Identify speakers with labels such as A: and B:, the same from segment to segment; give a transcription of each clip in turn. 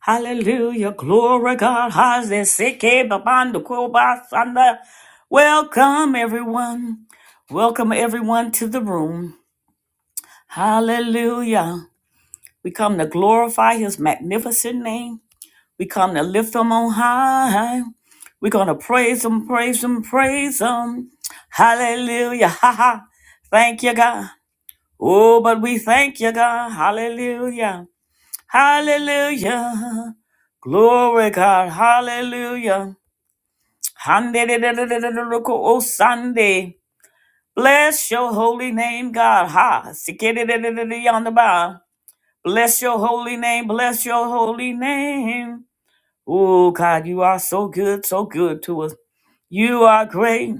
A: Hallelujah, glory God, how's this sick babando sanda? Welcome everyone. Welcome everyone to the room. Hallelujah. We come to glorify his magnificent name. We come to lift him on high. We're gonna praise him, praise him, praise him. Hallelujah. Ha ha. Thank you, God. Oh, but we thank you, God. Hallelujah. Hallelujah. Glory God. Hallelujah. Handededededededoko O Sunday. Bless your holy name, God. Ha. Sikededededede on the bar. Bless your holy name. Bless your holy name. Oh God, you are so good, so good to us. You are great.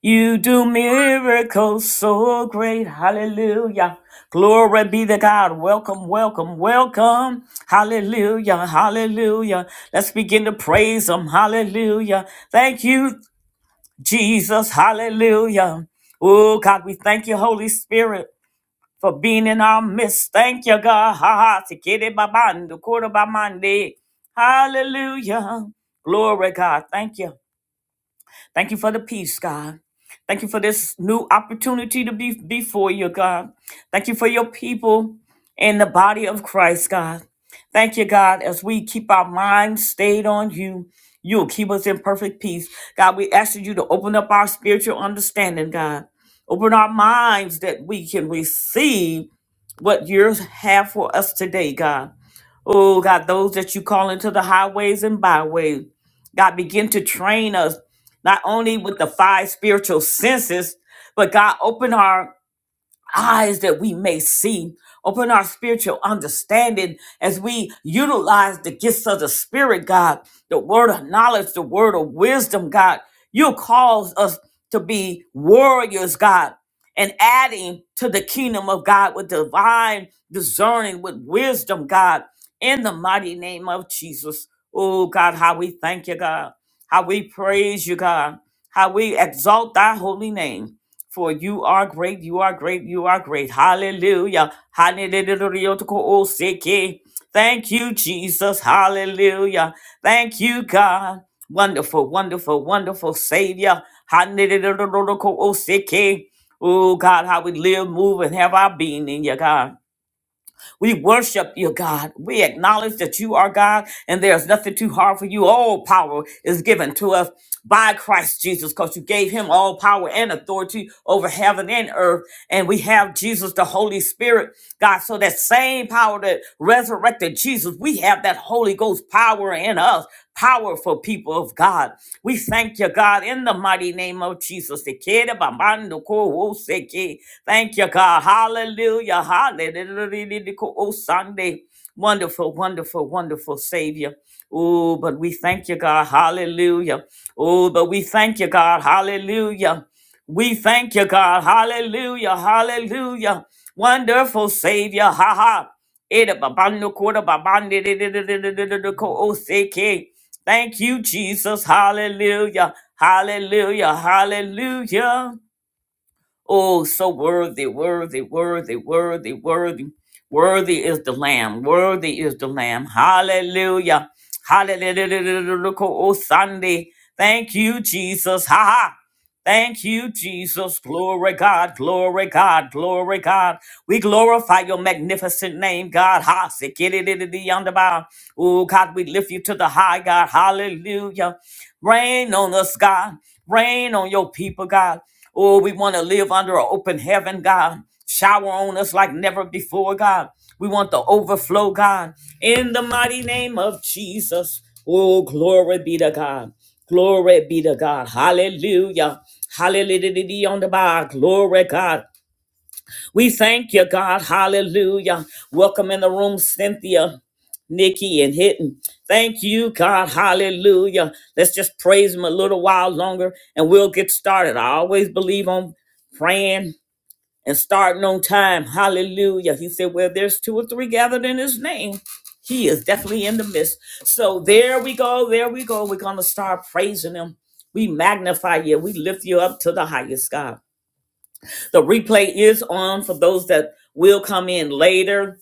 A: You do miracles so great. Hallelujah. Glory be to God. Welcome, welcome, welcome. Hallelujah. Hallelujah. Let's begin to praise Him. Hallelujah. Thank you, Jesus. Hallelujah. Oh, God, we thank you, Holy Spirit, for being in our midst. Thank you, God. Ha ha. Tikiri babando, kura bamande. Hallelujah. Glory, God. Thank you. Thank you for the peace, God. Thank you for this new opportunity to be before you, God. Thank you for your people in the body of Christ, God. Thank you, God, as we keep our minds stayed on you. You'll keep us in perfect peace. God, we ask you to open up our spiritual understanding, God. Open our minds that we can receive what you have for us today, God. Oh, God, those that you call into the highways and byways. God, begin to train us not only with the five spiritual senses, but God opened her eyes that we may see. Open our spiritual understanding as we utilize the gifts of the Spirit, God, the word of knowledge, the word of wisdom, God. You cause us to be warriors, God, and adding to the kingdom of God with divine discerning, with wisdom, God, in the mighty name of Jesus. Oh, God, how we thank you, God. How we praise you, God. How we exalt thy holy name. For you are great, you are great, you are great. Hallelujah. Hallelujah. Thank you, Jesus. Hallelujah. Thank you, God. Wonderful, wonderful, wonderful Savior. Hallelujah. Oh, God, how we live, move, and have our being in you, God. We worship you, God. We acknowledge that you are God and there's nothing too hard for you. All power is given to us by Christ Jesus because you gave him all power and authority over heaven and earth. And we have Jesus, the Holy Spirit, God. So that same power that resurrected Jesus, we have that Holy Ghost power in us. Powerful people of God. We thank you, God, in the mighty name of Jesus. Thank you, God. Hallelujah. Hallelujah. Oh, Sunday. Wonderful, wonderful, wonderful Savior. Oh, but we thank you, God. Hallelujah. Oh, but we thank you, God. Hallelujah. We thank you, God. Hallelujah. Hallelujah. Wonderful Savior. Ha ha. Eda babando koda babande de de de de de de de de ko oseke. Thank you, Jesus. Hallelujah. Hallelujah. Hallelujah. Oh, so worthy, worthy, worthy, worthy, worthy. Worthy is the Lamb. Worthy is the Lamb. Hallelujah. Hallelujah. Oh, Sunday. Thank you, Jesus. Ha ha. Thank you, Jesus. Glory God, glory God, glory God. We glorify your magnificent name, God. Ha, sekididididiyandaba. Oh, God, we lift you to the high, God. Hallelujah. Rain on us, God. Rain on your people, God. Oh, we want to live under an open heaven, God. Shower on us like never before, God. We want the overflow, God. In the mighty name of Jesus. Oh, glory be to God. Glory be to God. Hallelujah. Hallelujah on the bar. Glory, God. We thank you, God. Hallelujah. Welcome in the room, Cynthia, Nikki, and Hidden. Thank you, God. Hallelujah. Let's just praise Him a little while longer and we'll get started. I always believe on praying and starting on time. Hallelujah. He said, Well, there's two or three gathered in His name. He is definitely in the midst. So there we go. There we go. We're going to start praising Him. We magnify you. We lift you up to the highest, God. The replay is on for those that will come in later,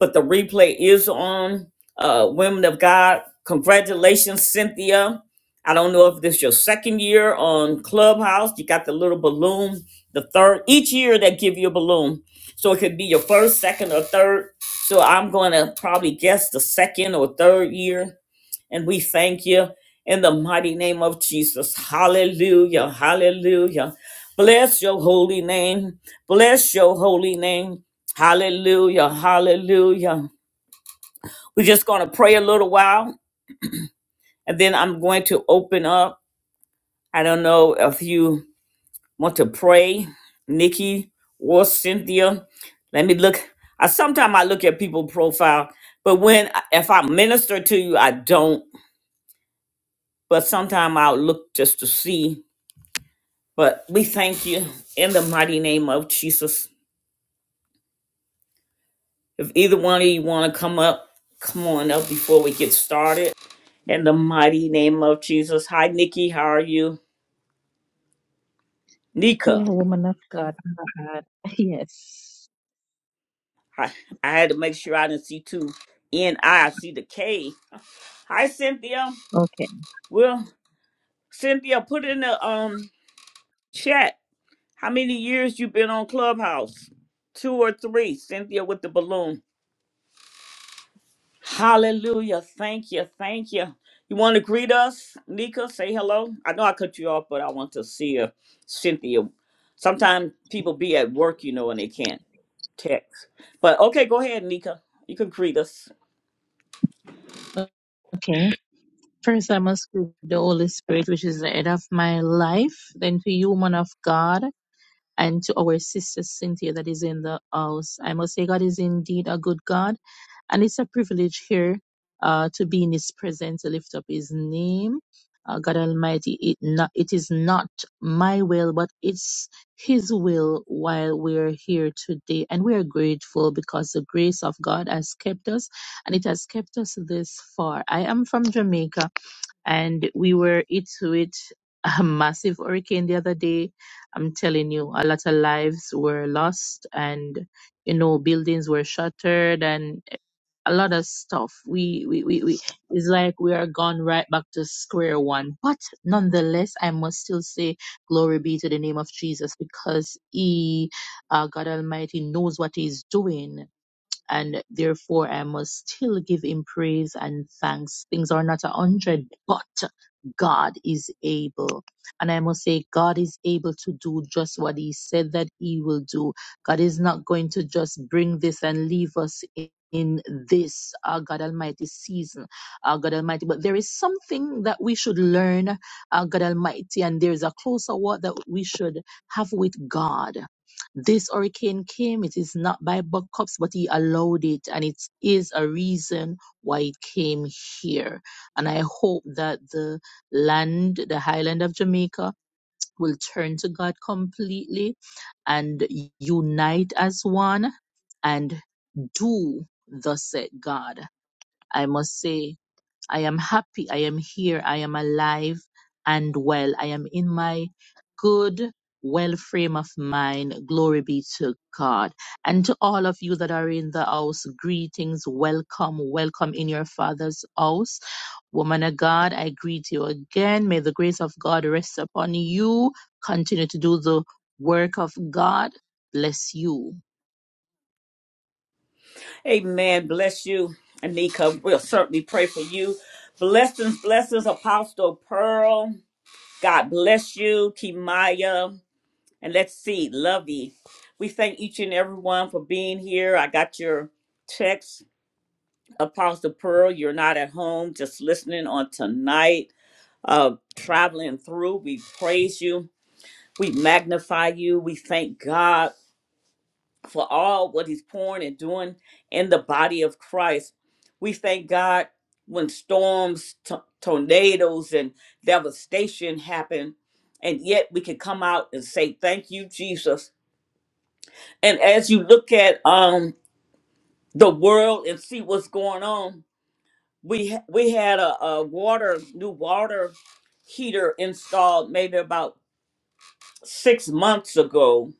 A: but the replay is on. Uh, Women of God, congratulations, Cynthia. I don't know if this is your second year on Clubhouse. You got the little balloon, the third. Each year they give you a balloon. So it could be your first, second, or third. So I'm going to probably guess the second or third year and we thank you in the mighty name of Jesus. Hallelujah. Hallelujah. Bless your holy name. Bless your holy name. Hallelujah. Hallelujah. We're just going to pray a little while and then I'm going to open up. I don't know if you want to pray, Nikki or Cynthia. Let me look. I sometimes I look at people profile, but when if I minister to you, I don't. But sometimes I'll look just to see But we thank you in the mighty name of Jesus. If either one of you want to come up, come on up before we get started. In the mighty name of Jesus. Hi, Nikki. How are you? Nika.
B: Hello, woman of God. Uh, Yes.
A: I, I had to make sure I didn't see two N I. I see the K. Hi, Cynthia.
B: Okay.
A: Well, Cynthia, put in the um chat how many years you been on Clubhouse? Two or three. Cynthia with the balloon. Hallelujah. Thank you. Thank you. You want to greet us, Nika? Say hello. I know I cut you off, but I want to see you, Cynthia. Sometimes people be at work, you know, and they can't text. But okay, go ahead, Nika. You can greet us.
B: Okay. First, I must greet the Holy Spirit, which is the head of my life. Then to you, woman of God, and to our sister Cynthia that is in the house. I must say, God is indeed a good God. And it's a privilege here uh, to be in His presence, to lift up His name. Uh, God Almighty, it, not, it is not my will, but it's His will while we're here today. And we are grateful because the grace of God has kept us and it has kept us this far. I am from Jamaica and we were hit with a massive hurricane the other day. I'm telling you, a lot of lives were lost and, you know, buildings were shattered and a lot of stuff. We, we, we, we, it's like we are gone right back to square one. But nonetheless, I must still say glory be to the name of Jesus because He, uh, God Almighty, knows what He's doing and therefore I must still give him praise and thanks. Things are not a hundred, but God is able. And I must say, God is able to do just what he said that he will do. God is not going to just bring this and leave us in. In this, our God Almighty season, our God Almighty. But there is something that we should learn, our God Almighty, and there is a closer walk that we should have with God this hurricane came, it is not by Buckcups, but he allowed it, and it is a reason why it came here. And I hope that the land, the highland of Jamaica, will turn to God completely and unite as one and do thus said God. I must say I am happy. I am here. I am alive and well. I am in my good, well frame of mind. Glory be to God. And to all of you that are in the house, greetings. Welcome. Welcome in your Father's house. Woman of God, I greet you again. May the grace of God rest upon you. Continue to do the work of God. Bless you.
A: Amen. Bless you, Nika. We'll certainly pray for you. Blessings, blessings, Apostle Pearl. God bless you, Kimaya. And let's see, Lovey. We thank each and everyone for being here. I got your text Apostle Pearl, you're not at home, just listening on tonight, uh, traveling through. We praise you. We magnify you. We thank God for all what He's pouring and doing in the body of Christ. We thank God when storms, to- tornadoes, and devastation happen, and yet we can come out and say, "Thank you, Jesus." And as you look at um the world and see what's going on, we ha- we had a, a water new water heater installed maybe about six months ago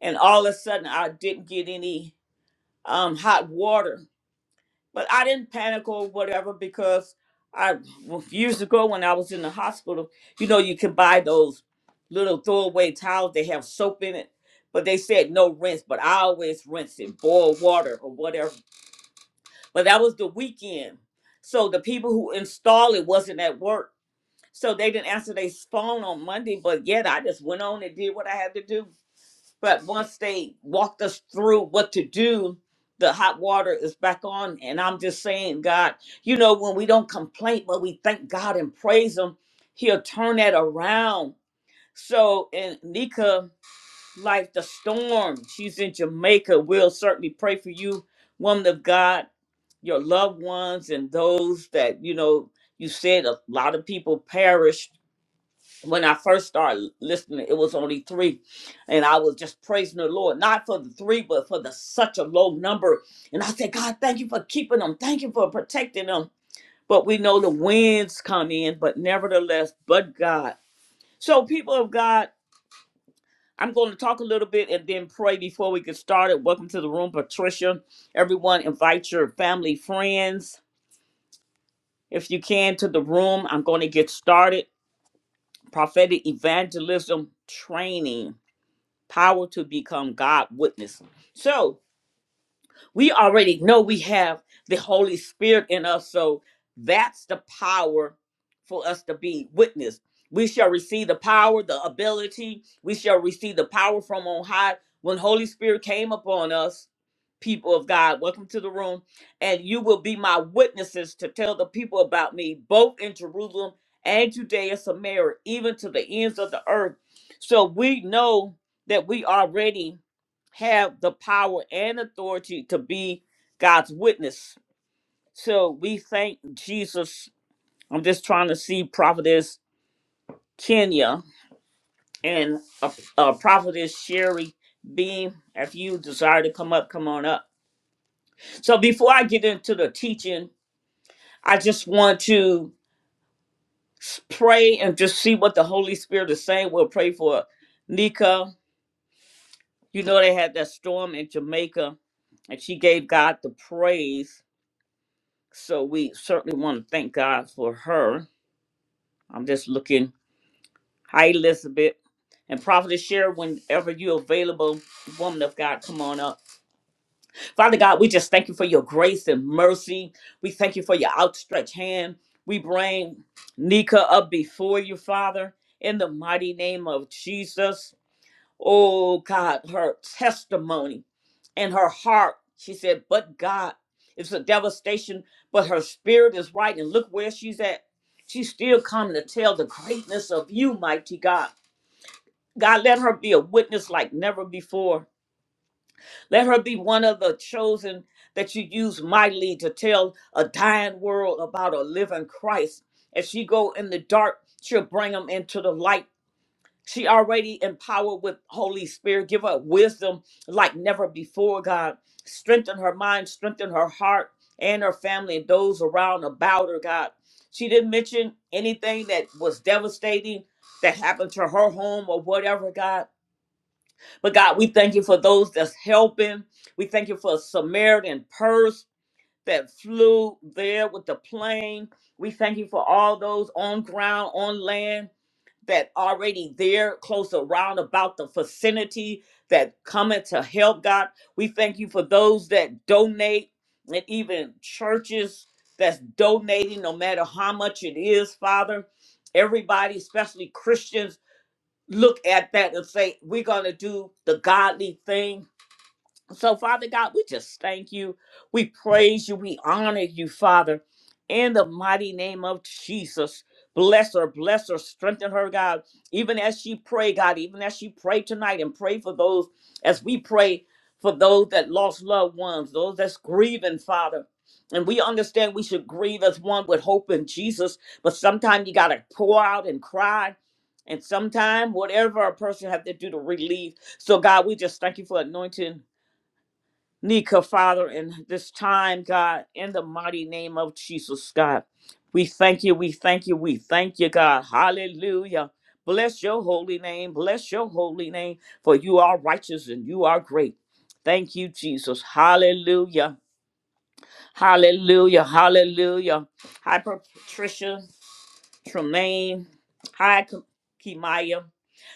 A: and all of a sudden i didn't get any um, hot water but i didn't panic or whatever because i well, years ago when i was in the hospital you know you can buy those little throwaway towels they have soap in it but they said no rinse but i always rinse it boil water or whatever but that was the weekend so the people who installed it wasn't at work So they didn't answer their phone on Monday, but yet I just went on and did what I had to do. But once they walked us through what to do, the hot water is back on. And I'm just saying, God, you know, when we don't complain, but we thank God and praise Him, He'll turn that around. So in Nika, like the storm, she's in Jamaica. We'll certainly pray for you, woman of God, your loved ones, and those that, you know, you said a lot of people perish when I first started listening, it was only three. And I was just praising the Lord, not for the three, but for the such a low number. And I said, God, thank you for keeping them. Thank you for protecting them. But we know the winds come in, but nevertheless, but God. So, people of God, I'm going to talk a little bit and then pray before we get started. Welcome to the room, Patricia. Everyone, invite your family, friends, if you can, to the room. I'm going to get started. Prophetic evangelism training. power to become God witness. So we already know we have the Holy Spirit in us. So that's the power for us to be witness. We shall receive the power, the ability. We shall receive the power from on high. When Holy Spirit came upon us, people of God, welcome to the room. And you will be my witnesses to tell the people about me, both in Jerusalem and Judea, Samaria, even to the ends of the earth. So we know that we are ready have the power and authority to be God's witness. So we thank Jesus. I'm just trying to see Prophetess Kenya and uh, uh, Prophetess Sherry Beam. If you desire to come up, come on up. So before I get into the teaching, I just want to s- pray and just see what the Holy Spirit is saying. We'll pray for Nika. You know, they had that storm in Jamaica, and she gave God the praise So we certainly want to thank God for her. I'm just looking. Hi, Elizabeth. And Prophet Share, whenever you're available, woman of God, come on up. Father God, we just thank you for your grace and mercy. We thank you for your outstretched hand. We bring Nika up before you, Father, in the mighty name of Jesus oh God, her testimony and her heart. She said, but God, it's a devastation, but her spirit is right. And look where she's at. She's still coming to tell the greatness of you, mighty God. God, let her be a witness like never before. Let her be one of the chosen that you use mightily to tell a dying world about a living Christ. As she go in the dark, she'll bring them into the light she already empowered with Holy Spirit. Give her wisdom like never before, God. Strengthen her mind, strengthen her heart and her family and those around about her, God. She didn't mention anything that was devastating that happened to her home or whatever, God. But God, we thank you for those that's helping. We thank you for Samaritan purse that flew there with the plane. We thank you for all those on ground, on land that already there close around about the vicinity that coming to help God. We thank you for those that donate and even churches that's donating, no matter how much it is, Father. Everybody, especially Christians, look at that and say, We're going to do the godly thing so, Father God, we just thank you. We praise you. We honor you, Father, in the mighty name of Jesus. Bless her, bless her, strengthen her, God. Even as she pray, God, even as she pray tonight and pray for those, as we pray for those that lost loved ones, those that's grieving, Father. And we understand we should grieve as one with hope in Jesus, but sometimes you gotta pour out and cry. And sometimes whatever a person have to do to relieve. So God, we just thank you for anointing Nika, Father, in this time, God, in the mighty name of Jesus, God. We thank you, we thank you, we thank you, God. Hallelujah. Bless your holy name, bless your holy name, for you are righteous and you are great. Thank you, Jesus. Hallelujah. Hallelujah. Hallelujah. Hi, Patricia Tremaine. Hi, Kimaya.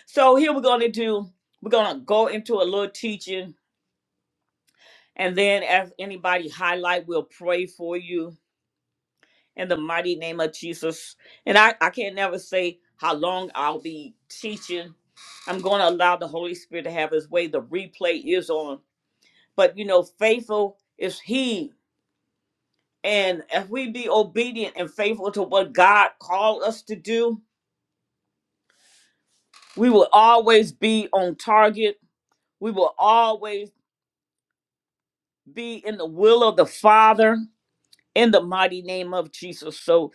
A: So here we're going to do, we're going to go into a little teaching And then as anybody highlight, we'll pray for you in the mighty name of Jesus. And I, I can't never say how long I'll be teaching. I'm going to allow the Holy Spirit to have his way. The replay is on. But you know, faithful is he. And if we be obedient and faithful to what God called us to do, we will always be on target. We will always be in the will of the Father in the mighty name of Jesus. so.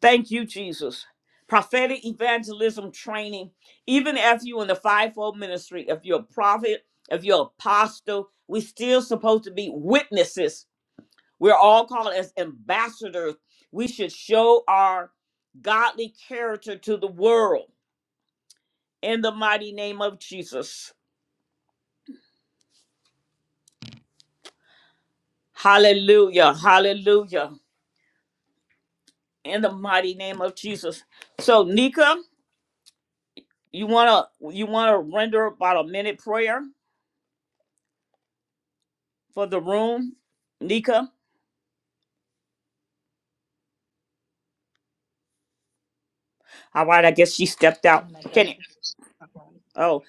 A: Thank you, Jesus. Prophetic evangelism training, even if you're in the fivefold ministry, if you're a prophet, if you're apostle, we're still supposed to be witnesses. We're all called as ambassadors. We should show our godly character to the world in the mighty name of Jesus. Hallelujah. Hallelujah. In the mighty name of Jesus. So, Nika, you wanna you wanna render about a minute prayer? for the room, Nika? All right, I guess she stepped out.
B: Woman of
A: Kenny.
B: God.
A: Oh,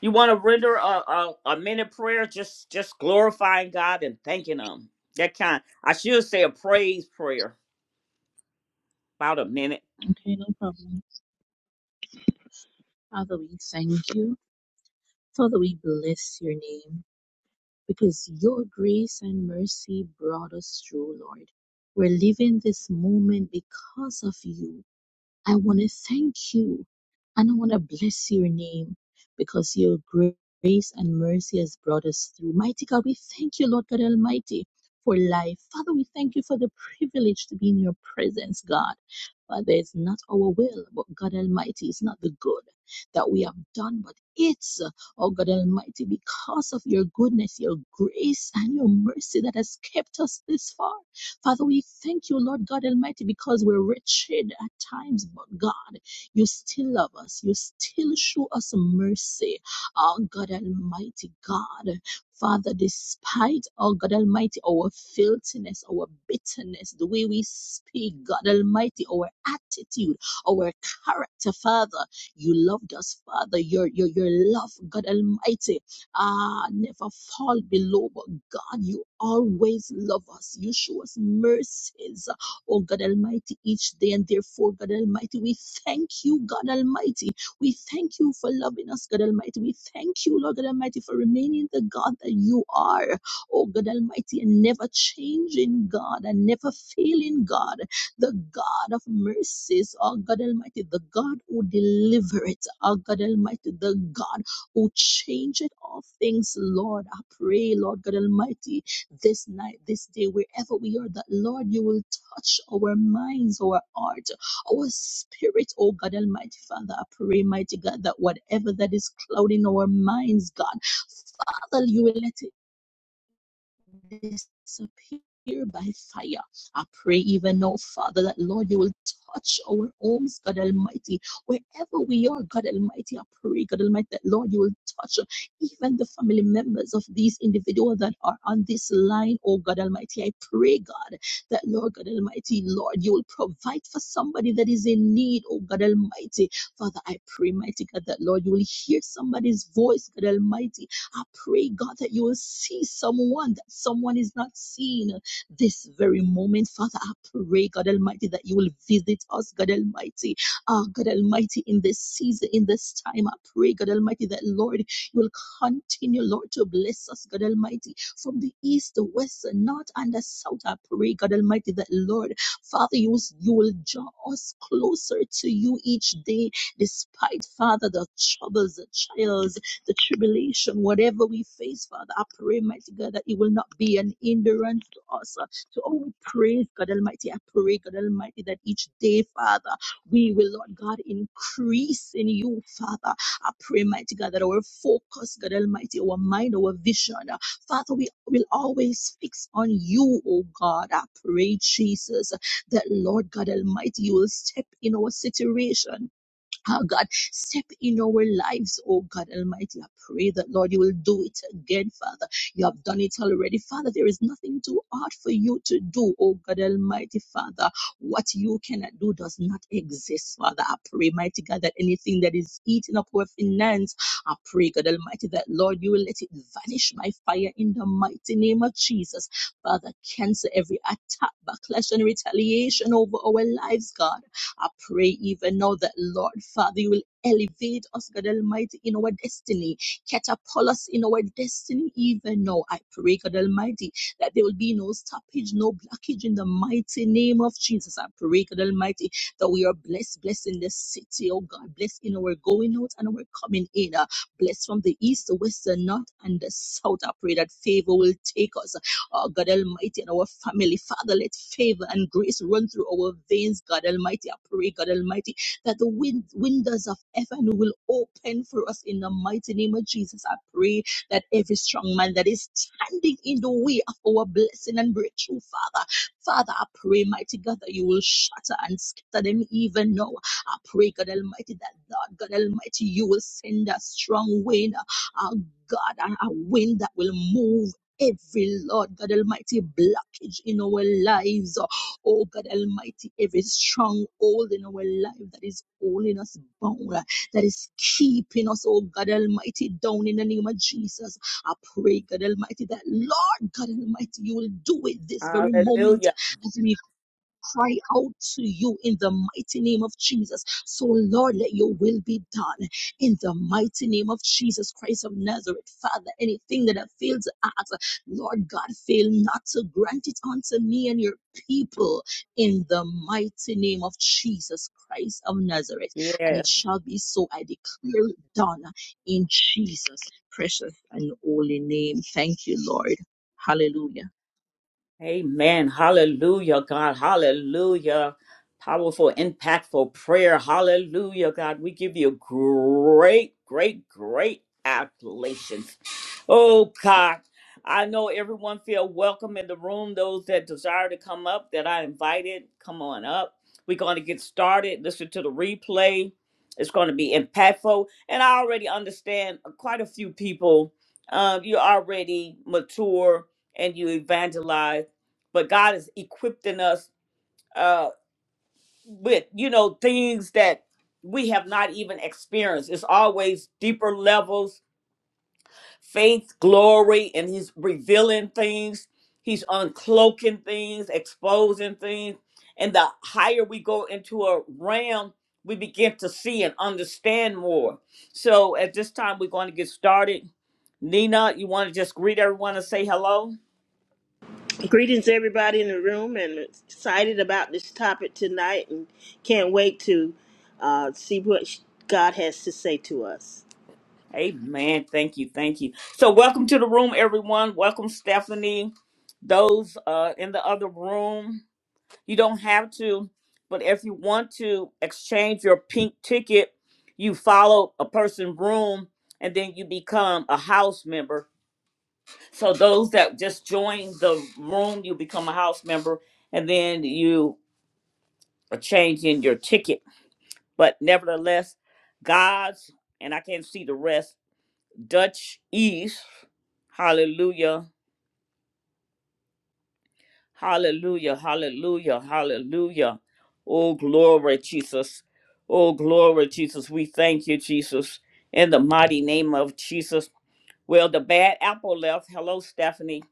A: you want to render a, a a minute prayer, just just glorifying God and thanking Him. That kind. I should say a praise prayer, about a minute.
B: Okay, no problem. Father, we thank you. Father, we bless your name because your grace and mercy brought us through, Lord. We're living this moment because of you. I want to thank you and I want to bless your name because your grace and mercy has brought us through. Mighty God, we thank you, Lord God Almighty, for life. Father, we thank you for the privilege to be in your presence, God. Father, it's not our will, but God Almighty, it's not the good that we have done, but it's, oh God Almighty, because of your goodness, your grace, and your mercy that has kept us this far. Father, we thank you, Lord God Almighty, because we're wretched at times, but God, you still love us. You still show us mercy. Oh, God Almighty, God. Father, despite, oh God Almighty, our filthiness, our bitterness, the way we speak, God Almighty, our attitude, our character, Father, you loved us, Father. Your, your, your love, God Almighty uh, never fall below. But God, you always love us. You show us mercies, oh God Almighty, each day. And therefore, God Almighty, we thank you, God Almighty. We thank you for loving us, God Almighty. We thank you, Lord God Almighty, for remaining the God that you are, oh God Almighty, and never changing God and never failing God, the God of mercies, oh God Almighty, the God who delivers, oh God Almighty, the God Oh, change it all things, Lord. I pray, Lord God Almighty, this night, this day, wherever we are, that Lord, you will touch our minds, our heart, our spirit, oh God Almighty Father. I pray, mighty God, that whatever that is clouding our minds, God, Father, you will let it disappear by fire. I pray even now, Father, that Lord, you will touch our homes, God Almighty, wherever we are, God Almighty. I pray, God Almighty, that Lord, you will touch even the family members of these individuals that are on this line, oh God Almighty. I pray, God, that Lord, God Almighty, Lord, you will provide for somebody that is in need, oh God Almighty. Father, I pray, mighty God, that Lord, you will hear somebody's voice, God Almighty, I pray, God, that you will see someone that someone is not seen this very moment. Father, I pray, God Almighty, that you will visit us, God Almighty. Ah, God Almighty, in this season, in this time, I pray, God Almighty, that Lord, you will continue, Lord, to bless us, God Almighty, from the east, the west, the north, and the south. I pray, God Almighty, that Lord, Father, you, will- you will draw us closer to you each day, despite, Father, the troubles, the trials the tribulation, whatever we face, Father, I pray, mighty God, that it will not be an hindrance to us. uh, So, oh, we praise God Almighty. I pray, God Almighty, that each day, Father, we will, Lord God, increase in you, Father. I pray, mighty God, that our focus, God Almighty, our mind, our vision, uh, Father, we will always fix on you, oh God. I pray, Jesus, that Lord God Almighty, you will step in our situation Oh God, step in our lives, oh God Almighty. I pray that, Lord, you will do it again, Father. You have done it already, Father. There is nothing too hard for you to do, oh God Almighty, Father. What you cannot do does not exist, Father. I pray, mighty God, that anything that is eating up our finance, I pray, God Almighty, that, Lord, you will let it vanish by fire in the mighty name of Jesus. Father, cancel every attack, backlash, and retaliation over our lives, God. I pray even now that, Lord Father, you will elevate us, God Almighty, in our destiny, catapult us in our destiny even now. I pray, God Almighty, that there will be no stoppage, no blockage in the mighty name of Jesus. I pray, God Almighty, that we are blessed, blessed in the city, oh God, blessed in our going out and our coming in, uh, blessed from the east, the west, the north, and the south. I pray that favor will take us Oh, God Almighty, and our family. Father, let favor and grace run through our veins, God Almighty. I pray, God Almighty, that the wind, windows of heaven will open for us in the mighty name of Jesus. I pray that every strong man that is standing in the way of our blessing and breakthrough, Father, Father, I pray, mighty God, that you will shatter and scatter them even now. I pray, God Almighty, that Lord God Almighty, you will send a strong wind, a God, a a wind that will move every Lord God Almighty blockage in our lives. Oh God Almighty, every stronghold in our life that is holding us bound, that is keeping us, oh God Almighty, down in the name of Jesus. I pray, God Almighty, that Lord God Almighty, you will do it this very moment
A: Hallelujah.
B: as we cry out to you in the mighty name of Jesus. So, Lord, let your will be done in the mighty name of Jesus Christ of Nazareth. Father, anything that I fail to ask, Lord God, fail not to grant it unto me and your people in the mighty name of Jesus Christ of Nazareth. And
A: Yes.
B: it shall be so. I declare it done in Jesus' precious and holy name. Thank you, Lord. Hallelujah.
A: Amen. Hallelujah, God. Hallelujah. Powerful, impactful prayer. Hallelujah, God. We give you great, great, great accolations. Oh, God. I know everyone feel welcome in the room. Those that desire to come up, that I invited, come on up. We're going to get started. Listen to the replay. It's going to be impactful. And I already understand quite a few people. Um, you're already mature and you evangelize but God is equipping us uh, with you know things that we have not even experienced. It's always deeper levels, faith, glory, and He's revealing things. He's uncloaking things, exposing things, and the higher we go into a realm, we begin to see and understand more. So at this time, we're going to get started. Nina, you want to just greet everyone and say hello?
C: Greetings, everybody in the room, and excited about this topic tonight, and can't wait to uh, see what sh- God has to say to us.
A: Amen. Thank you. Thank you. So, welcome to the room, everyone. Welcome, Stephanie. Those uh, in the other room, you don't have to, but if you want to exchange your pink ticket, you follow a person room and then you become a house member. So, those that just join the room, you become a house member and then you are changing your ticket. But, nevertheless, God's, and I can't see the rest Dutch East. Hallelujah. Hallelujah. Hallelujah. Hallelujah. Oh, glory, Jesus. Oh, glory, Jesus. We thank you, Jesus, in the mighty name of Jesus. Well, the bad apple left. Hello, Stephanie,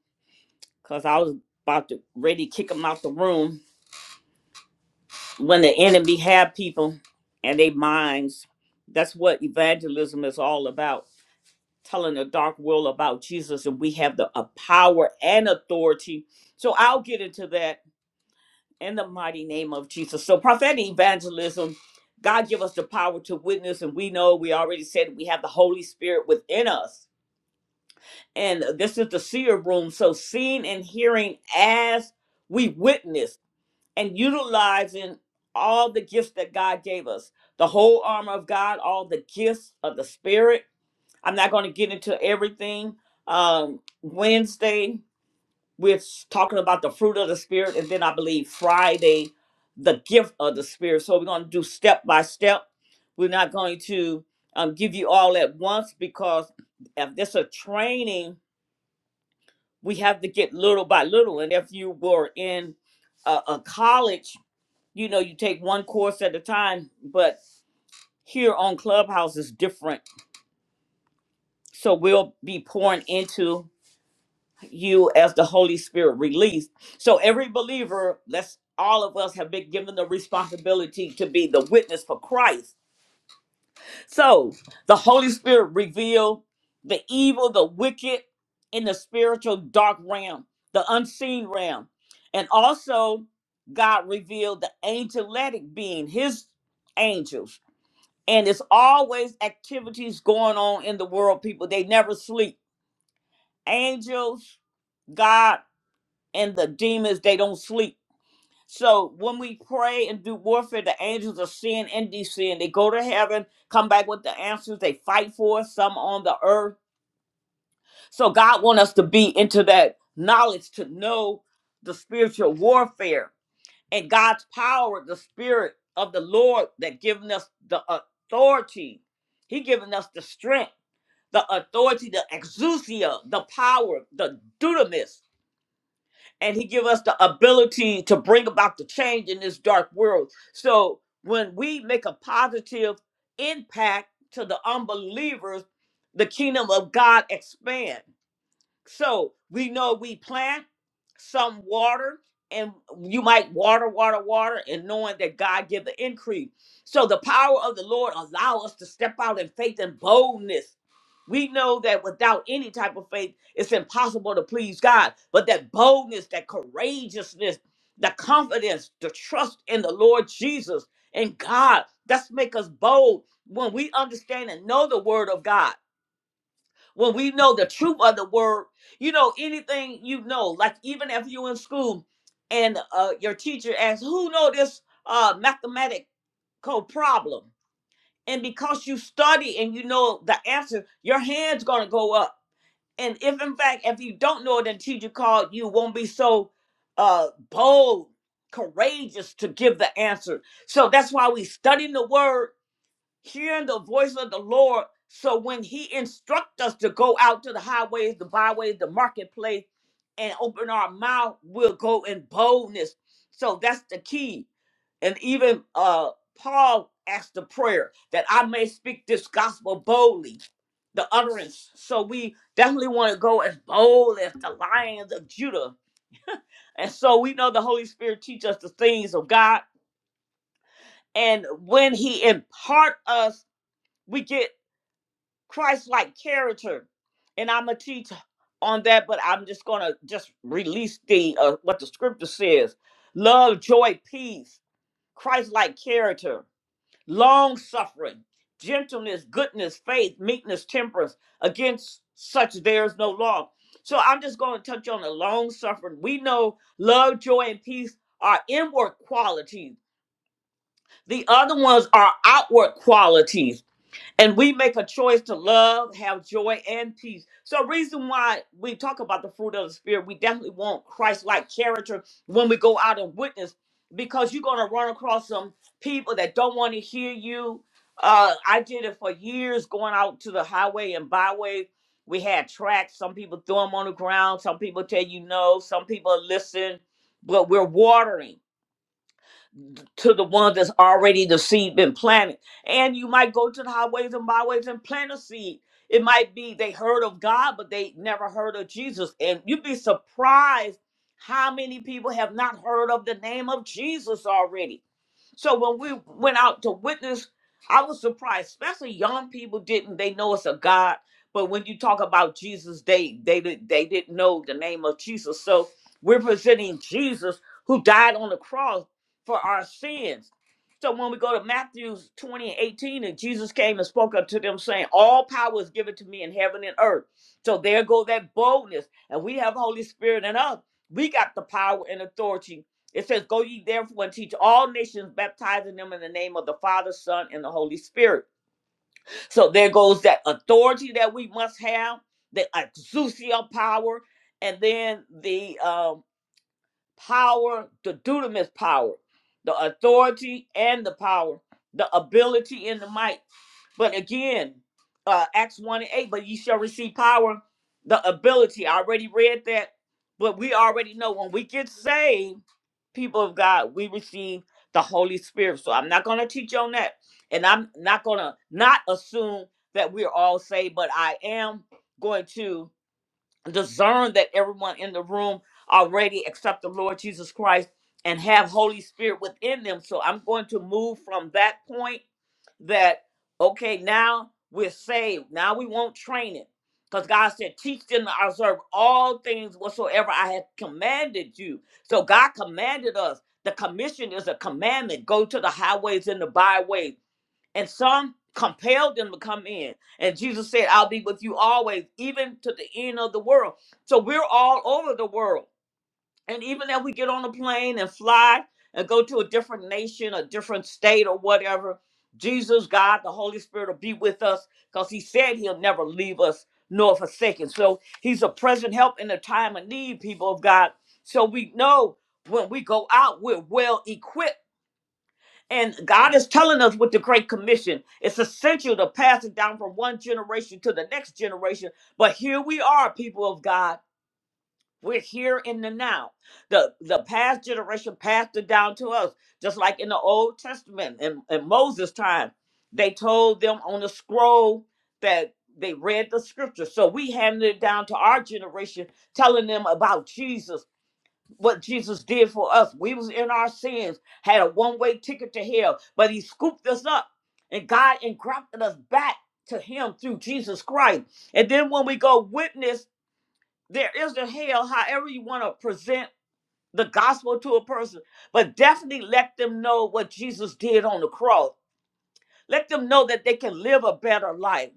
A: because I was about to ready to kick them out the room when the enemy had people and their minds. That's what evangelism is all about telling a dark world about Jesus, and we have the a power and authority. So I'll get into that in the mighty name of Jesus. So prophetic evangelism, God give us the power to witness, and we know we already said we have the Holy Spirit within us. And this is the seer room. So seeing and hearing as we witness and utilizing all the gifts that God gave us, the whole armor of God, all the gifts of the Spirit I'm not going to get into everything. Um, Wednesday, we're talking about the fruit of the Spirit. And then I believe Friday, the gift of the Spirit. So we're going to do step by step. We're not going to um, give you all at once because if this a training, we have to get little by little. And if you were in a, a college, you know, you take one course at a time. But here on Clubhouse is different. So we'll be pouring into you as the Holy Spirit released. So every believer, let's all of us have been given the responsibility to be the witness for Christ. So the Holy Spirit revealed the evil, the wicked in the spiritual dark realm, the unseen realm. And also God revealed the angelic being, his angels. And it's always activities going on in the world, people. They never sleep. Angels, God and the demons they don't sleep so when we pray and do warfare the angels are seeing and descend they go to heaven come back with the answers they fight for us, some on the earth so god want us to be into that knowledge to know the spiritual warfare and god's power the spirit of the lord that giving us the authority he giving us the strength the authority the exousia the power the dunamis and he give us the ability to bring about the change in this dark world so when we make a positive impact to the unbelievers the kingdom of god expand. So we know we plant some water, and you might water, water, water, and knowing that God give the increase. So the power of the Lord allow us to step out in faith and boldness. We know that without any type of faith, it's impossible to please God. But that boldness, that courageousness, the confidence, the trust in the Lord Jesus and God, that's make us bold when we understand and know the word of God. When we know the truth of the word, you know, anything you know, like even if you are in school and uh, your teacher asks, who know this uh, mathematical problem? And because you study and you know the answer, your hand's gonna go up. And if in fact, if you don't know it and teacher called, you won't be so uh, bold, courageous to give the answer. So that's why we study the word hearing the voice of the Lord. So when He instructs us to go out to the highways, the byways, the marketplace, and open our mouth, we'll go in boldness. So that's the key. And even uh, Paul asked the prayer that I may speak this gospel boldly, the utterance. So we definitely want to go as bold as the lions of Judah. And so we know the Holy Spirit teach us the things of God. And when he impart us, we get Christ-like character, and I'm gonna teach on that. But I'm just gonna just release the uh, what the scripture says: love, joy, peace, Christ-like character, long-suffering, gentleness, goodness, faith, meekness, temperance. Against such there is no law. So I'm just gonna touch on the long-suffering. We know love, joy, and peace are inward qualities. The other ones are outward qualities and we make a choice to love, have joy, and peace. So, reason why we talk about the fruit of the spirit, we definitely want Christ-like character when we go out and witness, because you're gonna run across some people that don't want to hear you. Uh, I did it for years, going out to the highway and byway. We had tracks. Some people throw them on the ground. Some people tell you no. Some people listen, but we're watering to the one that's already the seed been planted. And you might go to the highways and byways and plant a seed. It might be they heard of God, but they never heard of Jesus. And you'd be surprised how many people have not heard of the name of Jesus already. So when we went out to witness, I was surprised, especially young people didn't. They know it's a God, but when you talk about Jesus, they they did they didn't know the name of Jesus. So we're presenting Jesus who died on the cross for our sins. So when we go to Matthew 20 and 18, and Jesus came and spoke unto them, saying, All power is given to me in heaven and earth. So there go that boldness. And we have Holy Spirit in us. We got the power and authority it says, Go ye therefore and teach all nations, baptizing them in the name of the Father, Son, and the Holy Spirit. So there goes that authority that we must have, the exousia power, and then the um, power, the dunamis power, the authority and the power, the ability and the might. But again, uh, Acts 1 and 8, but ye shall receive power, the ability. I already read that, but we already know when we get saved, people of God, we receive the Holy Spirit. So I'm not going to teach on that. And I'm not going to not assume that we're all saved, but I am going to discern that everyone in the room already accept the Lord Jesus Christ and have Holy Spirit within them. So I'm going to move from that point that okay, now we're saved. Now we won't train it. Because God said, teach them to observe all things whatsoever I have commanded you. So God commanded us. The commission is a commandment. Go to the highways and the byways and some compelled them to come in. And Jesus said, I'll be with you always, even to the end of the world. So we're all over the world. And even if we get on a plane and fly and go to a different nation, a different state, or whatever, Jesus, God, the Holy Spirit will be with us because He said He'll never leave us nor forsake us. So He's a present help in the time of need, people of God. So we know when we go out, we're well equipped and God is telling us with the Great Commission, it's essential to pass it down from one generation to the next generation. But here we are, people of God. We're here in the now. The the past generation passed it down to us, just like in the Old Testament and in in Moses' time. They told them on the scroll that they read the scripture. So we handed it down to our generation, telling them about Jesus what Jesus did for us. We was in our sins, had a one-way ticket to hell, but he scooped us up and God engrafted us back to him through Jesus Christ. And then when we go witness, there is a hell, however you want to present the gospel to a person, but definitely let them know what Jesus did on the cross. Let them know that they can live a better life.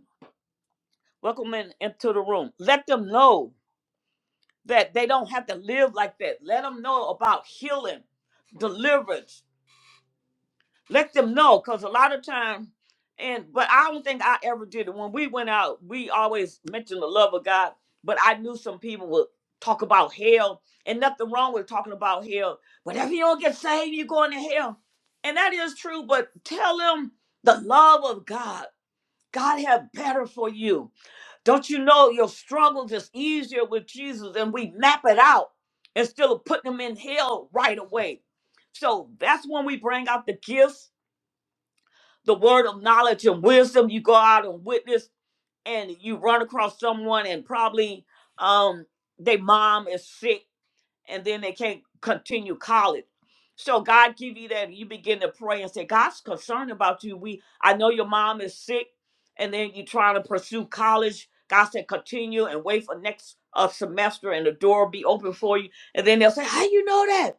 A: Welcome in, into the room. Let them know that they don't have to live like that. Let them know about healing, deliverance, let them know because a lot of time and but i don't think i ever did it when we went out we always mentioned the love of god but i knew some people would talk about hell and nothing wrong with talking about hell but if you don't get saved you're going to hell and that is true but tell them the love of god god have better for you don't you know your struggles is easier with jesus and we map it out instead of putting them in hell right away so that's when we bring out the gifts the word of knowledge and wisdom you go out and witness and you run across someone and probably um their mom is sick and then they can't continue college so god give you that and you begin to pray and say god's concerned about you we i know your mom is sick and then you trying to pursue college god said continue and wait for next uh, semester and the door will be open for you and then they'll say how you know that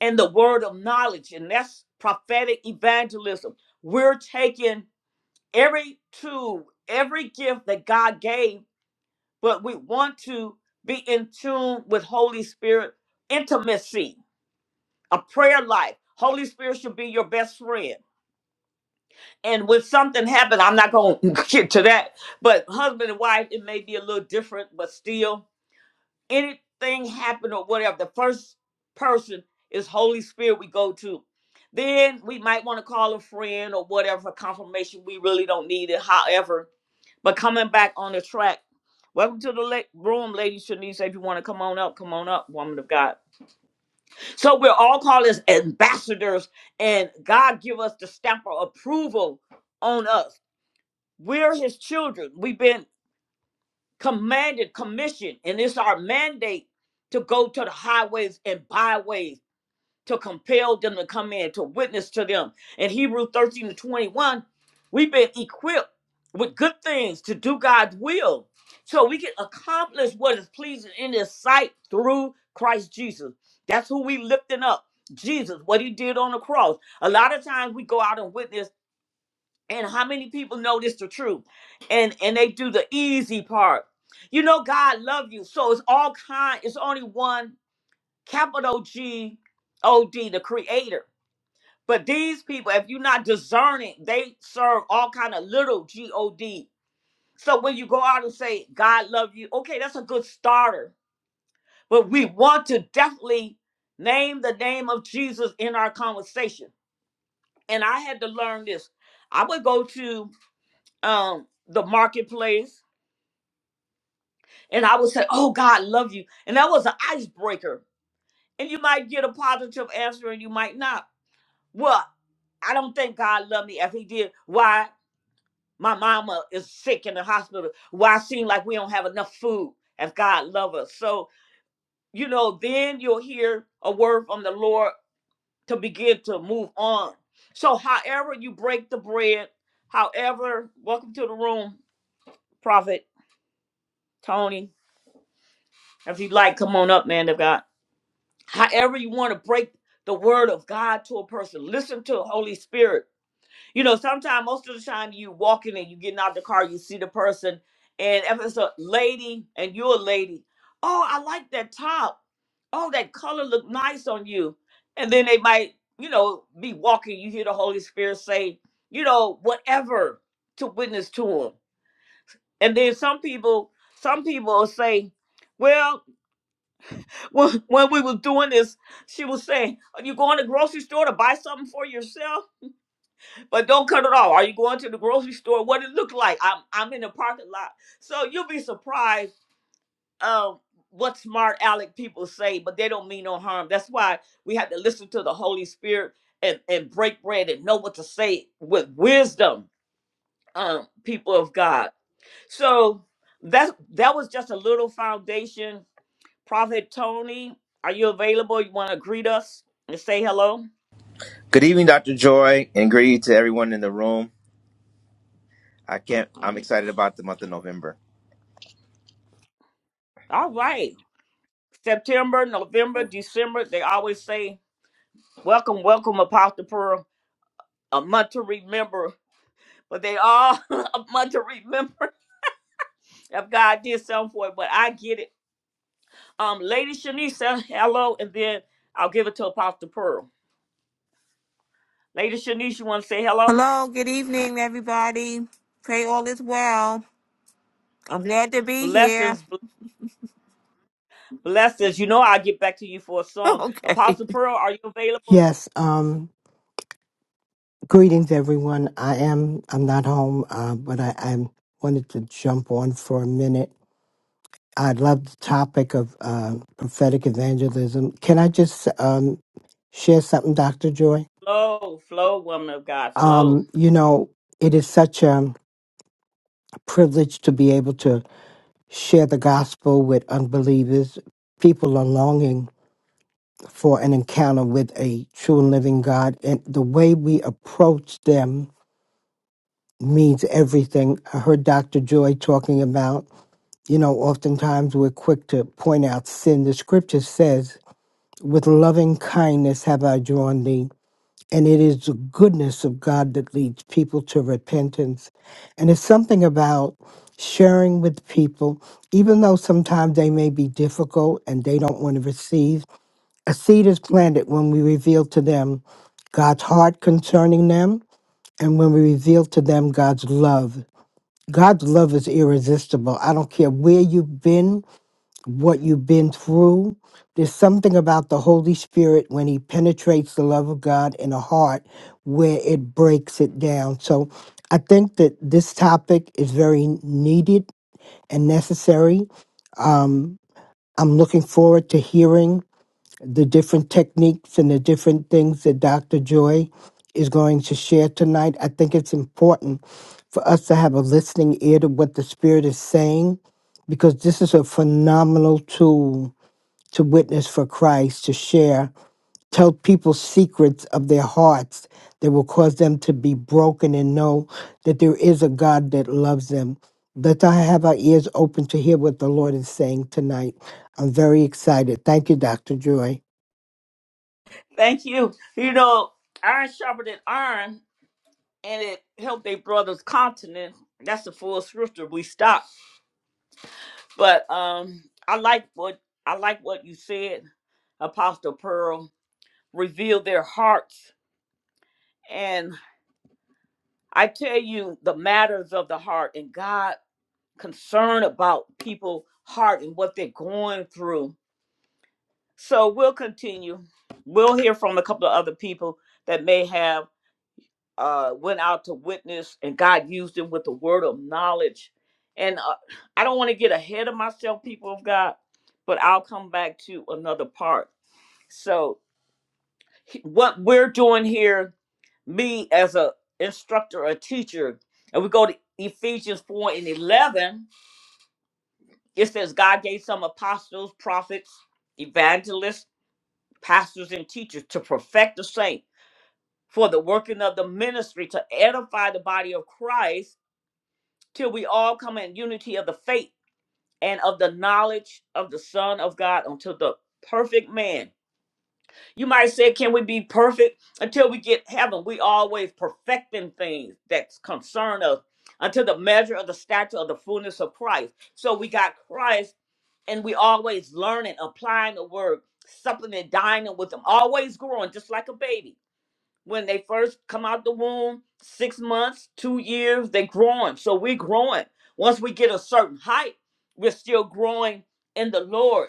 A: and the word of knowledge and that's prophetic evangelism we're taking every tool, every gift that God gave, but we want to be in tune with Holy Spirit intimacy, a prayer life. Holy Spirit should be your best friend. And when something happens, I'm not going to get to that, but husband and wife, it may be a little different, but still, anything happen or whatever, the first person is Holy Spirit we go to. Then we might want to call a friend or whatever for confirmation. We really don't need it. However, But coming back on the track, welcome to the la- room, Lady Shanice. If you want to come on up, come on up, woman of God. So we're all called as ambassadors, and God give us the stamp of approval on us. We're His children. We've been commanded, commissioned, and it's our mandate to go to the highways and byways to compel them to come in to witness to them. In Hebrew 13 to 21, we've been equipped with good things to do God's will. So we can accomplish what is pleasing in his sight through Christ Jesus. That's who we lifting up. Jesus, what he did on the cross. A lot of times we go out and witness, and how many people know this the truth? And and they do the easy part. You know, God love you. So it's all kind, it's only one capital G O D, the creator but these people, if you're not discerning, they serve all kind of little G-O-D. So when you go out and say, God love you, okay, that's a good starter. But we want to definitely name the name of Jesus in our conversation. And I had to learn this. I would go to um, the marketplace and I would say, oh, God love you. And that was an icebreaker. And you might get a positive answer and you might not. Well, I don't think God loved me. If he did, why? My mama is sick in the hospital. Why seem like we don't have enough food as God love us. So, you know, then you'll hear a word from the Lord to begin to move on. So however you break the bread, however, welcome to the room, Prophet Tony. If you'd like, come on up, man of God. However you want to break the word of God to a person, listen to the Holy Spirit. You know, sometimes most of the time you walking and you getting out the car, you see the person, and if it's a lady and you're a lady, oh, I like that top. Oh, that color look nice on you. And then they might, you know, be walking. You hear the Holy Spirit say, you know, whatever to witness to them. And then some people, some people will say, well, when, when we was doing this, she was saying, are you going to the grocery store to buy something for yourself? But don't cut it off. Are you going to the grocery store? What it look like? I'm I'm in the parking lot. So you'll be surprised um what smart aleck people say, but they don't mean no harm. That's why we have to listen to the Holy Spirit and, and break bread and know what to say with wisdom, um, people of God. So that's that was just a little foundation. Prophet Tony, are you available? You want to greet us and say hello?
D: Good evening, Dr. Joy, and greeting to everyone in the room. I can't, I'm excited about the month of November.
A: All right. September, November, December, they always say Welcome, welcome, Apostle Pearl. A month to remember, but they all a month to remember if God did something for it. But I get it. Um, Lady Shanisha, hello, and then I'll give it to Apostle Pearl. Lady Shanisha, you want to say hello?
E: Hello, good evening, everybody. Pray all is well. I'm glad to be here.
A: Blessings, bl- blessings. You know I'll get back to you for a song.
E: Okay.
A: Apostle Pearl, are you available?
F: Yes. Um, greetings, everyone. I am. I'm not home, uh, but I, I wanted to jump on for a minute. I love the topic of uh, prophetic evangelism. Can I just um, share something, Doctor Joy?
A: Flow, flow, woman of God, flow.
F: Um, you know, it is such a privilege to be able to share the gospel with unbelievers. People are longing for an encounter with a true and living God, and the way we approach them means everything. I heard Dr. Joy talking about, you know, oftentimes we're quick to point out sin. The scripture says, with loving kindness have I drawn thee. And it is the goodness of God that leads people to repentance. And it's something about sharing with people, even though sometimes they may be difficult and they don't want to receive. A seed is planted when we reveal to them God's heart concerning them and when we reveal to them God's love God's love is irresistible. I don't care where you've been, what you've been through. There's something about the Holy Spirit when He penetrates the love of God in a heart where it breaks it down. So I think that this topic is very needed and necessary. Um, I'm looking forward to hearing the different techniques and the different things that Dr. Joy is going to share tonight. I think it's important for us to have a listening ear to what the Spirit is saying because this is a phenomenal tool to witness for Christ, to share, tell people secrets of their hearts that will cause them to be broken and know that there is a God that loves them. Let's all have our ears open to hear what the Lord is saying tonight. I'm very excited. Thank you, Dr. Joy.
A: Thank you. You know, iron sharpened iron, and it helped their brother's continent. That's the full scripture. We stop. But um, I like what I like what you said, Apostle Pearl. Reveal their hearts, and I tell you the matters of the heart, and God concern about people' heart and what they're going through. So we'll continue. We'll hear from a couple of other people that may have uh, went out to witness, and God used them with the word of knowledge. And uh, I don't want to get ahead of myself, people of God, but I'll come back to another part. So what we're doing here, me as a instructor, a teacher, and we go to Ephesians 4 and 11, it says God gave some apostles, prophets, evangelists, pastors, and teachers to perfect the saint for the working of the ministry to edify the body of Christ till we all come in unity of the faith and of the knowledge of the Son of God until the perfect man You might say, can we be perfect until we get heaven? We always perfecting things that concern us until the measure of the stature of the fullness of Christ. So we got Christ and we always learning, applying the word, supplementing, dining with them, always growing, just like a baby. When they first come out the womb, six months, two years, they growing. So we growing. Once we get a certain height, we're still growing in the Lord.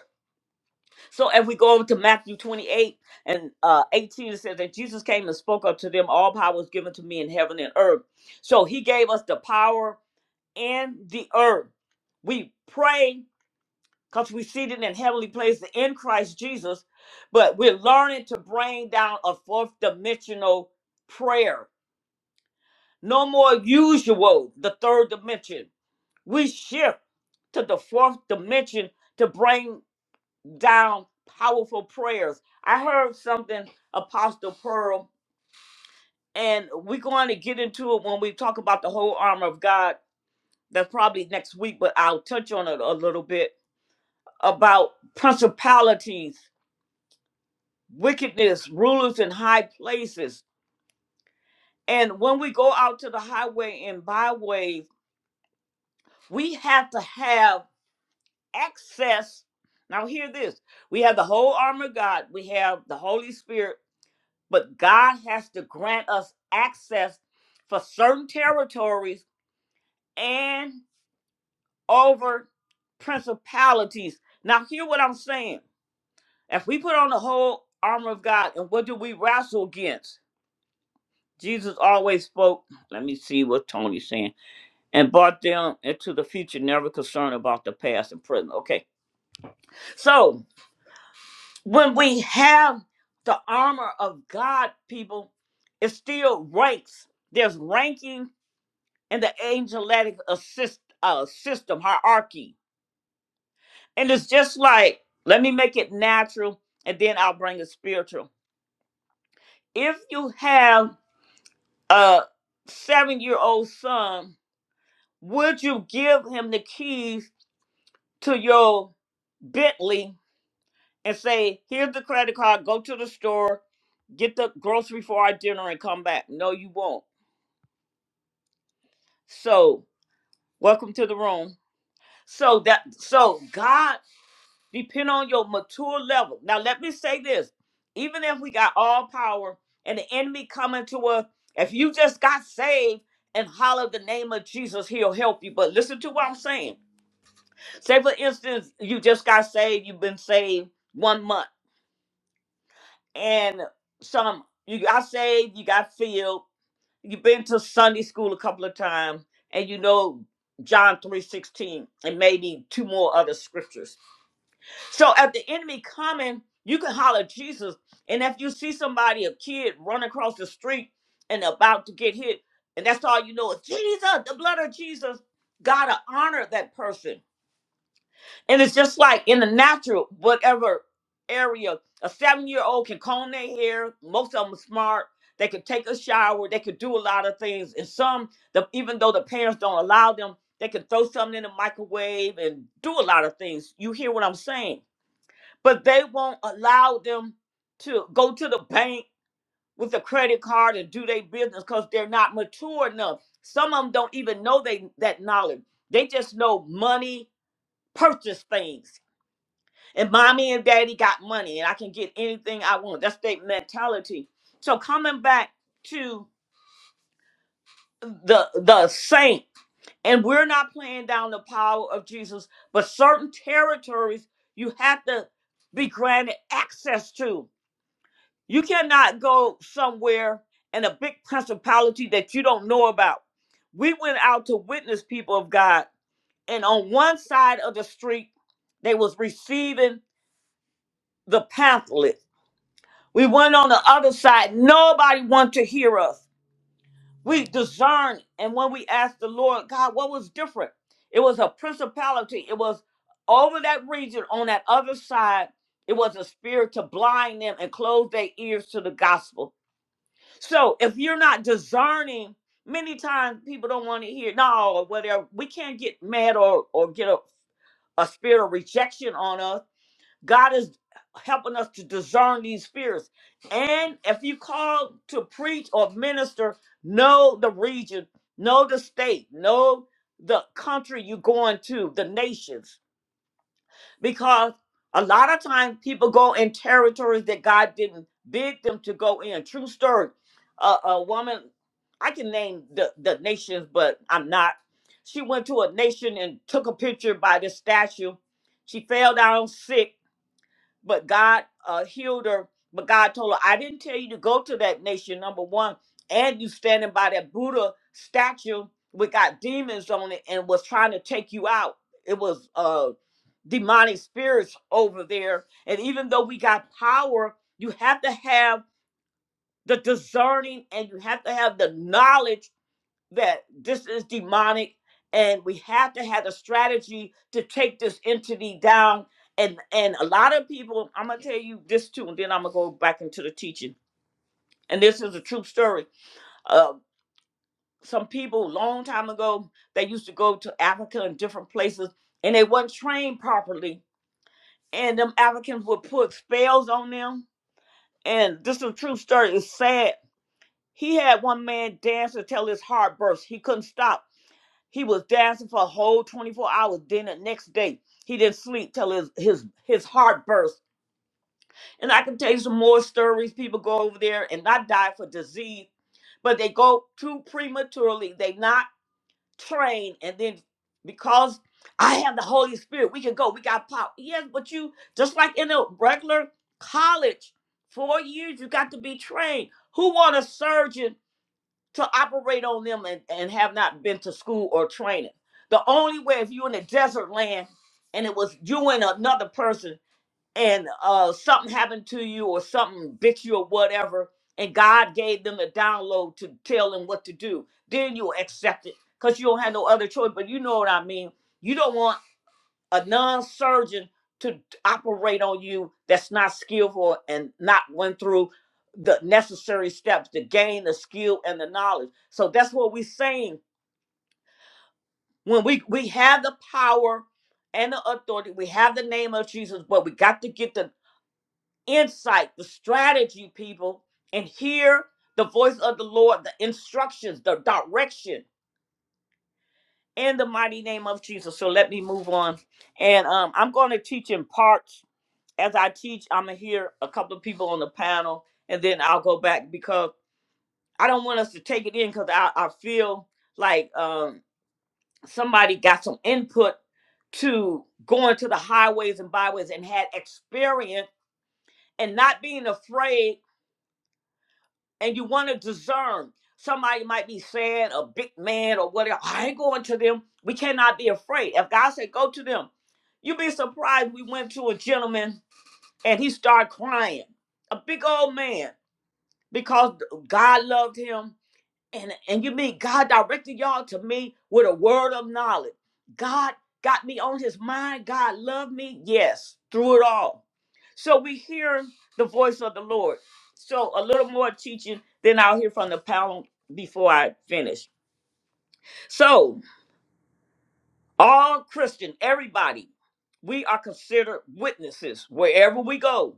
A: So if we go over to Matthew 28 and uh, 18, it says that Jesus came and spoke unto them, All power was given to me in heaven and earth. So he gave us the power in the earth. We pray because we seated in heavenly places in Christ Jesus, but we're learning to bring down a fourth dimensional prayer. No more usual, the third dimension. We shift to the fourth dimension to bring down powerful prayers. I heard something, Apostle Pearl, and we're going to get into it when we talk about the whole armor of God. That's probably next week, but I'll touch on it a little bit about principalities, wickedness, rulers in high places. And when we go out to the highway and byways, we have to have access. Now, hear this we have the whole armor of God, we have the Holy Spirit But God has to grant us access for certain territories and over principalities. Now, hear what I'm saying. If we put on the whole armor of God, and what do we wrestle against? Jesus always spoke, let me see what Tony's saying, and brought them into the future, never concerned about the past and present. Okay. So when we have the armor of God, people, it still ranks. There's ranking and the angelic assist uh, system hierarchy. And it's just like, let me make it natural, and then I'll bring it spiritual. If you have a seven-year-old son, would you give him the keys to your Bentley and say, "Here's the credit card. Go to the store, get the grocery for our dinner, and come back"? No, you won't. So, welcome to the room. So that so God Depend on your mature level. Now, let me say this. Even if we got all power and the enemy coming to us, if you just got saved and holler the name of Jesus, he'll help you. But listen to what I'm saying. Say, for instance, you just got saved, you've been saved one month, and some you got saved, you got filled, you've been to Sunday school a couple of times, and you know John 3:16 and maybe two more other scriptures So at the enemy coming, you can holler Jesus. And if you see somebody, a kid, run across the street and about to get hit, and that's all you know is Jesus, the blood of Jesus, gotta honor that person. And it's just like in the natural, whatever area, a seven-year-old can comb their hair, most of them are smart. They could take a shower, they could do a lot of things. And some, the, even though the parents don't allow them, they can throw something in the microwave and do a lot of things. You hear what I'm saying? but they won't allow them to go to the bank with a credit card and do their business because they're not mature enough. Some of them don't even know they that knowledge. They just know money purchase things. And mommy and daddy got money and I can get anything I want. That's their mentality. So coming back to the the saint, and we're not playing down the power of Jesus, but certain territories you have to be granted access to. You cannot go somewhere and a big principality that you don't know about. We went out to witness people of God, and on one side of the street, they was receiving the pamphlet. We went on the other side, nobody wanted to hear us. We discerned, and when we asked the Lord, God, what was different? It was a principality. It was over that region on that other side. It was a spirit to blind them and close their ears to the gospel. So if you're not discerning, many times people don't want to hear no or whatever. We can't get mad or or get a, a spirit of rejection on us. God is helping us to discern these spirits. And if you call to preach or minister, know the region, know the state, know the country you're going to, the nations because a lot of times people go in territories that God didn't bid them to go in. True story. A a woman, I can name the, the nations, but I'm not. She went to a nation and took a picture by the statue. She fell down sick but God uh, healed her. But God told her, I didn't tell you to go to that nation, number one. And you standing by that Buddha statue with got demons on it and was trying to take you out. It was uh, demonic spirits over there. And even though we got power, you have to have the discerning and you have to have the knowledge that this is demonic and we have to have a strategy to take this entity down and and a lot of people i'm gonna tell you this too and then i'm gonna go back into the teaching and this is a true story uh some people a long time ago they used to go to africa and different places and they weren't trained properly and them africans would put spells on them and this is a true story it's sad he had one man dance until his heart burst he couldn't stop He was dancing for a whole 24 hours. Then the next day, he didn't sleep till his his his heart burst. And I can tell you some more stories. People go over there and not die for disease, but they go too prematurely. They not trained, and then because I have the Holy Spirit, we can go. We got power. Yes, but you just like in a regular college, four years you got to be trained. Who want a surgeon? to operate on them and, and have not been to school or training. The only way if you are in a desert land and it was you and another person and uh, something happened to you or something bit you or whatever, and God gave them a download to tell them what to do, then you'll accept it because you don't have no other choice. But you know what I mean. You don't want a non-surgeon to operate on you that's not skillful and not went through the necessary steps to gain the skill and the knowledge. So that's what we're saying. When we we have the power and the authority, we have the name of Jesus, but we got to get the insight, the strategy, people, and hear the voice of the Lord, the instructions, the direction in the mighty name of Jesus. So let me move on. And um, I'm going to teach in parts as I teach, I'm gonna hear a couple of people on the panel, and then I'll go back because I don't want us to take it in because I, I feel like um, somebody got some input to going to the highways and byways and had experience and not being afraid, and you want to discern. Somebody might be sad, a big man or whatever. I ain't going to them. We cannot be afraid. If God said go to them, you'd be surprised. We went to a gentleman and he started crying, a big old man because God loved him. And and you mean God directed y'all to me with a word of knowledge. God got me on his mind. God loved me. Yes, through it all. So we hear the voice of the Lord. So a little more teaching, then I'll hear from the panel before I finish. So all Christian, everybody, we are considered witnesses wherever we go.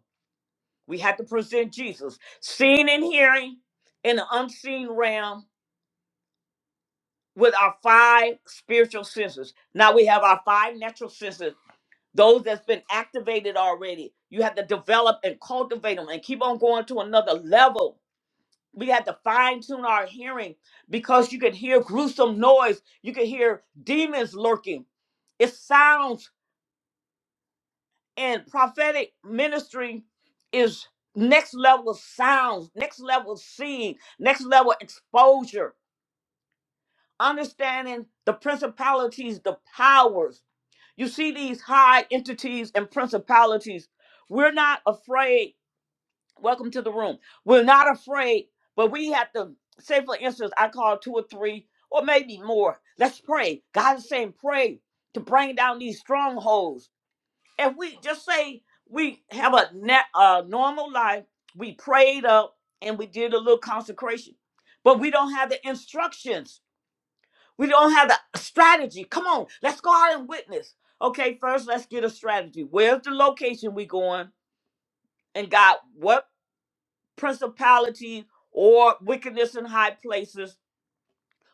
A: We have to present Jesus, seen and hearing in the unseen realm with our five spiritual senses. Now we have our five natural senses, those that's been activated already. You have to develop and cultivate them and keep on going to another level. We had to fine tune our hearing because you could hear gruesome noise, you could hear demons lurking. It sounds and prophetic ministry is next level sounds, next level seeing, next level exposure, understanding the principalities, the powers You see these high entities and principalities. We're not afraid. Welcome to the room. We're not afraid, but we have to say, for instance, I call two or three or maybe more. Let's pray. God is saying, pray to bring down these strongholds. If we just say we have a, net, a normal life, we prayed up and we did a little consecration, but we don't have the instructions. We don't have the strategy. Come on, let's go out and witness. Okay, first let's get a strategy. Where's the location we going? And God, what principalities or wickedness in high places?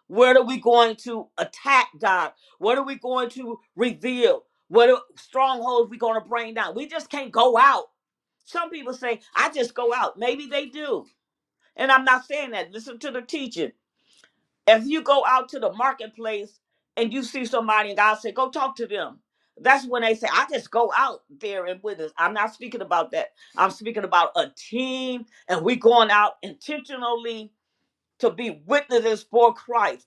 A: Where are we going to attack, God? What are we going to reveal? What are strongholds we going to bring down? We just can't go out. Some people say, I just go out. Maybe they do. And I'm not saying that. Listen to the teaching. If you go out to the marketplace and you see somebody and God say, go talk to them. That's when they say, I just go out there and witness. I'm not speaking about that. I'm speaking about a team and we going out intentionally to be witnesses for Christ.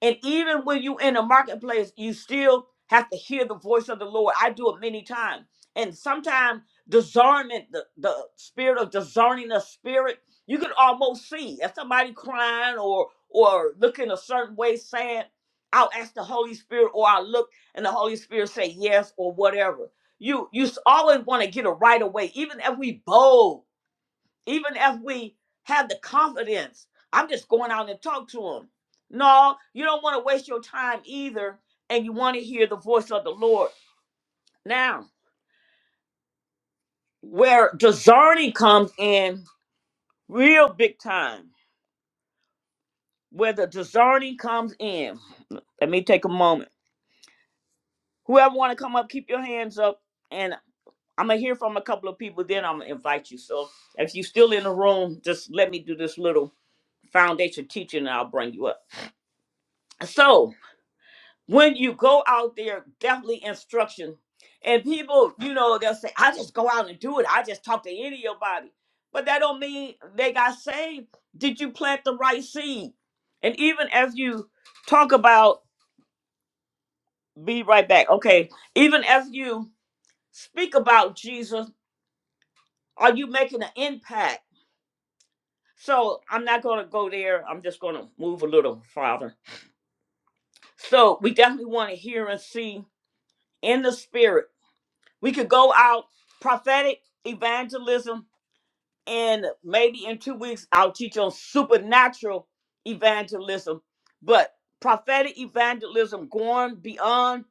A: And even when you in a marketplace, you still have to hear the voice of the Lord. I do it many times. And sometimes discernment, the, the spirit of discerning the spirit, you can almost see if somebody crying or or looking a certain way, sad. I'll ask the Holy Spirit, or I look and the Holy Spirit say yes or whatever. You you s- always want to get it right away, even if we bold even if we have the confidence, I'm just going out and talk to them. No, you don't want to waste your time either, and you want to hear the voice of the Lord. Now, where discerning comes in real big time, where the discerning comes in, let me take a moment. Whoever want to come up, keep your hands up, and I'm gonna hear from a couple of people. Then I'm gonna invite you. So if you're still in the room, just let me do this little foundation teaching, and I'll bring you up. So when you go out there, definitely instruction. And people, you know, they'll say, I just go out and do it. I just talk to anybody. But that don't mean they got saved. Did you plant the right seed? And even as you talk about, be right back. Okay. Even as you speak about Jesus, are you making an impact? So I'm not going to go there. I'm just going to move a little farther. So we definitely want to hear and see in the spirit We could go out prophetic evangelism, and maybe in two weeks I'll teach on supernatural evangelism. But prophetic evangelism going beyond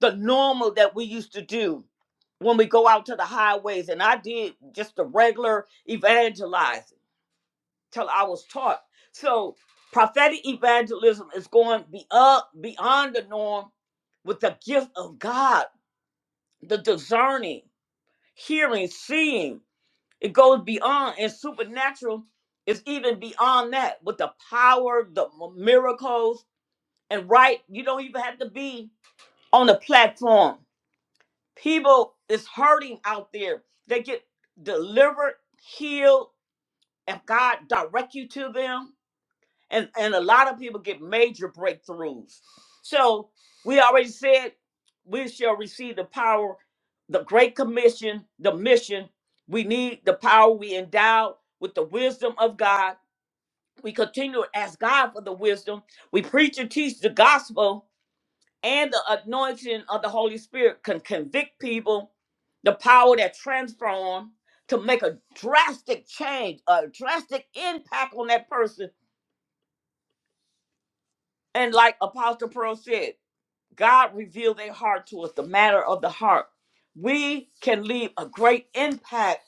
A: the normal that we used to do when we go out to the highways, and I did just the regular evangelizing till I was taught. So prophetic evangelism is going beyond beyond the norm with the gift of God, the discerning hearing, seeing. It goes beyond, and supernatural is even beyond that with the power, the m- miracles, and right. You don't even have to be on the platform. People is hurting out there. They get delivered, healed, and God direct you to them and and a lot of people get major breakthroughs so we already said we shall receive the power the great commission the mission we need the power we endowed with the wisdom of god we continue to ask god for the wisdom we preach and teach the gospel and the anointing of the holy spirit can convict people the power that transforms to make a drastic change a drastic impact on that person And like Apostle Pearl said, God revealed their heart to us, the matter of the heart. We can leave a great impact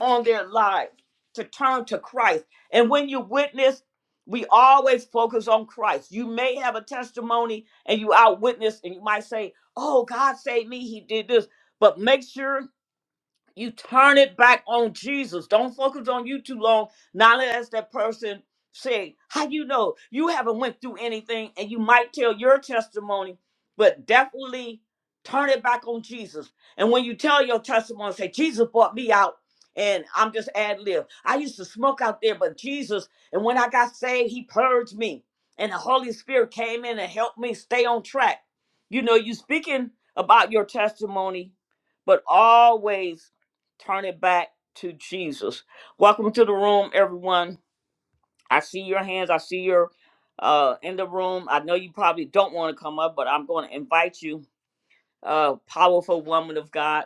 A: on their lives to turn to Christ. And when you witness, we always focus on Christ. You may have a testimony and you out witness and you might say, Oh, God saved me. He did this. But make sure you turn it back on Jesus. Don't focus on you too long. Not as that person say, how you know you haven't went through anything and you might tell your testimony, but definitely turn it back on Jesus. And when you tell your testimony, say, Jesus brought me out and I'm just ad lib. I used to smoke out there, but Jesus, and when I got saved, he purged me. And the Holy Spirit came in and helped me stay on track. You know, you speaking about your testimony, but always turn it back to Jesus. Welcome to the room, everyone. I see your hands. I see your uh, in the room. I know you probably don't want to come up, but I'm going to invite you, uh, powerful woman of God.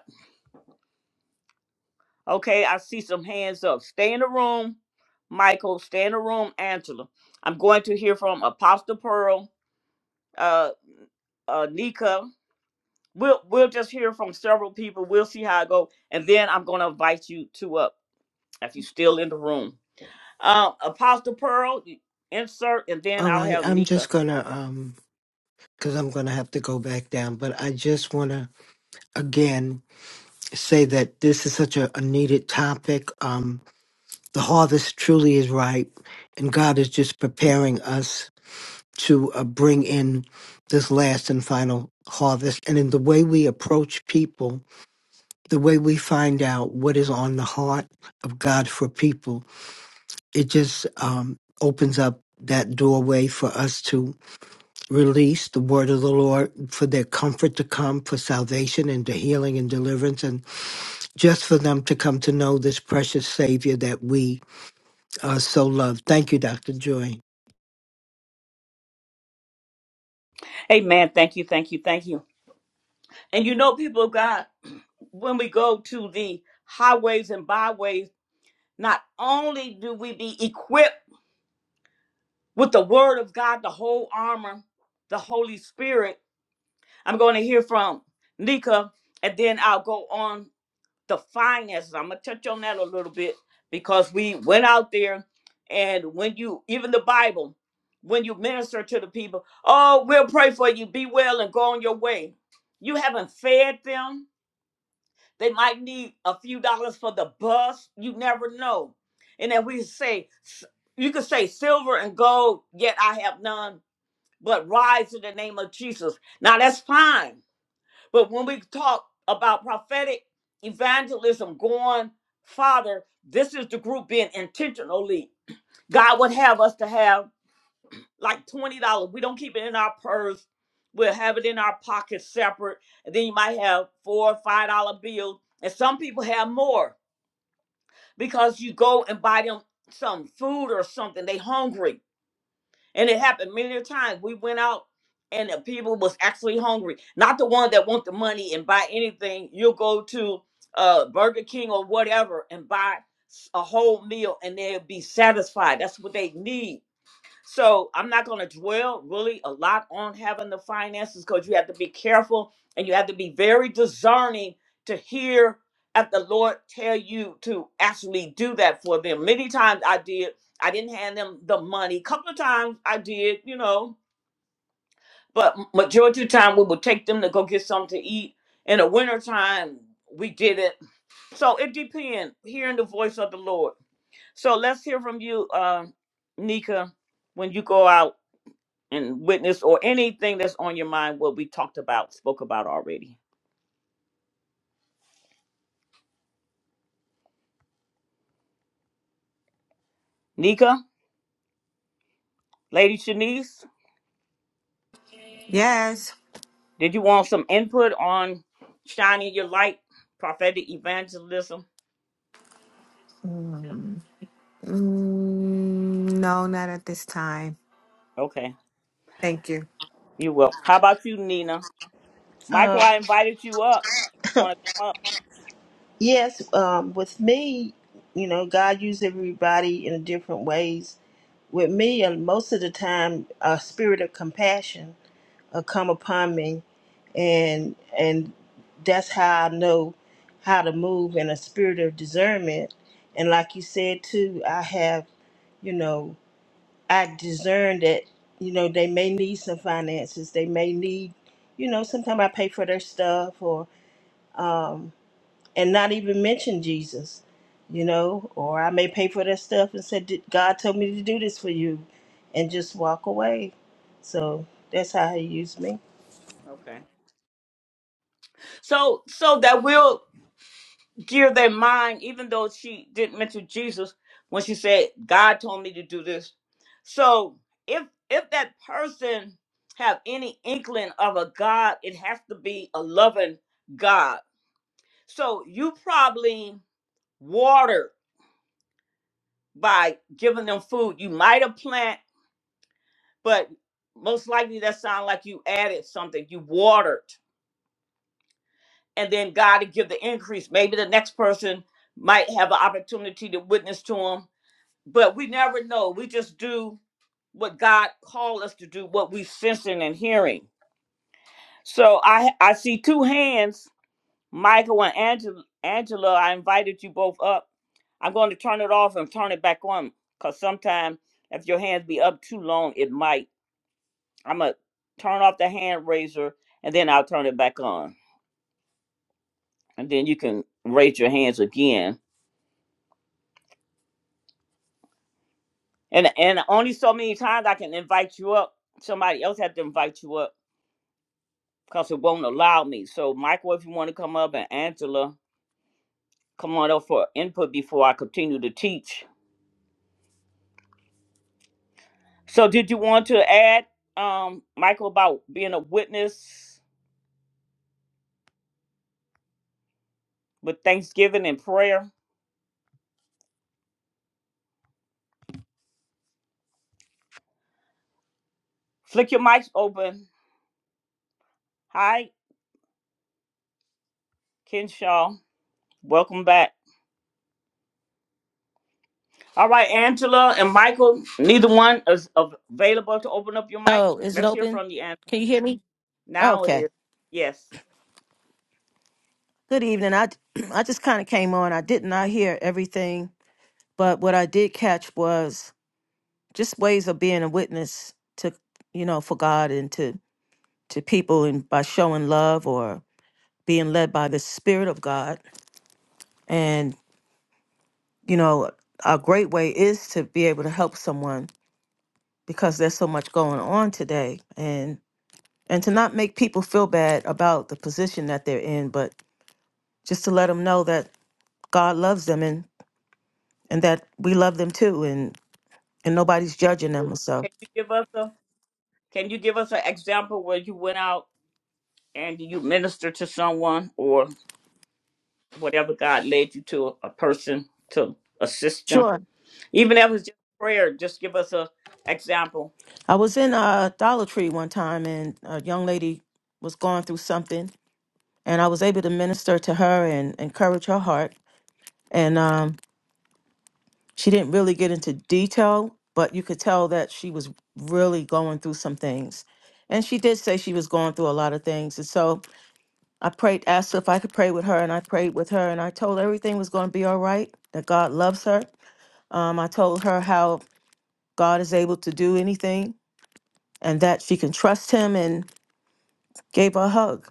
A: Okay, I see some hands up. Stay in the room, Michael. Stay in the room, Angela. I'm going to hear from Apostle Pearl, uh, uh, Nika. We'll we'll just hear from several people. We'll see how it go, and then I'm going to invite you to up if you're still in the room. Um, Apostle Pearl, insert, and then
F: All
A: I'll
F: right,
A: have
F: I'm just
A: Nika.
F: gonna um because I'm gonna have to go back down, but I just wanna again say that this is such a, a needed topic. Um the harvest truly is ripe and God is just preparing us to uh, bring in this last and final harvest and in the way we approach people, the way we find out what is on the heart of God for people, it just um opens up that doorway for us to. release the word of the Lord for their comfort to come, for salvation and the healing and deliverance, and just for them to come to know this precious Savior that we uh, so love. Thank you, Dr. Joy.
A: Amen. Thank you, thank you, thank you. And you know, people of God, when we go to the highways and byways, not only do we be equipped with the word of God, the whole armor, the Holy Spirit. I'm going to hear from Nika, and then I'll go on the finances. I'm gonna touch on that a little bit because we went out there and when you even the Bible, when you minister to the people, oh, we'll pray for you, be well and go on your way. You haven't fed them. They might need a few dollars for the bus. You never know. And then we say, s- you could say silver and gold, yet I have none, but rise in the name of Jesus. Now that's fine but when we talk about prophetic evangelism going farther, this is the group being intentionally. God would have us to have like $20. We don't keep it in our purse. We'll have it in our pocket separate. And then you might have four or five dollar bills. And some people have more because you go and buy them some food or something. They hungry. And it happened many a times. We went out and the people was actually hungry. Not the one that want the money and buy anything. You'll go to uh, Burger King or whatever and buy s- a whole meal and they'll be satisfied. That's what they need. So I'm not going to dwell really a lot on having the finances because you have to be careful and you have to be very discerning to hear if the Lord tell you to actually do that for them. Many times I did. I didn't hand them the money. Couple of times I did, you know, but m- majority of the time we would take them to go get something to eat. In the winter time, we did it. So it depends. Hearing the voice of the Lord. So let's hear from you, uh, Nika, when you go out and witness or anything that's on your mind what we talked about spoke about already nika lady shanice
E: Yes.
A: did you want some input on shining your light prophetic evangelism
E: Mm, mm, no, not at this time.
A: okay
E: Thank you.
A: you will how about you nina michael
C: Uh,
A: i invited you up want to come up
C: yes, um, with me, you know, God uses everybody in different ways. With me, uh, most of the time, a spirit of compassion will come upon me, and and that's how I know how to move in a spirit of discernment. And like you said too, I have you know. I discern that, you know, they may need some finances. They may need, you know, sometimes I pay for their stuff or, um, and not even mention Jesus, you know, or I may pay for their stuff and say, "Did- God told me to do this for you and just walk away. So that's how he used me.
A: okay so so that will gear their mind, even though she didn't mention Jesus when she said, God told me to do this. So if if that person have any inkling of a God, it has to be a loving God. So you probably water by giving them food. You might have plant, but most likely that sounds like you added something. You watered. And then God to give the increase. Maybe the next person might have an opportunity to witness to them but we never know. We just do what God called us to do, what we sensing and hearing. So I I see two hands, Michael and Angela. Angela, I invited you both up. I'm going to turn it off and turn it back on because sometimes if your hands be up too long, it might. I'm gonna turn off the hand raiser and then I'll turn it back on, and then you can raise your hands again. And and only so many times I can invite you up. Somebody else had to invite you up because it won't allow me. So, Michael, if you want to come up, and Angela, come on up for input before I continue to teach. So, did you want to add, um, Michael, about being a witness with Thanksgiving and prayer? Flick your mics open. Hi, Kenshaw. Welcome back. All right, Angela and Michael, neither one is av- available to open up your mic.
G: Oh, is it
A: Let's hear
G: open?
A: from you, Angela.
G: Can you hear me?
A: Now it
G: Okay.
A: is. Yes.
G: Good evening. I I just kind of came on. I did not hear everything, but what I did catch was just ways of being a witness to, you know, for God and to to people and by showing love or being led by the spirit of God. And, you know, a great way is to be able to help someone because there's so much going on today and and to not make people feel bad about the position that they're in, but just to let them know that God loves them and and that we love them too and and nobody's judging them. So
A: Can you give us a Can you give us an example where you went out? And do you minister to someone or whatever God led you to a person to assist them?
G: sure,
A: Even if it was just prayer, just give us an example.
G: I was in a Dollar Tree one time and a young lady was going through something and I was able to minister to her and encourage her heart. And um, she didn't really get into detail, but you could tell that she was really going through some things. And she did say she was going through a lot of things. And so I prayed, asked her if I could pray with her, and I prayed with her, and I told her everything was going to be all right, that God loves her, Um, I told her how God is able to do anything and that she can trust him and gave her a hug.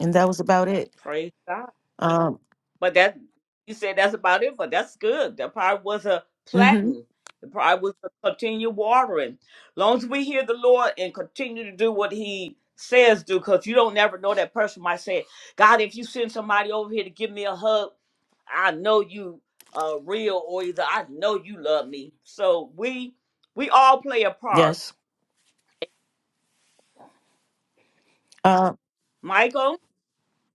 G: And that was about it.
A: Praise God.
G: Um,
A: But that you said that's about it, but that's good. That probably was a
G: hmm
A: planting. It probably was a continue watering. Long as we hear the Lord and continue to do what He says do, because you don't never know that person might say, God, if you send somebody over here to give me a hug, I know you uh real or either I know you love me. So we we all play a part.
G: yes. Uh,
A: Michael,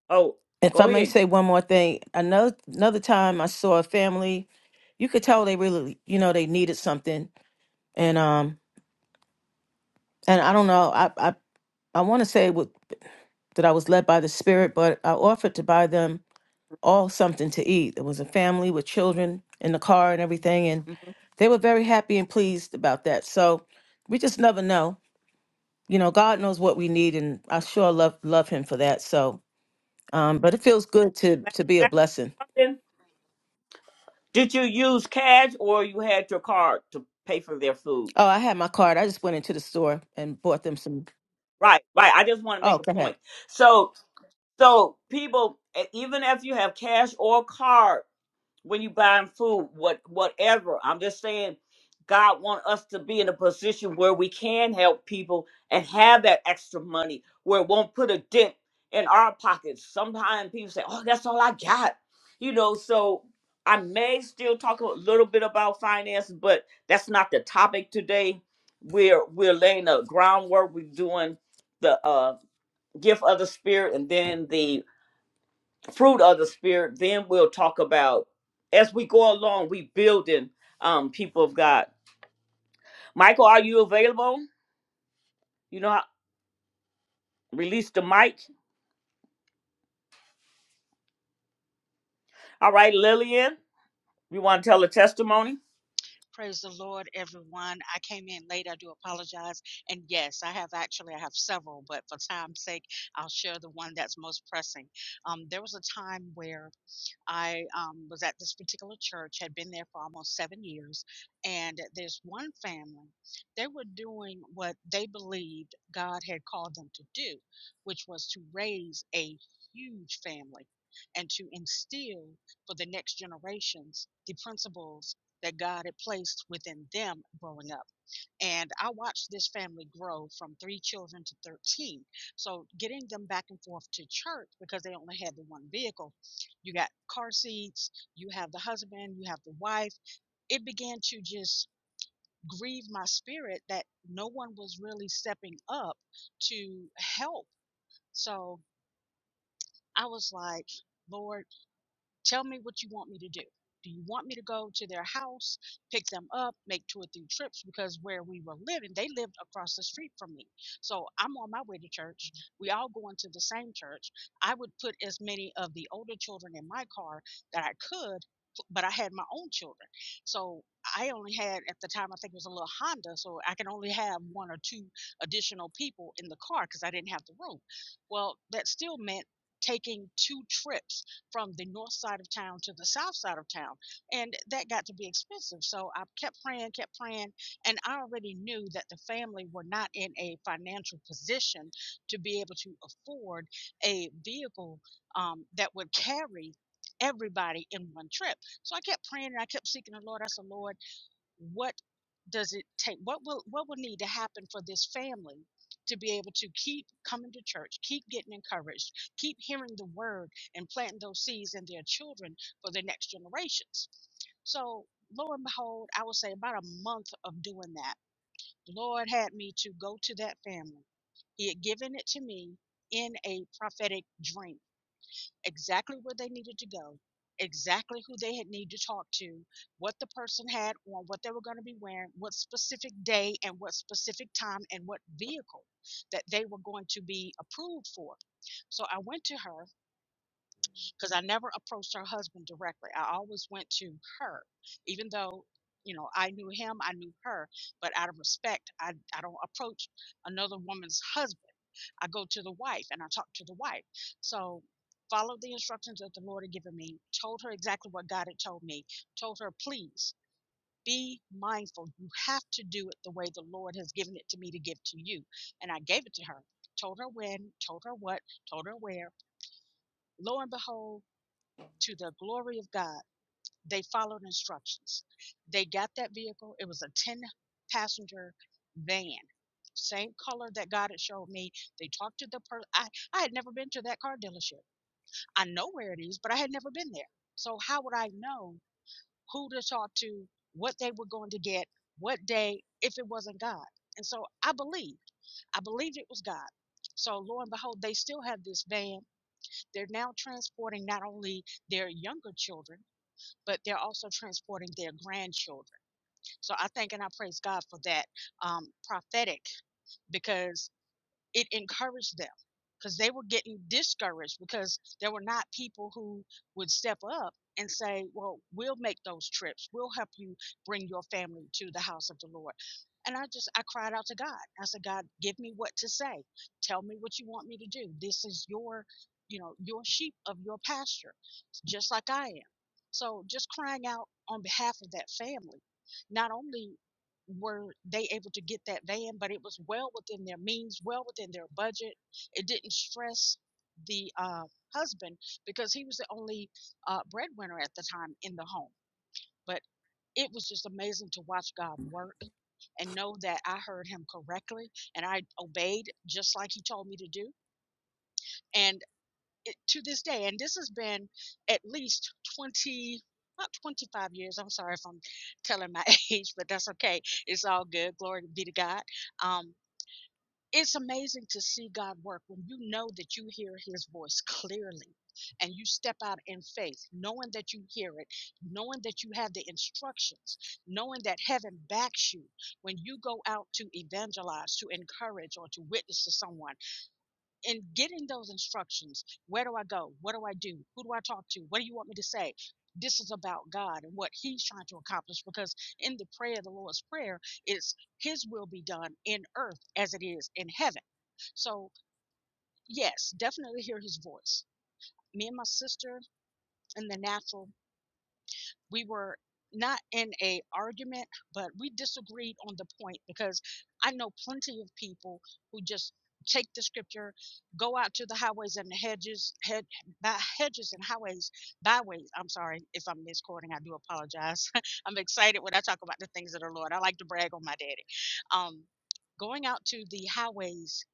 A: oh,
G: if
A: go
G: I may
A: ahead.
G: say one more thing, another, another time I saw a family, you could tell they really, you know, they needed something. And, um, and I don't know, I, I, I want to say what, that I was led by the spirit, but I offered to buy them all something to eat. There was a family with children in the car and everything, and
A: Mhm.
G: they were very happy and pleased about that. So we just never know. You know, God knows what we need, and I sure love love Him for that. So, um, but it feels good to to be a blessing.
A: Now, Did you use cash or you had your card to pay for their food?
G: Oh, I had my card. I just went into the store and bought them some.
A: Right, right. I just want to make
G: Oh,
A: a
G: go ahead.
A: point. So, so people, e- even if you have cash or card. when you buying food, what whatever. I'm just saying God want us to be in a position where we can help people and have that extra money where it won't put a dent in our pockets. Sometimes people say, Oh, that's all I got. You know, so I may still talk a little bit about finance, but that's not the topic today. We're we're laying the groundwork, we're doing the uh gift of the spirit and then the fruit of the spirit then we'll talk about as we go along we building um people of god michael are you available you know how, release the mic all right lillian you want to tell a testimony
H: Praise the Lord, everyone. I came in late. I do apologize. And yes, I have actually, I have several, but for time's sake, I'll share the one that's most pressing. Um, there was a time where I um, was at this particular church, had been there for almost seven years, and there's one family. They were doing what they believed God had called them to do, which was to raise a huge family and to instill for the next generations the principles that God had placed within them growing up. And I watched this family grow from three children to 13. So getting them back and forth to church because they only had the one vehicle, you got car seats, you have the husband, you have the wife. It began to just grieve my spirit that no one was really stepping up to help. So I was like, Lord, Tell me what you want me to do. Do you want me to go to their house, pick them up, make two or three trips? Because where we were living, they lived across the street from me. So I'm on my way to church. We all go into the same church. I would put as many of the older children in my car that I could, but I had my own children. So I only had, at the time, I think it was a little Honda. So I can only have one or two additional people in the car because I didn't have the room. Well, that still meant taking two trips from the north side of town to the south side of town. And that got to be expensive. So I kept praying, kept praying. And I already knew that the family were not in a financial position to be able to afford a vehicle um, that would carry everybody in one trip. So I kept praying and I kept seeking the Lord. I said, Lord, what does it take what will what will need to happen for this family to be able to keep coming to church keep getting encouraged keep hearing the word and planting those seeds in their children for their next generations so lo and behold i would say about a month of doing that the lord had me to go to that family he had given it to me in a prophetic dream exactly where they needed to go, exactly who they had need to talk to, what the person had on, what they were going to be wearing, what specific day and what specific time and what vehicle that they were going to be approved for. So I went to her because I never approached her husband directly. I always went to her, even though you know I knew him, I knew her, but out of respect, I I don't approach another woman's husband. I go to the wife and I talk to the wife. So followed the instructions that the Lord had given me. Told her exactly what God had told me. Told her, please. Be mindful. You have to do it the way the Lord has given it to me to give to you. And I gave it to her. Told her when, told her what, told her where. Lo and behold, to the glory of God, they followed instructions. They got that vehicle. It was a 10 passenger van, same color that God had showed me. They talked to the person. I, I had never been to that car dealership. I know where it is, but I had never been there. So, how would I know who to talk to, what they were going to get, what day, if it wasn't God? And so I believed. I believed it was God. So, lo and behold, they still have this van. They're now transporting not only their younger children but they're also transporting their grandchildren. So I thank and I praise God for that um, prophetic because it encouraged them because they were getting discouraged because there were not people who would step up and say, Well, we'll make those trips. We'll help you bring your family to the house of the Lord. And I just, I cried out to God. I said, God, give me what to say. Tell me what you want me to do. This is your, you know, your sheep of your pasture, just like I am. So just crying out on behalf of that family. Not only were they able to get that van, but it was well within their means, well within their budget. It didn't stress the uh, husband because he was the only uh, breadwinner at the time in the home. But it was just amazing to watch God work and know that I heard him correctly and I obeyed just like he told me to do. And it, to this day, and this has been at least 20, not 25 years. I'm sorry if I'm telling my age, but that's okay. It's all good. Glory be to God. Um, it's amazing to see God work when you know that you hear his voice clearly and you step out in faith, knowing that you hear it, knowing that you have the instructions, knowing that heaven backs you when you go out to evangelize, to encourage, or to witness to someone and getting those instructions where do i go what do i do who do i talk to what do you want me to say this is about god and what he's trying to accomplish because in the prayer the lord's prayer is his will be done in earth as it is in heaven so yes definitely hear his voice me and my sister in the natural we were not in a argument but we disagreed on the point because i know plenty of people who just take the scripture go out to the highways and the hedges head by hedges and highways byways i'm sorry if i'm misquoting i do apologize i'm excited when i talk about the things of the lord i like to brag on my daddy um going out to the highways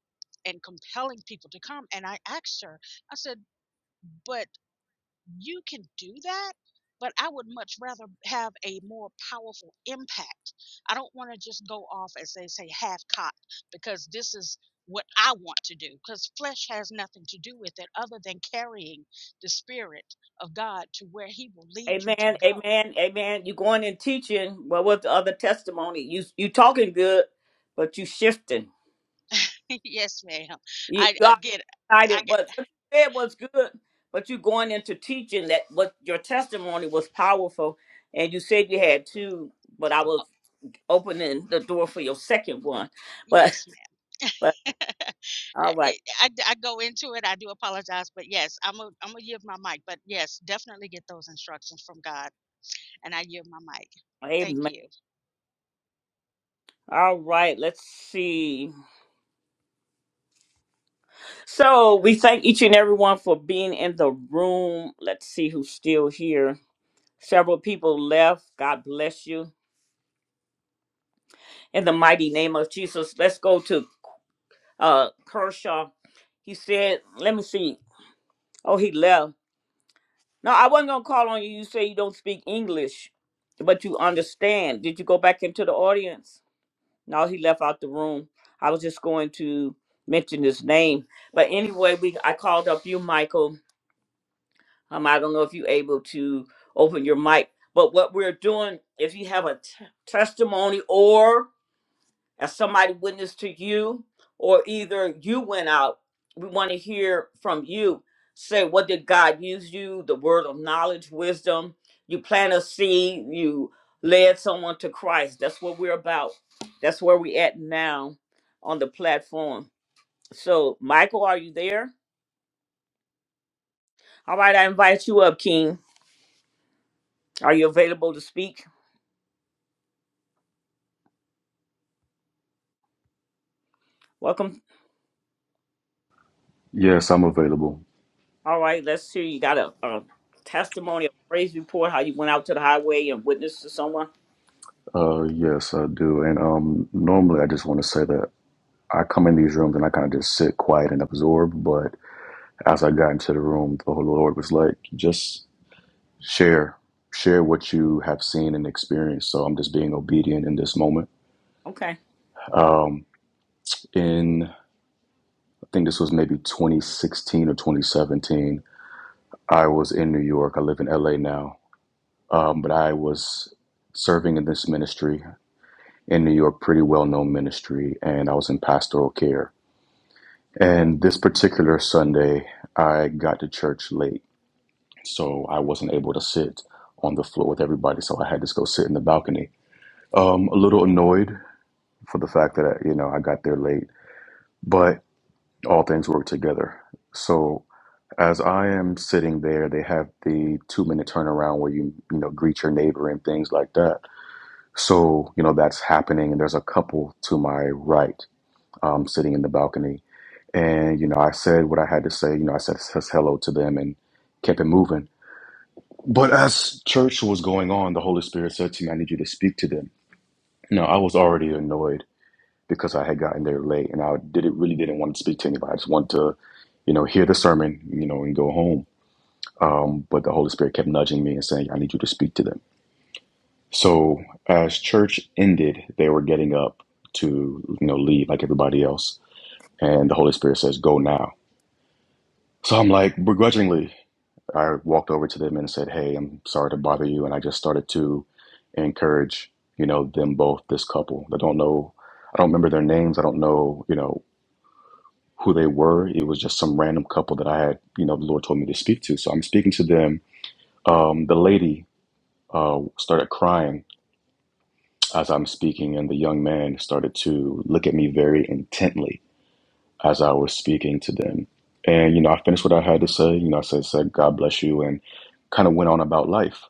H: and compelling people to come and i asked her i said but you can do that but i would much rather have a more powerful impact i don't want to just go off as they say half cocked because this is what i want to do because flesh has nothing to do with it other than carrying the spirit of god to where he will lead you to
A: amen
H: go
A: amen amen you going and teaching well with the other testimony you you talking good but you shifting
H: yes ma'am
A: you,
H: i I
A: got
H: get. i
A: excited
H: get
A: but what you said was good but you going into teaching that what your testimony was powerful and you said you had two but i was
H: oh,
A: opening the door for your second one. But
H: yes
A: but
H: ma'am I,
A: all right.
H: it- I, I go into it. I do apologize, but yes, I'm a, I'm gonna give my mic. But yes, definitely get those instructions from God And I yield my mic. Thank
A: Amen.
H: you.
A: All right, let's see. So we thank each and everyone for being in the room. Let's see who's still here. Several people left. God bless you. In the mighty name of Jesus. Let's go to uh Kershaw. He said, let me see. Oh, he left. No, I wasn't gonna call on you. You say you don't speak English, but you understand. Did you go back into the audience? No, he left out the room. I was just going to mention his name, but anyway, we I called up you, Michael. Um, I don't know if you're able to open your mic, but what we're doing, if you have a t- testimony or as somebody witnessed to you, or either you went out. We want to hear from you. Say, what did God use you? The word of knowledge, wisdom. You plant a seed, you led someone to Christ. That's what we're about. That's where we at now on the platform. So, Michael, are you there? All right, I invite you up, King. Are you available to speak? Welcome.
I: Yes, I'm available.
A: All right, let's hear. You got a, a testimony, a praise report, how you went out to the highway and witnessed to someone.
I: Uh, yes, I do. And um, normally, I just want to say that I come in these rooms and I kind of just sit quiet and absorb. But as I got into the room, the Holy Lord was like, just share, share what you have seen and experienced. So I'm just being obedient in this moment.
A: Okay.
I: Um, in I think this was maybe 2016 or 2017. I was in New York. I live in LA now, um, but I was serving in this ministry. in New York, pretty well known ministry, and I was in pastoral care. And this particular Sunday, I got to church late, so I wasn't able to sit on the floor with everybody, so I had to go sit in the balcony. Um, a little annoyed for the fact that I, you know I got there late, but all things work together. So as I am sitting there, they have the two minute turnaround where you you know greet your neighbor and things like that. So you know that's happening, and there's a couple to my right um, sitting in the balcony. And, you know, I said what I had to say. You know, I said s- hello to them and kept it moving. But as church was going on, the Holy Spirit said to me, I need you to speak to them. No, I was already annoyed because I had gotten there late and I did really didn't want to speak to anybody. I just wanted to, you know, hear the sermon, you know, and go home. Um, but the Holy Spirit kept nudging me and saying, I need you to speak to them. So as church ended, they were getting up to, you know, leave like everybody else. And the Holy Spirit says, Go now. So I'm like, begrudgingly, I walked over to them and said, Hey, I'm sorry to bother you. And I just started to encourage, you know, them both, this couple. I don't know, I don't remember their names. I don't know, you know, who they were. It was just some random couple that I had, you know, the Lord told me to speak to. So I'm speaking to them. Um, the lady uh, started crying as I'm speaking, and the young man started to look at me very intently. as I was speaking to them. And, you know, I finished what I had to say. You know, I said, said God bless you, and kind of went on about life.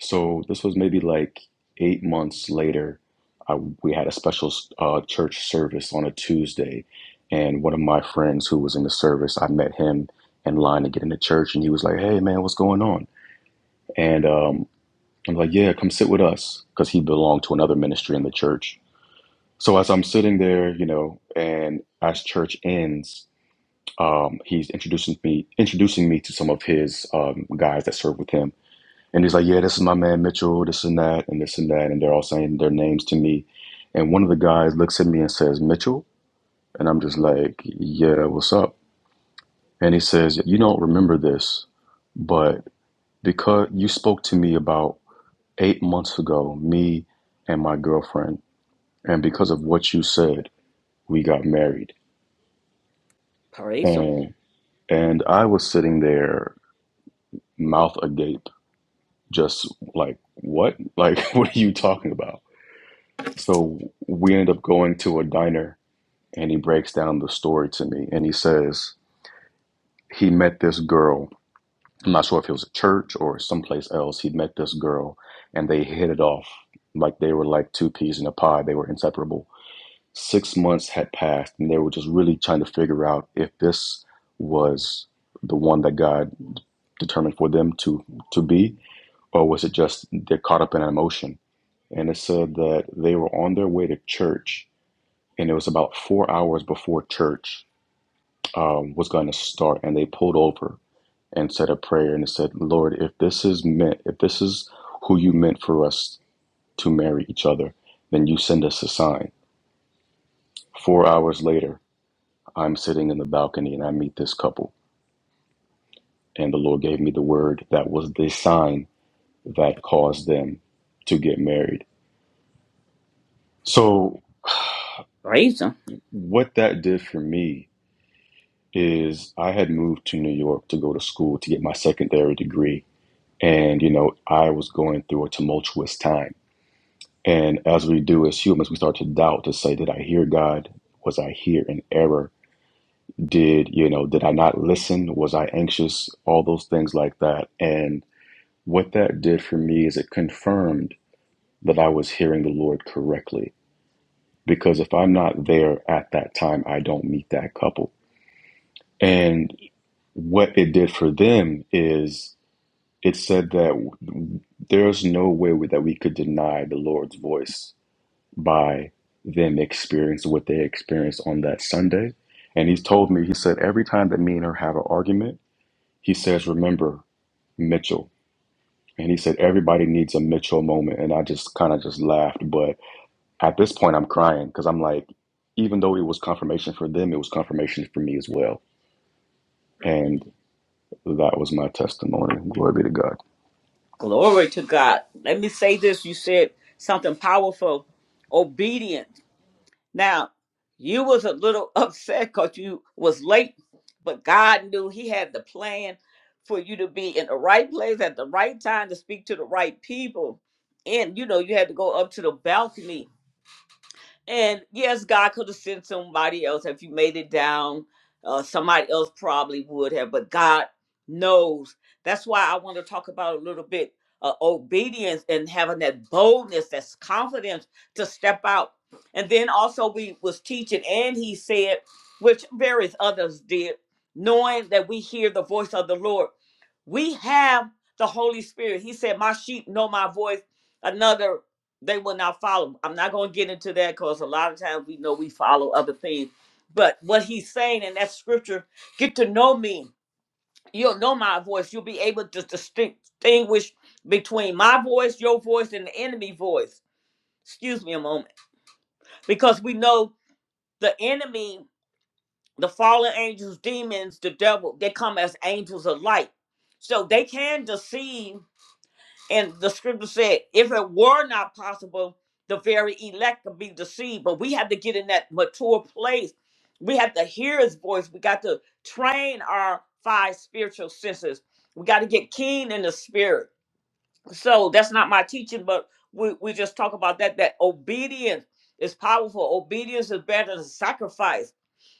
I: So this was maybe like eight months later. I, we had a special uh, church service on a Tuesday, and one of my friends who was in the service, I met him in line to get into church, and he was like, "Hey, man, what's going on?" And um, I'm like, "Yeah, come sit with us," because he belonged to another ministry in the church. So as I'm sitting there, you know, and as church ends, um, he's introducing me introducing me to some of his um, guys that serve with him, and he's like, "Yeah, this is my man Mitchell, this and that, and this and that," and they're all saying their names to me, and one of the guys looks at me and says, "Mitchell," and I'm just like, "Yeah, what's up?" And he says, "You don't remember this, but because you spoke to me about eight months ago, me and my girlfriend, and because of what you said, we got married,"
A: Praise him.
I: and and I was sitting there mouth agape just like what like what are you talking about so we ended up going to a diner and he breaks down the story to me and he says he met this girl i'm not sure if it was a church or someplace else he met this girl and they hit it off like they were like two peas in a pod they were inseparable six months had passed and they were just really trying to figure out if this was the one that god determined for them to to be or was it just they're caught up in an emotion and it said that they were on their way to church, and it was about four hours before church um, was going to start, and they pulled over and said a prayer, and it said, "Lord, if this is meant, if this is who you meant for us to marry each other, then you send us a sign." Four hours later, I'm sitting in the balcony and I meet this couple, and the Lord gave me the word that was the sign that caused them to get married. So,
A: Praise him.
I: what that did for me is I had moved to New York to go to school to get my secondary degree. And, you know, I was going through a tumultuous time. And as we do as humans, we start to doubt to say, did I hear God? Was I here in error? Did, you know, did I not listen? Was I anxious? All those things like that. And what that did for me is it confirmed that I was hearing the Lord correctly. Because if I'm not there at that time, I don't meet that couple. And what it did for them is it said that w- there's no way we- that we could deny the Lord's voice by them experiencing what they experienced on that Sunday. And he's told me, he said, every time that me and her have an argument, he says, remember Mitchell. And he said, everybody needs a Mitchell moment. And I just kind of just laughed. But at this point, I'm crying because I'm like, even though it was confirmation for them, it was confirmation for me as well. And that was my testimony. Glory be to God.
A: Glory to God. Let me say this. You said something powerful. Obedient. Now, you was a little upset because you was late, but God knew he had the plan for you to be in the right place at the right time to speak to the right people. And you know, you had to go up to the balcony And yes, God could have sent somebody else. If you made it down, uh, somebody else probably would have, but God knows. That's why I want to talk about a little bit uh, obedience and having that boldness, that's confidence to step out. And then also we was teaching and he said, which various others did, knowing that we hear the voice of the Lord. We have the Holy Spirit. He said, my sheep know my voice. Another they will not follow. I'm not going to get into that because a lot of times we know we follow other things. But what he's saying in that scripture, get to know me. You'll know my voice. You'll be able to distin- distinguish between my voice, your voice, and the enemy voice. Excuse me a moment. Because we know the enemy, the fallen angels, demons, the devil, they come as angels of light. So they can deceive And the scripture said, if it were not possible, the very elect could be deceived. But we have to get in that mature place. We have to hear his voice. We got to train our five spiritual senses. We got to get keen in the spirit. So that's not my teaching, but we, we just talk about that, that obedience is powerful. Obedience is better than sacrifice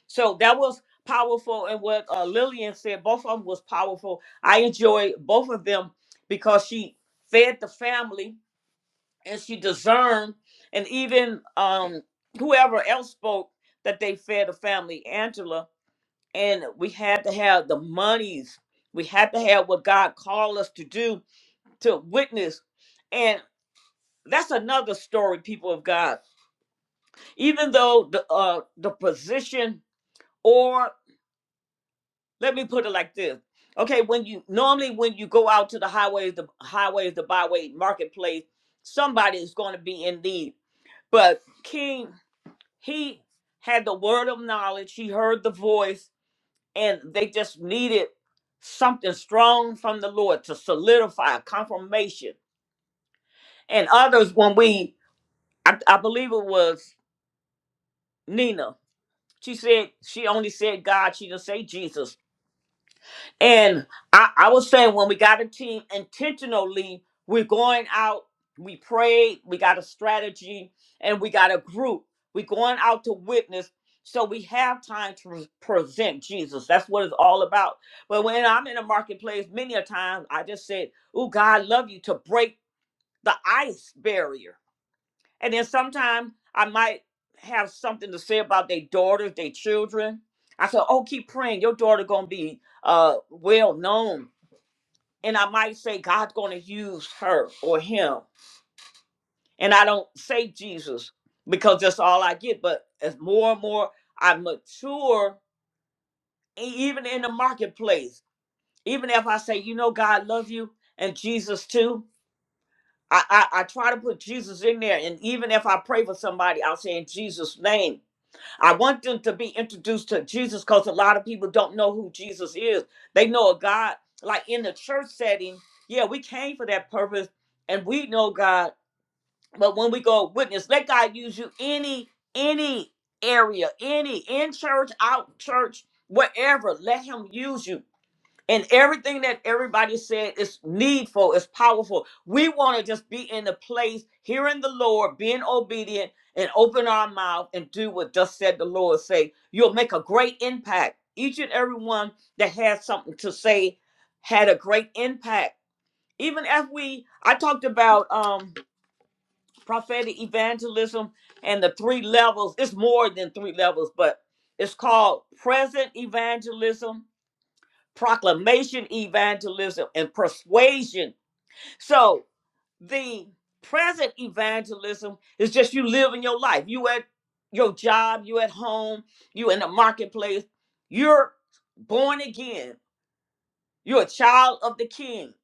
A: so that was powerful, and what uh, Lillian said, both of them was powerful. I enjoyed both of them because she fed the family and she discerned, and even um, whoever else spoke that they fed the family, Angela. And we had to have the monies. We had to have what God called us to do to witness, and that's another story, people of God. Even though the uh, the position or let me put it like this. Okay, when you normally when you go out to the highways, the highways, the byway, marketplace, somebody is going to be in need. But King, he had the word of knowledge. He heard the voice, and they just needed something strong from the Lord to solidify confirmation. And others, when we, I, I believe it was Nina. She said she only said God. She didn't say Jesus. And I, I was saying when we got a team intentionally, we're going out, we prayed, we got a strategy, and we got a group. We're going out to witness. So we have time to re- present Jesus. That's what it's all about. But when I'm in a marketplace, many a time I just said, Oh, God I love you to break the ice barrier and then sometimes I might have something to say about their daughters, their children. I said, "Oh, keep praying. Your daughter gonna be uh well known." And I might say, "God's gonna use her or him." And I don't say Jesus because that's all I get. But as more and more I mature, e- even in the marketplace, even if I say, "You know, God love you and Jesus too," I, I I try to put Jesus in there. And even if I pray for somebody, I'll say in Jesus' name I want them to be introduced to Jesus because a lot of people don't know who Jesus is. They know a God, like in the church setting, yeah, we came for that purpose and we know God. But when we go witness, let God use you any, any area, any in church, out church, wherever. Let him use you. And everything that everybody said is needful, is powerful. We want to just be in the place, hearing the Lord, being obedient, and open our mouth and do what thus said the Lord say. You'll make a great impact. Each and every one that had something to say had a great impact. Even if we, I talked about um, prophetic evangelism and the three levels. It's more than three levels, but it's called present evangelism proclamation, evangelism, and persuasion. So the present evangelism is just you living your life. You at your job, you at home, you in the marketplace. You're born again. You're a child of the King,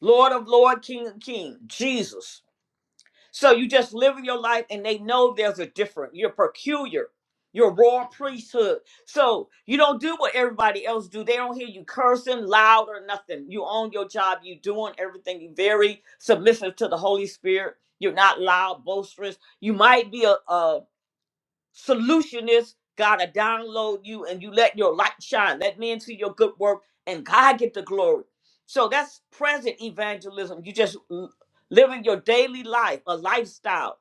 A: Lord of Lord, King of King, Jesus. So you just living your life and they know there's a different. You're peculiar. You're royal priesthood. So you don't do what everybody else do. They don't hear you cursing loud or nothing. You own your job. You doing everything. You very submissive to the Holy Spirit. You're not loud, boisterous. You might be a, a Solution is God, to download you and you let your light shine. Let men see your good work and God get the glory. So that's present evangelism. You just l- living your daily life, a lifestyle.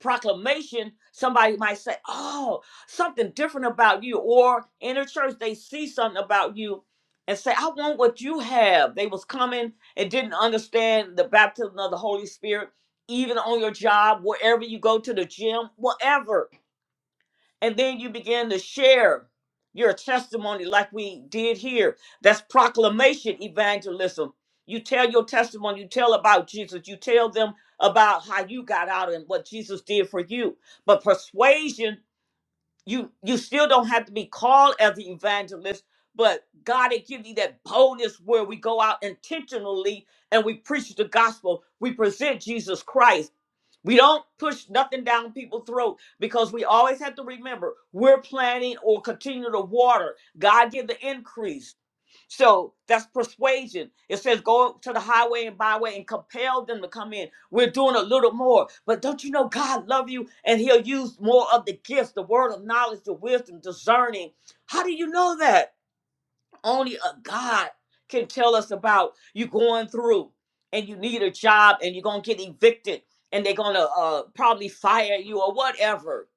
A: Proclamation, somebody might say, Oh, something different about you. Or in a church, they see something about you and say, I want what you have. They was coming and didn't understand the baptism of the Holy Spirit, even on your job, wherever you go to the gym, whatever and then you begin to share your testimony like we did here that's proclamation evangelism you tell your testimony you tell about jesus you tell them about how you got out and what jesus did for you but persuasion you you still don't have to be called as an evangelist but god had given you that boldness where we go out intentionally and we preach the gospel we present jesus christ we don't push nothing down people's throat because we always have to remember we're planting or continue to water. God give the increase. So that's persuasion. It says go to the highway and byway and compel them to come in. We're doing a little more. But don't you know God love you and he'll use more of the gifts, the word of knowledge, the wisdom, discerning. How do you know that? Only a God can tell us about you going through and you need a job and you're going to get evicted and they're going to uh, probably fire you or whatever.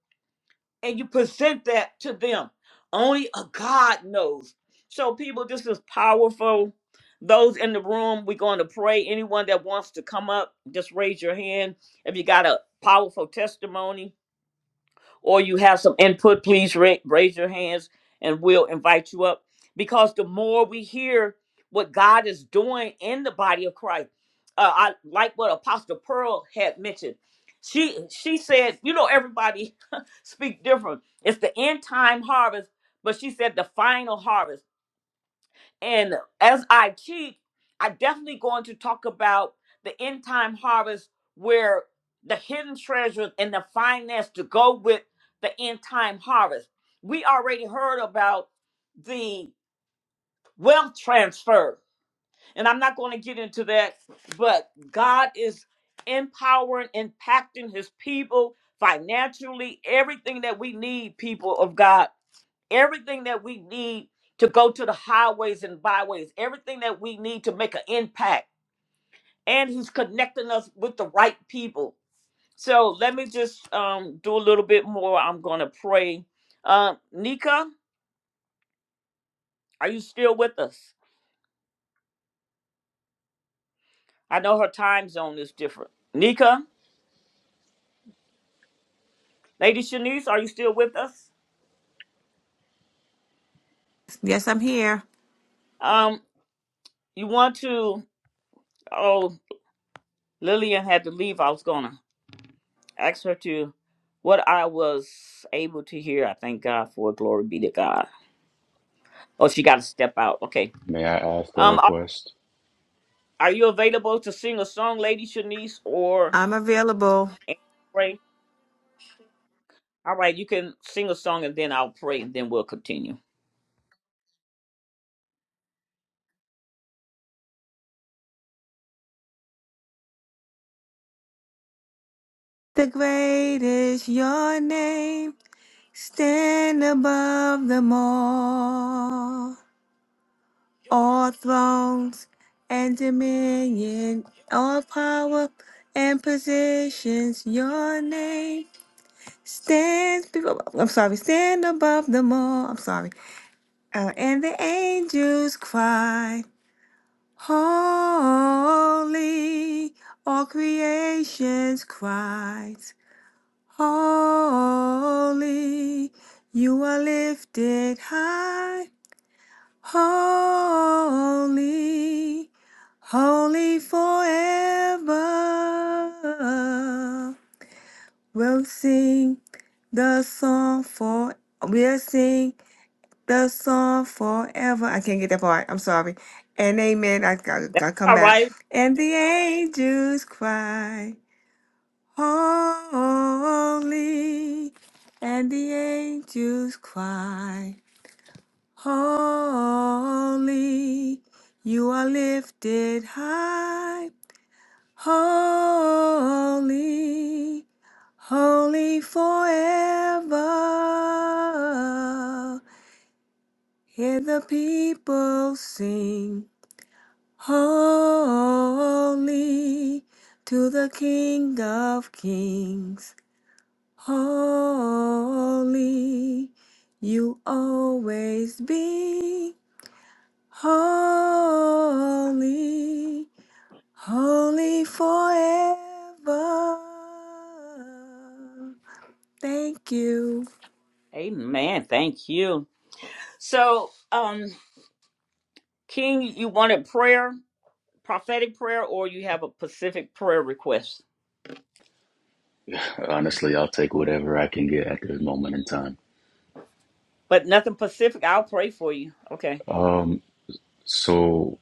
A: And you present that to them. Only a God knows. So, people, this is powerful. Those in the room, we're going to pray. Anyone that wants to come up, just raise your hand. If you got a powerful testimony, or you have some input, please ra- raise your hands and we'll invite you up. Because the more we hear what God is doing in the body of Christ, uh, I like what Apostle Pearl had mentioned. She she said, you know, everybody speak different. It's the end time harvest, but she said the final harvest. And as I teach, I'm definitely going to talk about the end time harvest where the hidden treasures and the finance to go with the end time harvest. We already heard about the wealth transfer, and I'm not going to get into that, but God is empowering, impacting his people financially, everything that we need, people of God everything that we need to go to the highways and byways, everything that we need to make an impact. And he's connecting us with the right people. So let me just um, do a little bit more. I'm going to pray. Uh, Nika, are you still with us? I know her time zone is different. Nika, Lady Shanice, are you still with us?
E: Yes, I'm here.
A: Um, you want to? Oh, Lillian had to leave. I was going to ask her to what I was able to hear. I thank God for it. Glory be to God. Oh, she got to step out. Okay.
I: May I ask a
A: Um, are,
I: request?
A: are you available to sing a song, Lady Shanice, or
E: I'm available.
A: and pray? All right, you can sing a song and then I'll pray and then we'll continue.
E: The great is your name. Stand above them all. All thrones and dominion, all power and positions, your name Stands before, I'm sorry, stand above them all. I'm sorry. Uh, and the angels cry, Holy. All creations cries, Holy. You are lifted high, Holy, holy forever. We'll sing the song for we'll sing the song forever. I can't get that part. I'm sorry. And amen. I gotta,
A: That's
E: gotta come
A: all
E: back.
A: right.
E: And the angels cry, holy. And the angels cry, holy. You are lifted high. Holy, holy forever. Hear the people sing. Holy to the King of Kings. Holy, you always be holy. Holy forever. Thank you.
A: Amen. Thank you. So, um, King, you wanted prayer? prophetic prayer or you have a specific prayer request.
I: Honestly, I'll take whatever I can get at this moment in time.
A: But nothing specific. I'll pray for you. Okay.
I: Um, so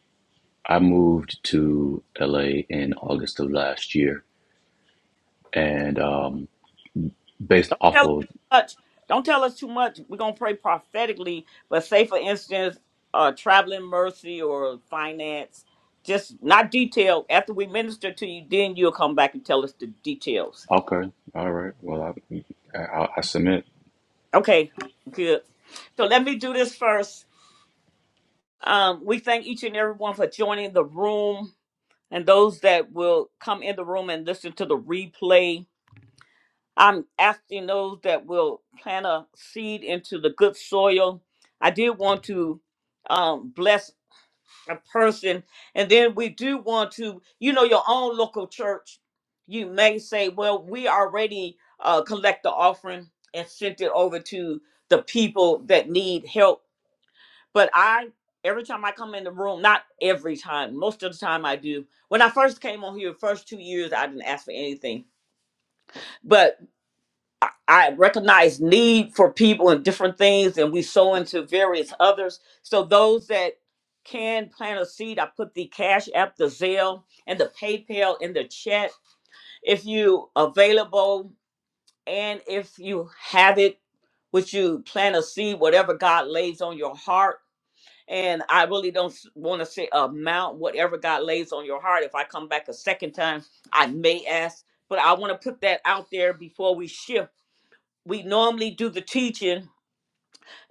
I: I moved to LA in August of last year, and um, based
A: Don't
I: off
A: tell us
I: of
A: too much. Don't tell us too much. We're gonna pray prophetically, but say for instance, uh traveling mercy or finance, just not detailed. After we minister to you, then you'll come back and tell us the details.
I: okay, all right, well, I, I, I submit.
A: Okay, good. So let me do this first. Um, we thank each and everyone for joining the room and those that will come in the room and listen to the replay I'm asking those that will plant a seed into the good soil. I did want to um, bless a person. And then we do want to, you know, your own local church. You may say, well, we already uh, collect the offering and sent it over to the people that need help. But I, every time I come in the room, not every time, most of the time I do. When I first came on here, first two years, I didn't ask for anything. But I recognize need for people and different things, and we sow into various others. So those that can plant a seed, I put the Cash App, the Zelle, and the PayPal in the chat. If you available and if you have it, would you plant a seed, whatever God lays on your heart? And I really don't want to say amount, whatever God lays on your heart. If I come back a second time, I may ask, but I want to put that out there before we shift we normally do the teaching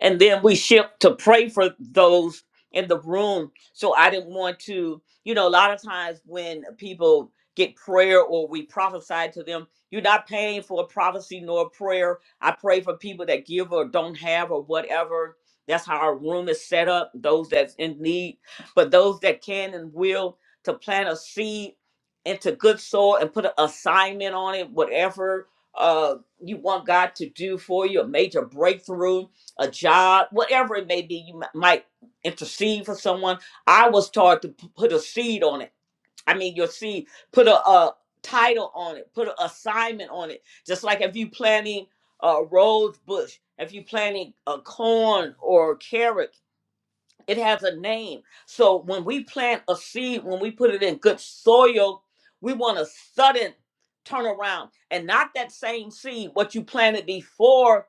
A: and then we shift to pray for those in the room. So I didn't want to, you know, a lot of times when people get prayer or we prophesy to them, you're not paying for a prophecy nor a prayer. I pray for people that give or don't have or whatever. That's how our room is set up, those that's in need. But those that can and will to plant a seed into good soil and put an assignment on it, whatever uh, you want God to do for you, a major breakthrough a job, whatever it may be, you mi- might intercede for someone. I was taught to p- put a seed on it. I mean, your seed, put a, a title on it, put an assignment on it. Just like if you planting a rose bush, if you planting a corn or carrot, it has a name. So when we plant a seed, when we put it in good soil, we want a sudden turnaround and not that same seed, what you planted before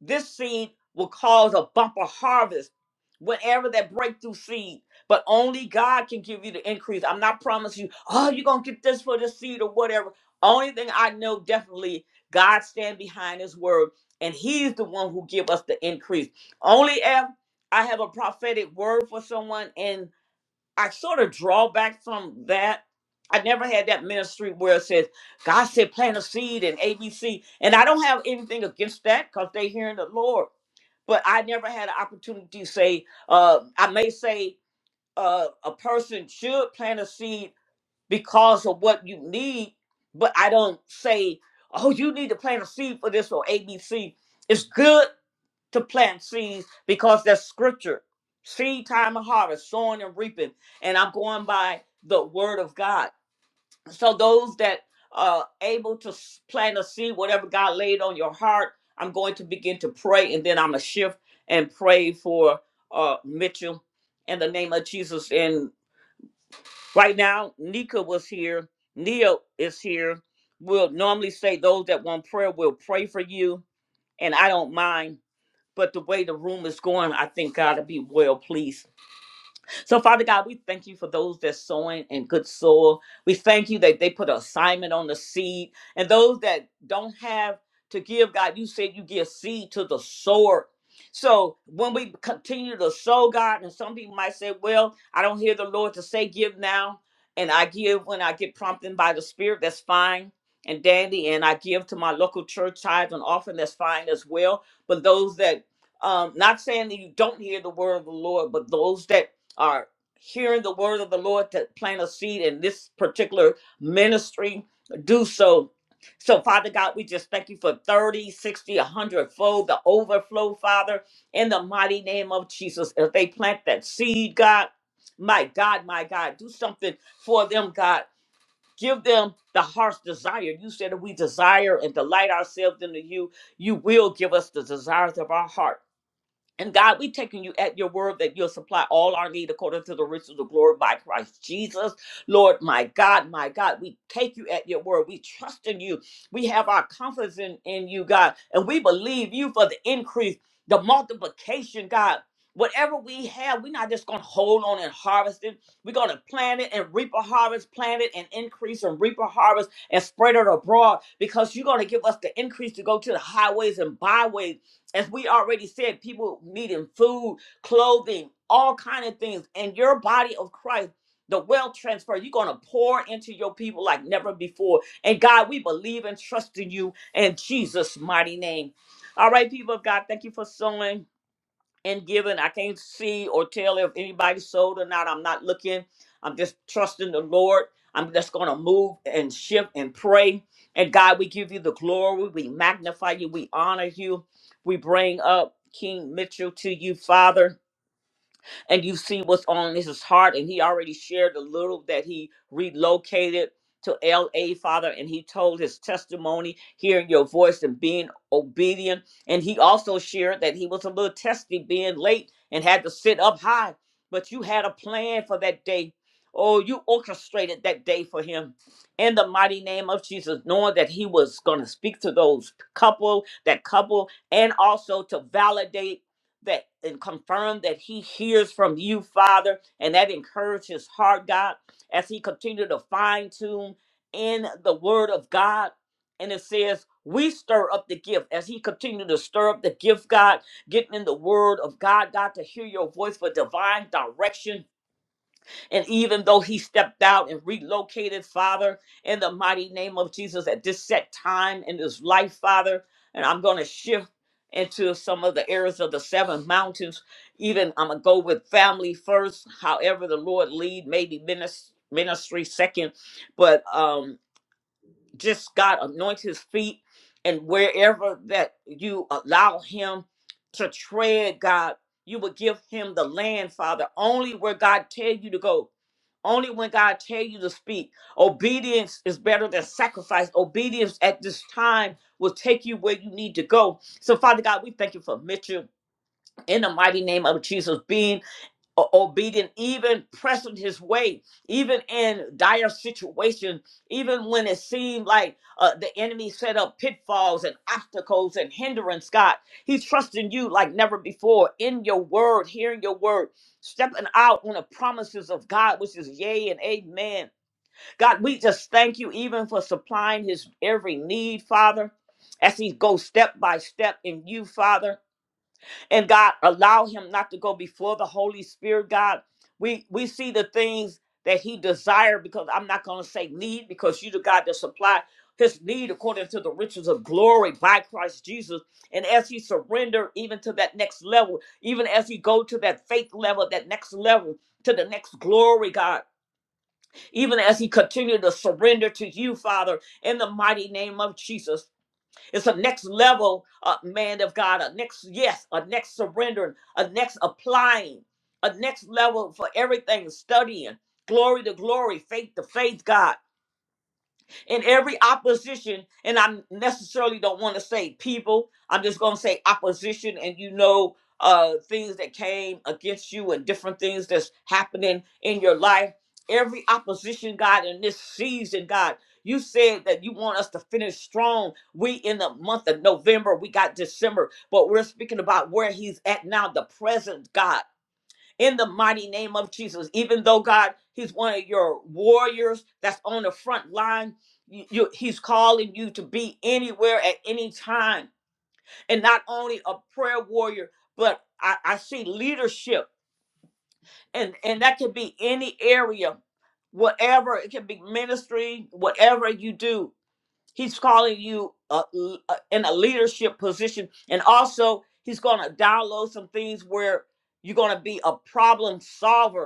A: this seed will cause a bumper harvest whenever that breakthrough seed. But only God can give you the increase. I'm not promising you, oh, you're going to get this for the seed or whatever. Only thing I know definitely, God stand behind his word. And he's the one who give us the increase. Only if I have a prophetic word for someone and I sort of draw back from that. I never had that ministry where it says God said plant a seed and ABC, and I don't have anything against that because they hearing the Lord. But I never had an opportunity to say. Uh, I may say uh, a person should plant a seed because of what you need, but I don't say, "Oh, you need to plant a seed for this or ABC." It's good to plant seeds because that's scripture. Seed time and harvest, sowing and reaping. And I'm going by the word of God. So those that are able to s- plant a seed, whatever God laid on your heart, I'm going to begin to pray and then I'm going to shift and pray for uh, Mitchell in the name of Jesus. And right now, Nika was here. Neil is here. We'll normally say those that want prayer will pray for you. And I don't mind but the way the room is going, I think God will be well pleased. So, Father God, we thank you for those that's sowing in good soil. We thank you that they put an assignment on the seed. And those that don't have to give, God, you said you give seed to the sower. So when we continue to sow, God, and some people might say, Well, I don't hear the Lord to say give now, and I give when I get prompted by the Spirit, that's fine. And dandy, and I give to my local church tithes and offering, that's fine as well. But those that um, not saying that you don't hear the word of the Lord, but those that are hearing the word of the Lord to plant a seed in this particular ministry, do so. So, Father God, we just thank you for 30, 60, a 100 fold, the overflow, Father, in the mighty name of Jesus. If they plant that seed, God, my God, my God, do something for them, God. Give them the heart's desire. You said that we desire and delight ourselves into you. You will give us the desires of our heart. And God, we've taken you at your word that you'll supply all our need according to the riches of glory by Christ Jesus. Lord, my God, my God, we take you at your word. We trust in you. We have our confidence in, in you, God, and we believe you for the increase, the multiplication, God. Whatever we have, we're not just going to hold on and harvest it. We're going to plant it and reap a harvest, plant it and increase and reap a harvest and spread it abroad because you're going to give us the increase to go to the highways and byways as we already said, people needing food, clothing, all kind of things. And your body of Christ, the wealth transfer, you're gonna pour into your people like never before. And God, we believe and trust in you in Jesus' mighty name. All right, people of God, thank you for sowing and given. I can't see or tell if anybody sold or not. I'm not looking. I'm just trusting the Lord. I'm just going to move and shift and pray. And God, we give you the glory. We magnify you. We honor you. We bring up King Mitchell to you, Father and you see what's on his heart. And he already shared a little that he relocated to LA, Father, and he told his testimony, hearing your voice and being obedient. And he also shared that he was a little testy being late and had to sit up high, but you had a plan for that day. Oh, you orchestrated that day for him in the mighty name of Jesus, knowing that he was going to speak to those couple, that couple, and also to validate that and confirm that he hears from you, Father, and that encourages his heart, God, as he continue to fine tune in the word of God. And it says, we stir up the gift as he continue to stir up the gift, God, getting in the word of God, God, to hear your voice for divine direction and even though he stepped out and relocated, Father, in the mighty name of Jesus at this set time in his life, Father, and I'm going to shift into some of the areas of the seven mountains. Even I'm going to go with family first, however the Lord lead, maybe minis- ministry second. But um just God anoint his feet and wherever that you allow him to tread, God, you will give him the land, Father, only where God tell you to go. Only when God tell you to speak. Obedience is better than sacrifice. Obedience at this time will take you where you need to go. So, Father God, we thank you for Mitchell in the mighty name of Jesus being o- obedient, even pressing his way, even in dire situation, even when it seemed like uh, the enemy set up pitfalls and obstacles and hindrance. God, he's trusting you like never before in your word, hearing your word, stepping out on the promises of God, which is yea and amen. God, we just thank you even for supplying his every need, Father. As he goes step by step in you, Father and God allow him not to go before the Holy Spirit, God. We we see the things that he desired because I'm not gonna say need because you the God that supply his need according to the riches of glory by Christ Jesus. And as he surrender even to that next level, even as he go to that faith level, that next level, to the next glory, God, even as he continue to surrender to you, Father, in the mighty name of Jesus. It's a next level, uh, man of God, a next yes, a next surrendering, a next applying, a next level for everything, studying, glory to glory, faith to faith, God in every opposition, and I necessarily don't want to say people, I'm just going to say opposition, and you know, uh, things that came against you and different things that's happening in your life. Every opposition, God, in this season, God, you said that you want us to finish strong. We in the month of November, we got December, but we're speaking about where He's at now, the present, God in the mighty name of Jesus. Even though God, He's one of your warriors that's on the front line, you, you- He's calling you to be anywhere at any time, and not only a prayer warrior, but I, I see leadership, and and that could be any area, whatever it can be ministry, whatever you do. He's calling you uh, l- uh, in a leadership position, and also He's going to download some things where you're going to be a problem solver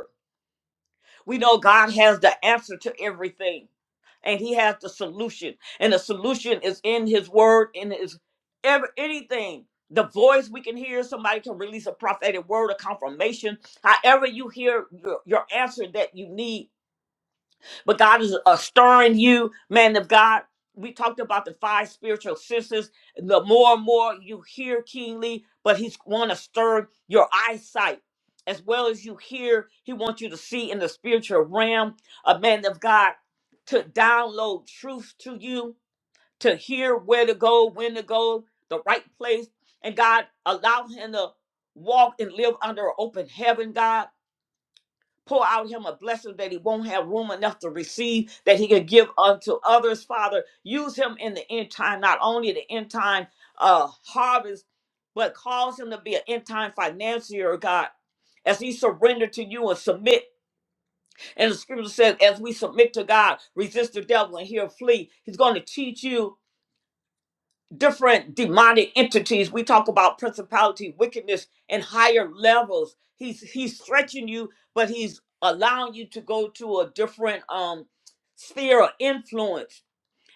A: we know God has the answer to everything, and He has the solution, and the solution is in His Word, in His ever anything. The voice we can hear, somebody can release a prophetic word, a confirmation. However, you hear your, your answer that you need, but God is uh, stirring you, man of God. We talked about the five spiritual senses. The more and more you hear King Lee, but he's want to stir your eyesight as well as you hear. He wants you to see in the spiritual realm, a man of God, to download truth to you, to hear where to go, when to go, the right place, and God allow him to walk and live under an open heaven, God pour out him a blessing that he won't have room enough to receive, that he can give unto others, Father. Use him in the end time, not only the end time uh, harvest, but cause him to be an end time financier, God. As he surrendered to you and submit, and the scripture says, as we submit to God, resist the devil and he'll flee. He's going to teach you different demonic entities. We talk about principality, wickedness, and higher levels. He's he's stretching you, but he's allowing you to go to a different um sphere of influence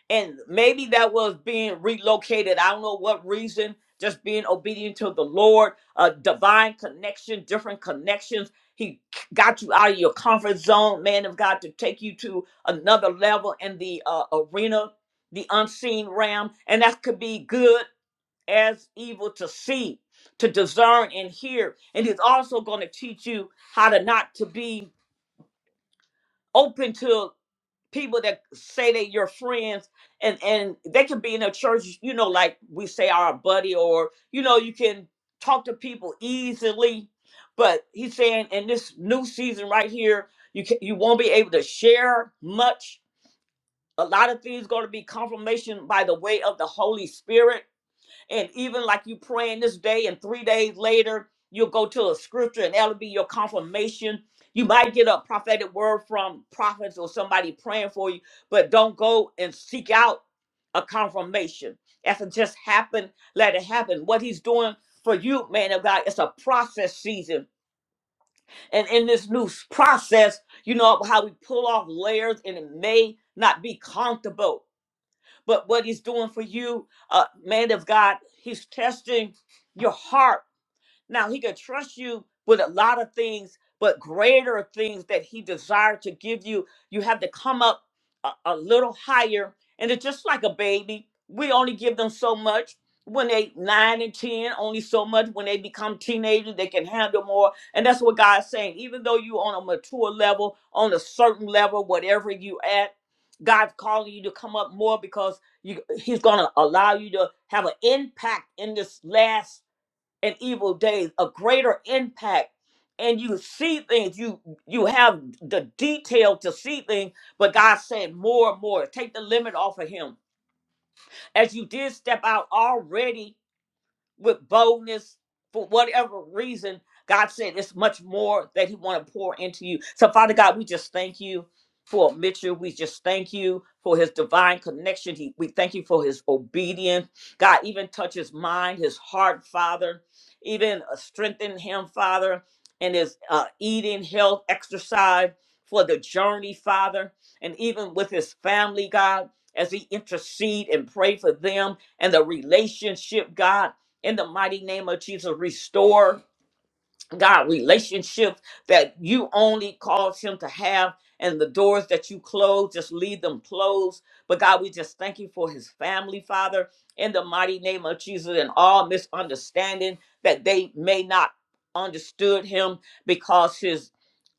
A: and maybe that was being relocated. I don't know what reason. Just being obedient to the Lord, a divine connection, different connections. He got you out of your comfort zone, man of God, to take you to another level in the uh, arena, the unseen realm, and that could be good as evil to see, to discern and hear. And he's also going to teach you how to not to be open to people that say that you're friends and and they can be in a church you know like we say our buddy or you know you can talk to people easily but he's saying in this new season right here you can you won't be able to share much a lot of things going to be confirmation by the way of the holy spirit and even like you praying this day, and three days later, you'll go to a scripture and that'll be your confirmation. You might get a prophetic word from prophets or somebody praying for you, but don't go and seek out a confirmation. If it just happened, let it happen. What he's doing for you, man of God, it's a process season. And in this new s- process, you know how we pull off layers and it may not be comfortable but what he's doing for you, uh, man of God, he's testing your heart now he could trust you with a lot of things, but greater things that he desired to give you, you have to come up a, a little higher. And it's just like a baby. We only give them so much when they nine and ten, only so much when they become teenagers, they can handle more. And that's what God's saying. Even though you on a mature level, on a certain level, whatever you at, God's calling you to come up more because you, He's gonna allow you to have an impact in this last and evil days a greater impact and you see things you you have the detail to see things but god said more and more take the limit off of him as you did step out already with boldness for whatever reason god said it's much more that he want to pour into you so father god we just thank you for mitchell we just thank you for his divine connection he, we thank you for his obedience god even touch his mind his heart father even uh, strengthen him father and his uh, eating health exercise for the journey father and even with his family god as he intercede and pray for them and the relationship god in the mighty name of Jesus. Restore God relationships that you only caused him to have, and the doors that you close, just leave them closed. But God, we just thank you for his family, Father, in the mighty name of Jesus, and all misunderstanding that they may not understood him because his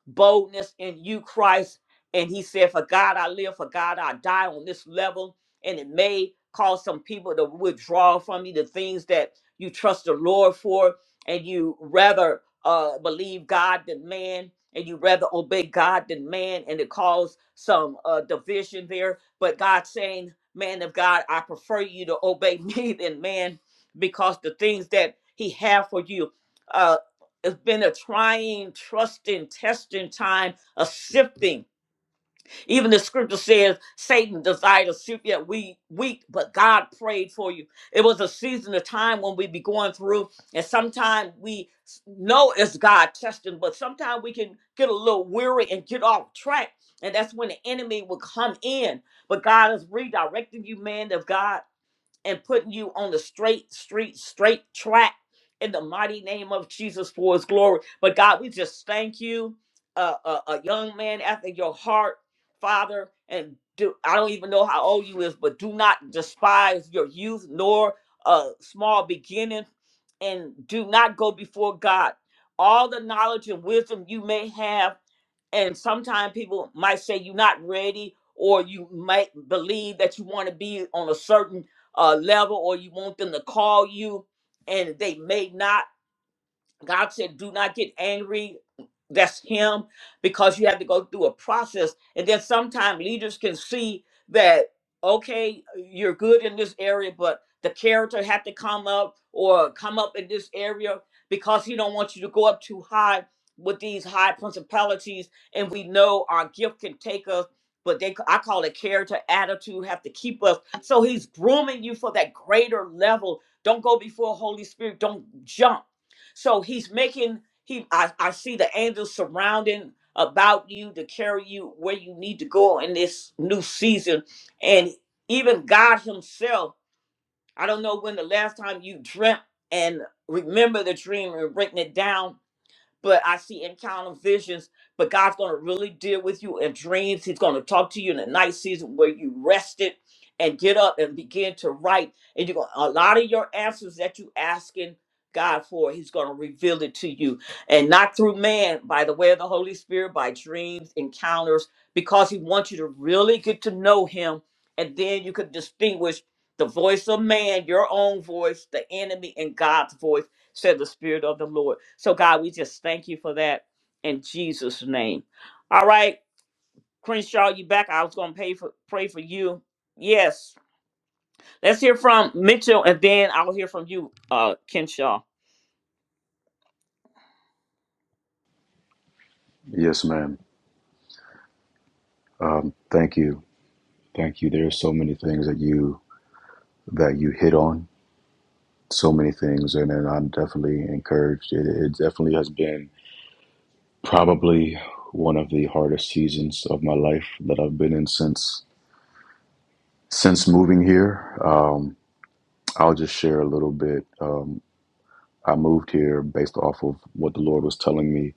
A: boldness in you, Christ. And he said, For God I live, for God I die on this level. And it may cause some people to withdraw from you the things that you trust the Lord for, and you rather uh, believe God than man, and you rather obey God than man, and it caused some uh, division there. But God saying, Man of God, I prefer you to obey me than man because the things that he have for you. uh, it's been a trying, trusting, testing time, a sifting. Even the scripture says Satan desired to sift yet we weak, but God prayed for you. It was a season of time when we be going through, and sometimes we s- know it's God testing, but sometimes we can get a little weary and get off track. And that's when the enemy will come in. But God is redirecting you, man of God and putting you on the straight street, straight track in the mighty name of Jesus for his glory. But God, we just thank you, uh, a, a young man after your heart, Father. And do, I don't even know how old you is, but do not despise your youth nor uh, small beginnings, and do not go before God. All the knowledge and wisdom you may have and sometimes people might say you're not ready or you might believe that you want to be on a certain uh, level or you want them to call you and they may not god said do not get angry that's him because you have to go through a process and then sometimes leaders can see that okay you're good in this area but the character have to come up or come up in this area because he don't want you to go up too high with these high principalities and we know our gift can take us but they i call it character attitude have to keep us so he's grooming you for that greater level don't go before holy spirit don't jump so he's making he, I, I see the angels surrounding about you to carry you where you need to go in this new season. And even God Himself, I don't know when the last time you dreamt and remember the dream and written it down but I see encounter visions. But God's going to really deal with you in dreams. He's going to talk to you in the night season where you rested and get up and begin to write. And you're going a lot of your answers that you asking God for, He's going to reveal it to you, and not through man, by the way of the Holy Spirit, by dreams, encounters, because He wants you to really get to know Him, and then you can distinguish the voice of man, your own voice, the enemy, and God's voice said the Spirit of the Lord. So, God, we just thank you for that in Jesus' name. All right, Crenshaw, you back. I was going to pay for, pray for you. Yes. Let's hear from Mitchell, and then I'll hear from you, uh, Kenshaw.
I: Yes, ma'am. Um, thank you, thank you. There are so many things that you that you hit on, so many things, and, and I'm definitely encouraged. It, it definitely has been probably one of the hardest seasons of my life that I've been in since. Since moving here, um, I'll just share a little bit. Um, I moved here based off of what the Lord was telling me,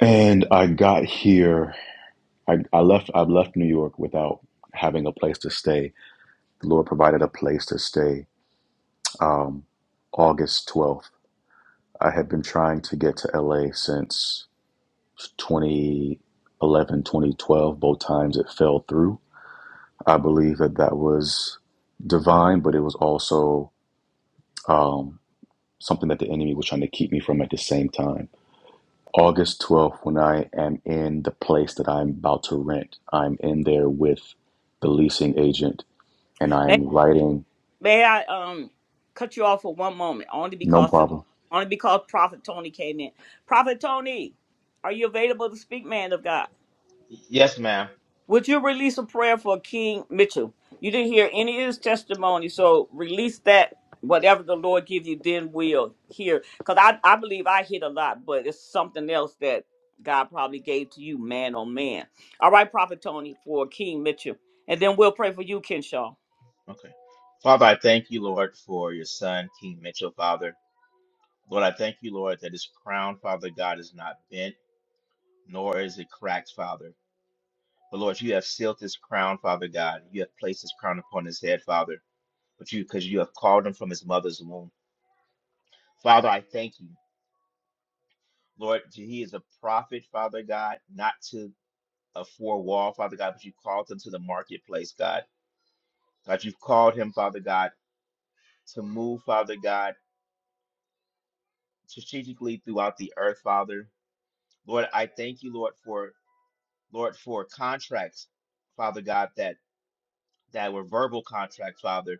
I: and I got here. I, I left. I left New York without having a place to stay. The Lord provided a place to stay. Um, August twelfth. I had been trying to get to LA since twenty eleven, twenty twelve. Both times it fell through. I believe that that was divine, but it was also. Um, something that the enemy was trying to keep me from at the same time. August 12th, when I am in the place that I'm about to rent, I'm in there with the leasing agent and I
A: May,
I: am writing.
A: may I um cut you off for one moment, only
I: No
A: because of,
I: problem.
A: only because Prophet Tony came in. Prophet Tony, are you available to speak, man of God?
D: Yes, ma'am.
A: Would you release a prayer for King Mitchell? You didn't hear any of his testimony, so release that. Whatever the Lord give you, then we'll hear. Because I, I believe I hit a lot, but it's something else that God probably gave to you, man on man. All right, Prophet Tony, for King Mitchell. And then we'll pray for you, Kenshaw.
D: Okay. Father, I thank you, Lord, for your son, King Mitchell, Father. Lord, I thank you, Lord, that his crown, Father God, is not bent, nor is it cracked, Father. But Lord, you have sealed this crown, Father God. You have placed this crown upon his head, Father, but you because you have called him from his mother's womb. Father, I thank you. Lord, he is a prophet, Father God, not to a four wall, Father God, but you've called him to the marketplace, God. God, you've called him, Father God, to move, Father God, strategically throughout the earth, Father. Lord, I thank you, Lord, for Lord, for contracts, Father God, that that were verbal contracts, Father.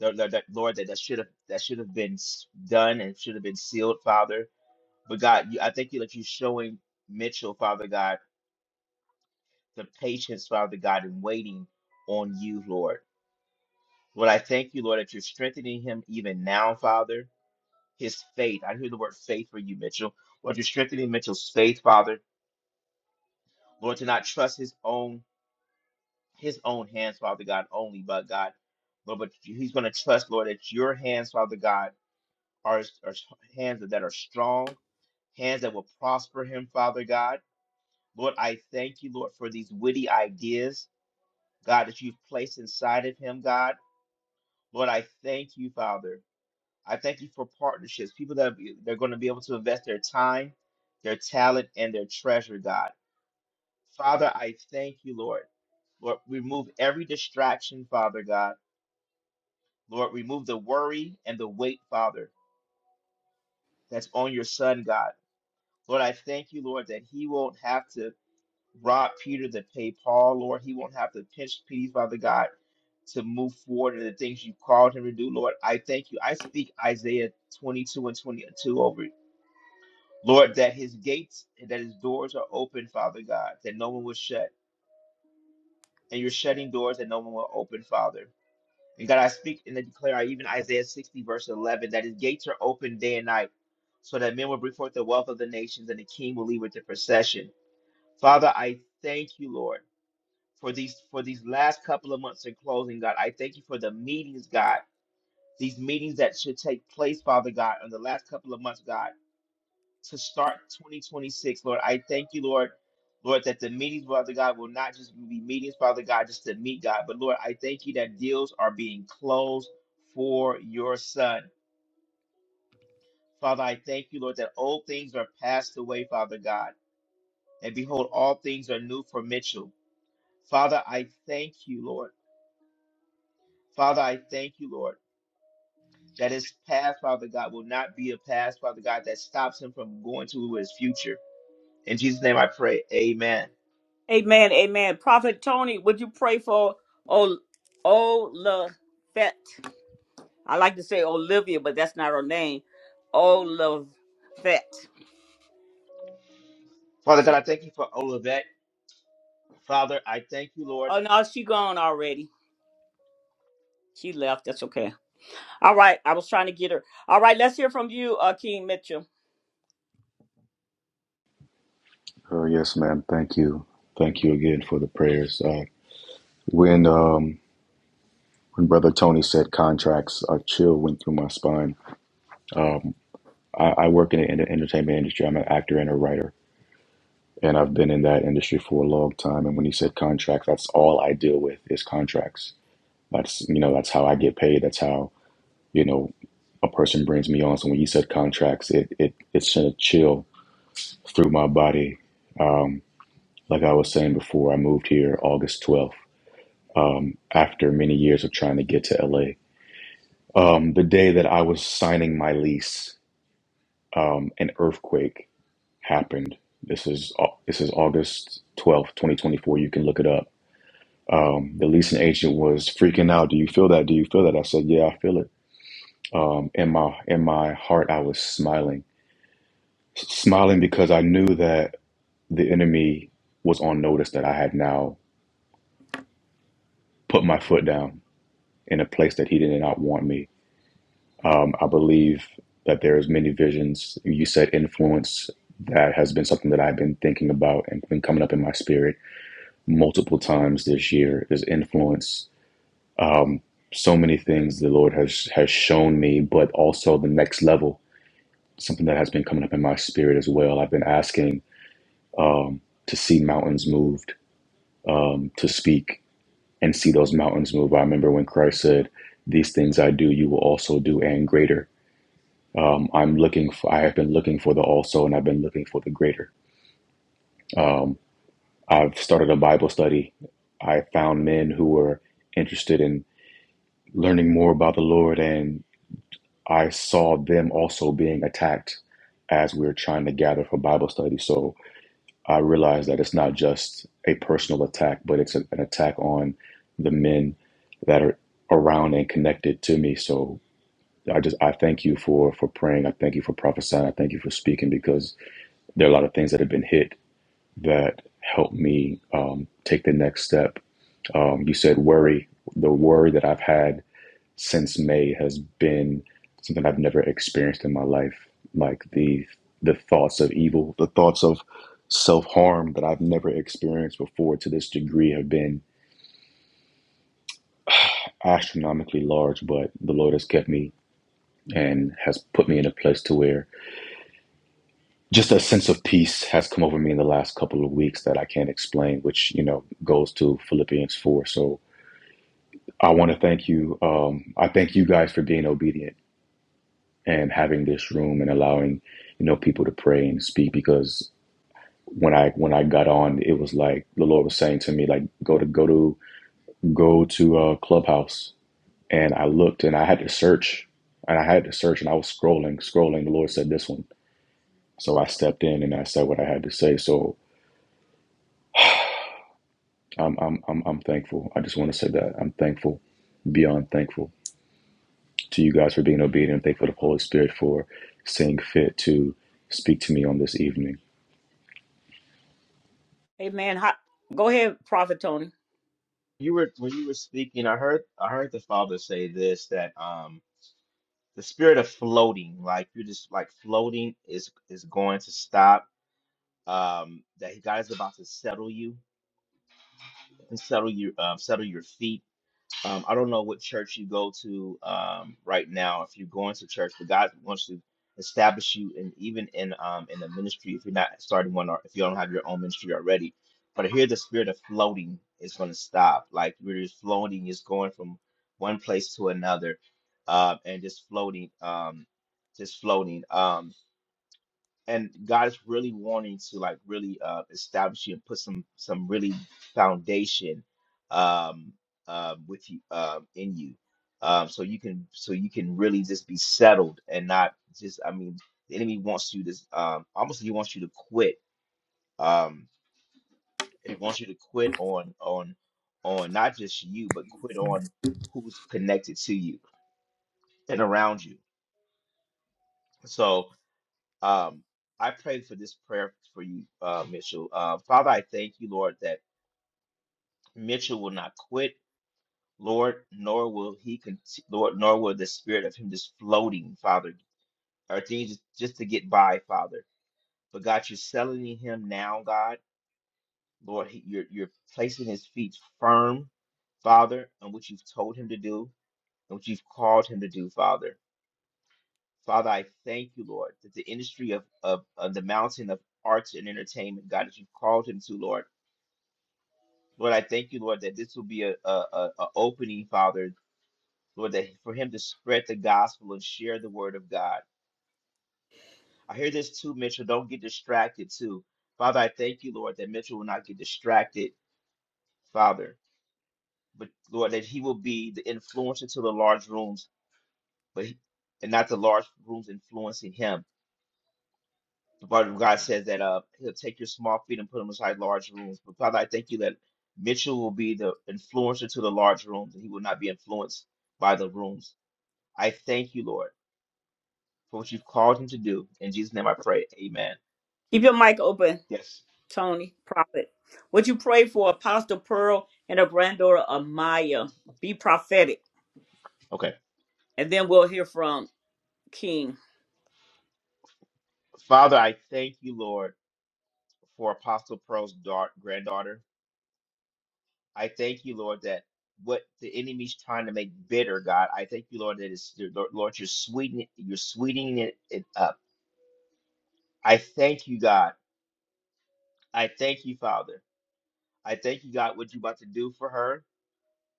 D: Lord, Lord, that, Lord, that that should have that should have been s- done and should have been sealed, Father. But God, you, I thank you that you're showing Mitchell, Father God, the patience, Father God, in waiting on you, Lord. Lord, I thank you, Lord, that you're strengthening him even now, Father. His faith. I hear the word faith for you, Mitchell. Lord, you're strengthening Mitchell's faith, Father. Lord, to not trust his own his own hands, Father God, only, but God, Lord, but he's going to trust, Lord, that your hands, Father God, are, are hands that are strong, hands that will prosper him, Father God. Lord, I thank you, Lord, for these witty ideas, God, that you've placed inside of him, God. Lord, I thank you, Father. I thank you for partnerships, people that they're going to be able to invest their time, their talent, and their treasure, God. Father, I thank you, Lord. Lord, remove every distraction, Father God. Lord, remove the worry and the weight, Father, that's on your son, God. Lord, I thank you, Lord, that he won't have to rob Peter to pay Paul, Lord. He won't have to pinch Peter, Father God, to move forward in the things you've called him to do, Lord. I thank you. I speak Isaiah 22 and 22 over Lord, that his gates, that his doors are open, Father God, that no one will shut. And you're shutting doors that no one will open, Father. And God, I speak and I declare even Isaiah 60, verse 11, that his gates are open day and night, so that men will bring forth the wealth of the nations and the king will lead with the procession. Father, I thank you, Lord, for these for these last couple of months in closing, God. I thank you for the meetings, God. These meetings that should take place, Father God, in the last couple of months, God. to start 2026, Lord. I thank you, Lord, Lord, that the meetings, Father God, will not just be meetings, Father God, just to meet God, but Lord, I thank you that deals are being closed for your Son. Father, I thank you, Lord, that old things are passed away, Father God, and behold, all things are new for Mitchell. Father, I thank you, Lord. Father, I thank you, Lord, that his past, Father God, will not be a past, Father God, that stops him from going to his future. In Jesus' name I pray. Amen.
A: Amen, amen. Prophet Tony, would you pray for Ol- Olafet? I like to say Olivia, but that's not her name. Olafet.
D: Father God, I thank you for Olivet. Father, I thank you, Lord.
A: Oh no, she gone already. She left. That's okay. All right. I was trying to get her. All right, let's hear from you, uh King Mitchell.
I: Oh, yes, ma'am. Thank you. Thank you again for the prayers. Uh, when um, when Brother Tony said contracts, a chill went through my spine. Um, I, I work in the, in the entertainment industry. I'm an actor and a writer, and I've been in that industry for a long time. And when he said contracts, that's all I deal with is contracts That's you know that's how I get paid. That's how you know a person brings me on. So when you said contracts, it it it sent a chill through my body. Um, like I was saying before, I moved here August twelfth. Um, after many years of trying to get to LA, um, the day that I was signing my lease, um, an earthquake happened. This is au- this is August twelfth, twenty twenty four. You can look it up. Um, the leasing agent was freaking out. Do you feel that? Do you feel that? I said, Yeah, I feel it Um, in my in my heart, I was smiling, S- smiling because I knew that the enemy was on notice that I had now put my foot down in a place that he did not want me. Um, I believe that there's many visions. You said influence. That has been something that I've been thinking about and been coming up in my spirit multiple times this year. Is influence. Um, so many things the Lord has has shown me, but also the next level. Something that has been coming up in my spirit as well. I've been asking um, to see mountains moved, um, to speak and see those mountains move. I remember when Christ said, "These things I do, you will also do, and greater." Um, I'm looking for. I have been looking for the also, and I've been looking for the greater. Um, I've started a Bible study. I found men who were interested in learning more about the Lord, and I saw them also being attacked as we were trying to gather for Bible study. So I realize that it's not just a personal attack, but it's an attack on the men that are around and connected to me. So I just I thank you for for praying. I thank you for prophesying. I thank you for speaking because there are a lot of things that have been hit that help me um, take the next step. Um, you said worry, the worry that I've had since May has been something I've never experienced in my life. Like the the thoughts of evil, the thoughts of self harm that I've never experienced before to this degree have been astronomically large. But the Lord has kept me and has put me in a place to where just a sense of peace has come over me in the last couple of weeks that I can't explain, which you know goes to Philippians four. So I want to thank you. Um, I thank you guys for being obedient and having this room and allowing you know people to pray and speak because when I when I got on it was like the Lord was saying to me like go to go to go to a clubhouse and I looked and I had to search and I had to search and I was scrolling scrolling the Lord said this one so I stepped in and I said what I had to say so I'm I'm I'm, I'm thankful I just want to say that I'm thankful beyond thankful to you guys for being obedient thankful to the Holy Spirit for seeing fit to speak to me on this evening
A: Hey man, how, go ahead, Prophet Tony.
D: You were when you were speaking, I heard I heard the Father say this that um the spirit of floating, like you're just like floating is is going to stop. Um that God is about to settle you and settle your um settle your feet Um, I don't know what church you go to um, right now, if you're going to church, but God wants to establish you, and even in um, in the ministry, if you're not starting one or if you don't have your own ministry already. But I hear the spirit of floating is going to stop. Like you're just floating, just going from one place to another, uh, and just floating, um, just floating. Um, and God is really wanting to like really uh establish you and put some some really foundation um um with you um in you um so you can so you can really just be settled and not just I mean the enemy wants you to um almost he wants you to quit um he wants you to quit on on on not just you but quit on who's connected to you and around you so Um, I pray for this prayer for you, uh, Mitchell. Uh, Father, I thank you, Lord, that Mitchell will not quit, Lord, nor will he, con- Lord, nor will the spirit of him just floating, Father, or things just, just to get by, Father. But God, you're settling him now, God. Lord, he, you're you're placing his feet firm, Father, on what you've told him to do and what you've called him to do, Father. Father, I thank you, Lord, that the industry of, of, of the mountain of arts and entertainment, God, that you've called him to, Lord. Lord, I thank you, Lord, that this will be a, a, a, a opening, Father, Lord, that for him to spread the gospel and share the word of God. I hear this too, Mitchell. Don't get distracted too. Father, I thank you, Lord, that Mitchell will not get distracted, Father. But Lord, that he will be the influencer to the large rooms, but he- and not the large rooms influencing him. The word of God says that uh he'll take your small feet and put them inside large rooms. But Father, I thank you that Mitchell will be the influencer to the large rooms and he will not be influenced by the rooms. I thank you, Lord, for what you've called him to do. In Jesus' name I pray. Amen.
A: Keep your mic open,
D: Yes.
A: Tony, Prophet. Would you pray for Apostle Pearl and her granddaughter Amaya? Be prophetic.
D: Okay.
A: And then we'll hear from King.
D: Father, I thank you, Lord, for Apostle Pearl's daughter, granddaughter. I thank you, Lord, that what the enemy's trying to make bitter, God, I thank you, Lord, that it's Lord, Lord, you're sweetening you're sweetening it, it up. I thank you, God. I thank you, Father. I thank you, God, what you're about to do for her.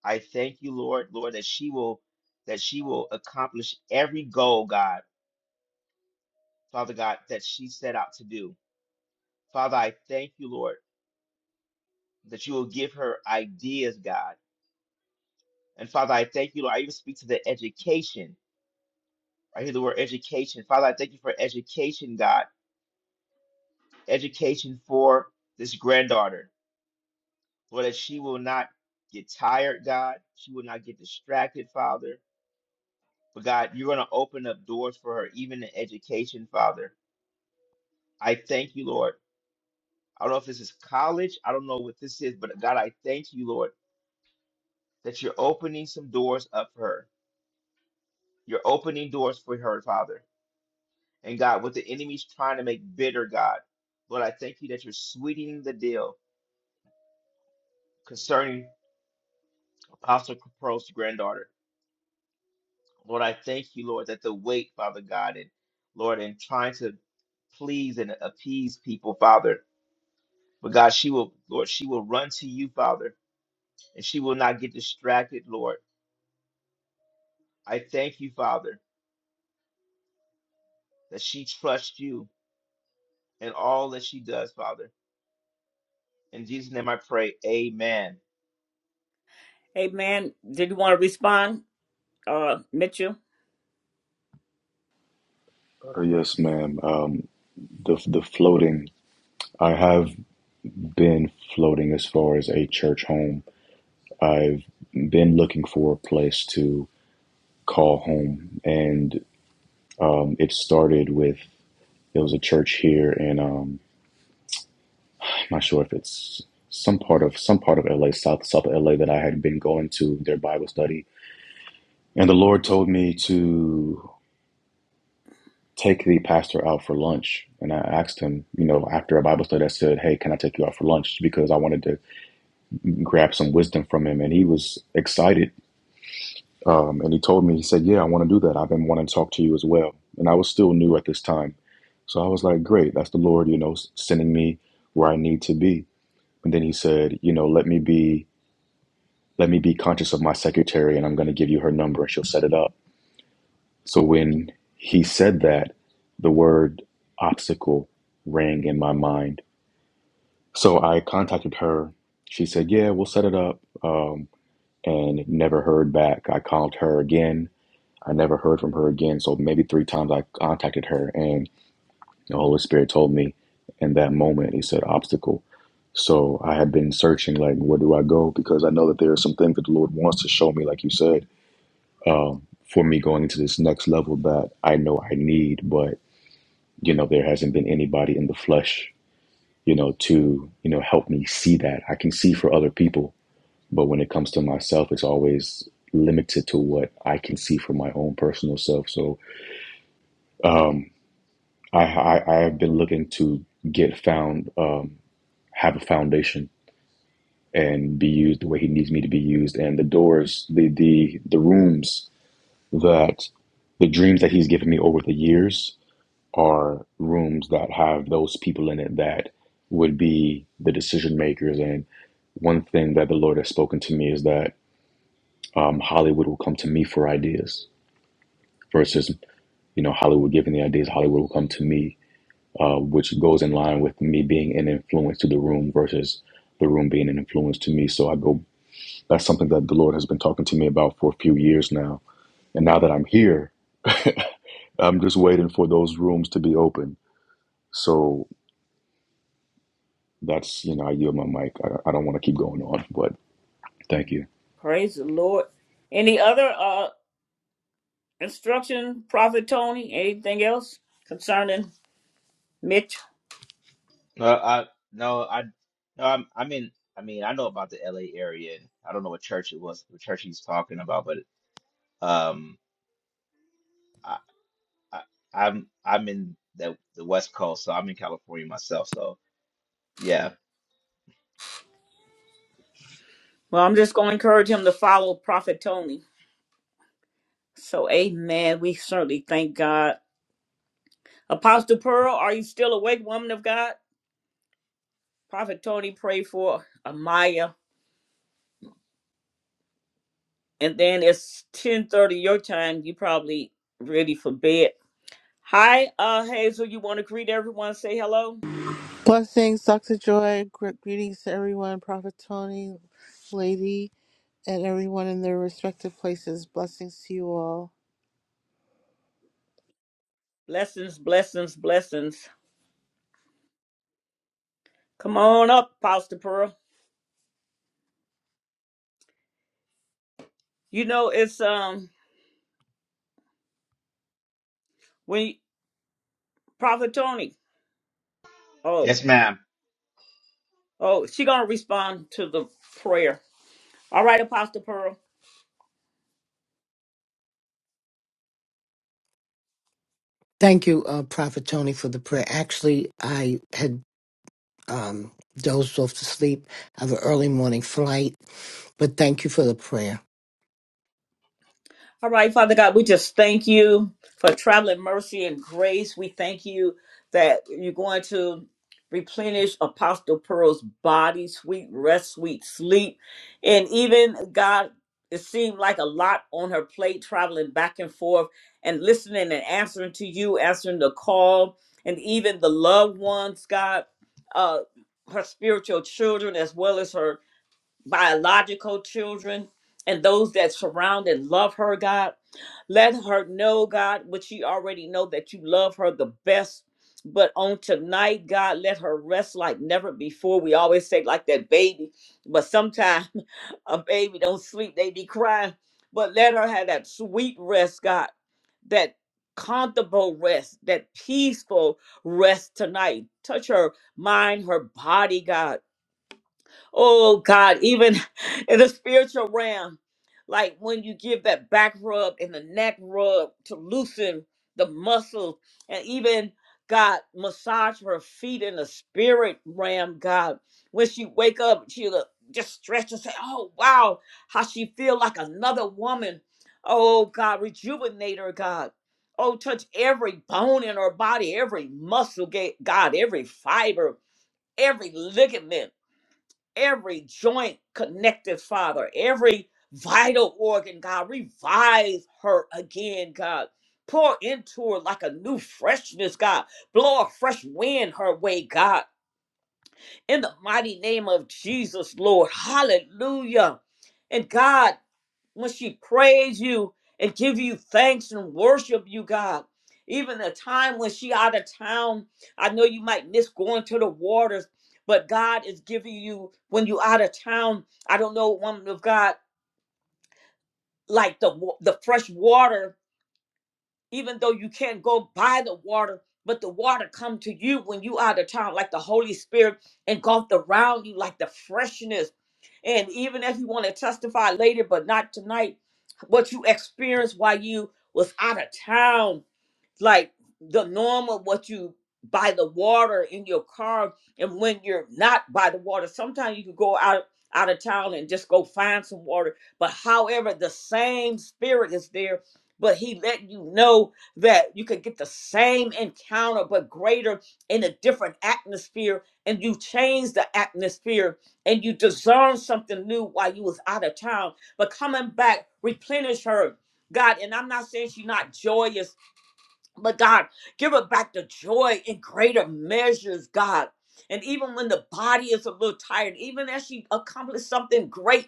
D: I thank you, Lord, Lord, that she will that she will accomplish every goal, God, Father God, that she set out to do. Father, I thank you, Lord, that you will give her ideas, God. And Father, I thank you, Lord. I even speak to the education. I hear the word education. Father, I thank you for education, God. Education for this granddaughter. Lord, that she will not get tired, God. She will not get distracted, Father. But God, you're going to open up doors for her, even in education, Father. I thank you, Lord. I don't know if this is college. I don't know what this is, but God, I thank you, Lord, that you're opening some doors up for her. You're opening doors for her, Father. And God, what the enemy's trying to make bitter, God, Lord, I thank you that you're sweetening the deal concerning Apostle Capro's granddaughter. Lord, I thank you, Lord, that the weight, Father God, and Lord, and trying to please and appease people, Father. But God, she will, Lord, she will run to you, Father, and she will not get distracted, Lord. I thank you, Father, that she trusts you in all that she does, Father. In Jesus' name I pray, amen.
A: Hey man, did you want to respond? Uh Mitchell?
I: Uh, yes, ma'am. Um, the the floating. I have been floating as far as a church home. I've been looking for a place to call home, and um, it started with there was a church here, and um, I'm not sure if it's some part of some part of LA, South South LA, that I had been going to their Bible study, and the Lord told me to take the pastor out for lunch, and I asked him, you know, after a Bible study, I said, "Hey, can I take you out for lunch?" Because I wanted to grabbed some wisdom from him, and he was excited. Um, and he told me, he said, "Yeah, I want to do that. I've been wanting to talk to you as well." And I was still new at this time, so I was like, "Great, that's the Lord, you know, sending me where I need to be." And then he said, "You know, let me be, let me be conscious of my secretary, and I'm going to give you her number, and she'll set it up." So when he said that, the word obstacle rang in my mind. So I contacted her. She said, "Yeah, we'll set it up." Um, and never heard back. I called her again. I never heard from her again. So maybe three times I contacted her, and the Holy Spirit told me in that moment, He said, obstacle. So I had been searching, like, where do I go? Because I know that there are some things that the Lord wants to show me, like you said, um, for me going into this next level that I know I need, but, you know, there hasn't been anybody in the flesh, you know, to, you know, help me see that. I can see for other people but when it comes to myself, it's always limited to what I can see from my own personal self. So um, I, I I have been looking to get found, um, have a foundation, and be used the way He needs me to be used. And the doors, the the the rooms that the dreams that He's given me over the years are rooms that have those people in it that would be the decision makers. And one thing that the Lord has spoken to me is that um, Hollywood will come to me for ideas versus you know Hollywood giving the ideas. Hollywood will come to me, uh, which goes in line with me being an influence to the room versus the room being an influence to me. So I go. That's something that the Lord has been talking to me about for a few years now, and now that I'm here, I'm just waiting for those rooms to be open. So that's you know I yield my mic. I, I don't want to keep going on, but thank you.
A: Praise the Lord. Any other uh instruction, Prophet Tony? Anything else concerning Mitch?
D: No, I no, I no, I'm, i mean, I mean, I know about the L.A. area. and I don't know what church it was, what church he's talking about, but um, I, I I'm I'm in the the West Coast, so I'm in California myself. So yeah,
A: Well, I'm just gonna encourage him to follow Prophet Tony. So amen. We certainly thank God. Apostle Pearl, are you still awake, woman of God? Prophet Tony pray for Amaya. And then it's 1030 your time. You probably ready for bed. Hi, uh Hazel, you wanna greet everyone, say hello?
J: Blessings, Dr. Joy. Gr- Greetings to everyone, Prophet Tony, Lady, and everyone in their respective places. Blessings to you all.
A: Blessings, blessings, blessings. Come on up, Pastor Pearl. You know, it's um when Prophet Tony. Oh,
D: yes, ma'am.
A: oh, she gonna respond to the prayer. All right, Apostle Pearl.
F: Thank you, uh, Prophet Tony, for the prayer. Actually, I had um, dozed off to sleep. I have an early morning flight, but thank you for the prayer.
A: All right, Father God, we just thank you for traveling mercy and grace. We thank you that you're going to replenish Apostle Pearl's body, sweet rest, sweet sleep. And even, God, it seemed like a lot on her plate traveling back and forth and listening and answering to you, answering the call, and even the loved ones, God, uh, her spiritual children, as well as her biological children, and those that surround and love her, God. Let her know, God, what she already know that you love her the best. But on tonight, God, let her rest like never before. We always say like that baby, but sometimes a baby don't sleep, they be crying. But let her have that sweet rest, God, that comfortable rest, that peaceful rest tonight. Touch her mind, her body, God Oh God, even in the spiritual realm, like when you give that back rub and the neck rub to loosen the muscles, and even God massage her feet in the spirit realm. God, when she wake up, she'll uh, just stretch and say, "Oh wow, how she feel like another woman." Oh God, rejuvenate her, God. Oh, touch every bone in her body, every muscle, ga- God, every fiber, every ligament every joint connected, Father, every vital organ, God. Revive her again, God. Pour into her like a new freshness, God. Blow a fresh wind her way, God. In the mighty name of Jesus, Lord. Hallelujah. And God, when she praise you and give you thanks and worship you, God. Even the time when she out of town, I know you might miss going to the waters, but God is giving you when you out of town. I don't know, woman of God, like the wa- the fresh water. Even though you can't go by the water, but the water come to you when you out of town, like the Holy Spirit engulfed around you, like the freshness. And even if you want to testify later, but not tonight, what you experienced while you was out of town like the norm of what you by the water in your car and when you're not by the water sometimes you can go out out of town and just go find some water but however the same spirit is there but he let you know that you could get the same encounter but greater in a different atmosphere and you change the atmosphere and you discern something new while you was out of town but coming back replenish her god and i'm not saying she's not joyous but God, give her back the joy in greater measures, God. And even when the body is a little tired, even as she accomplished something great,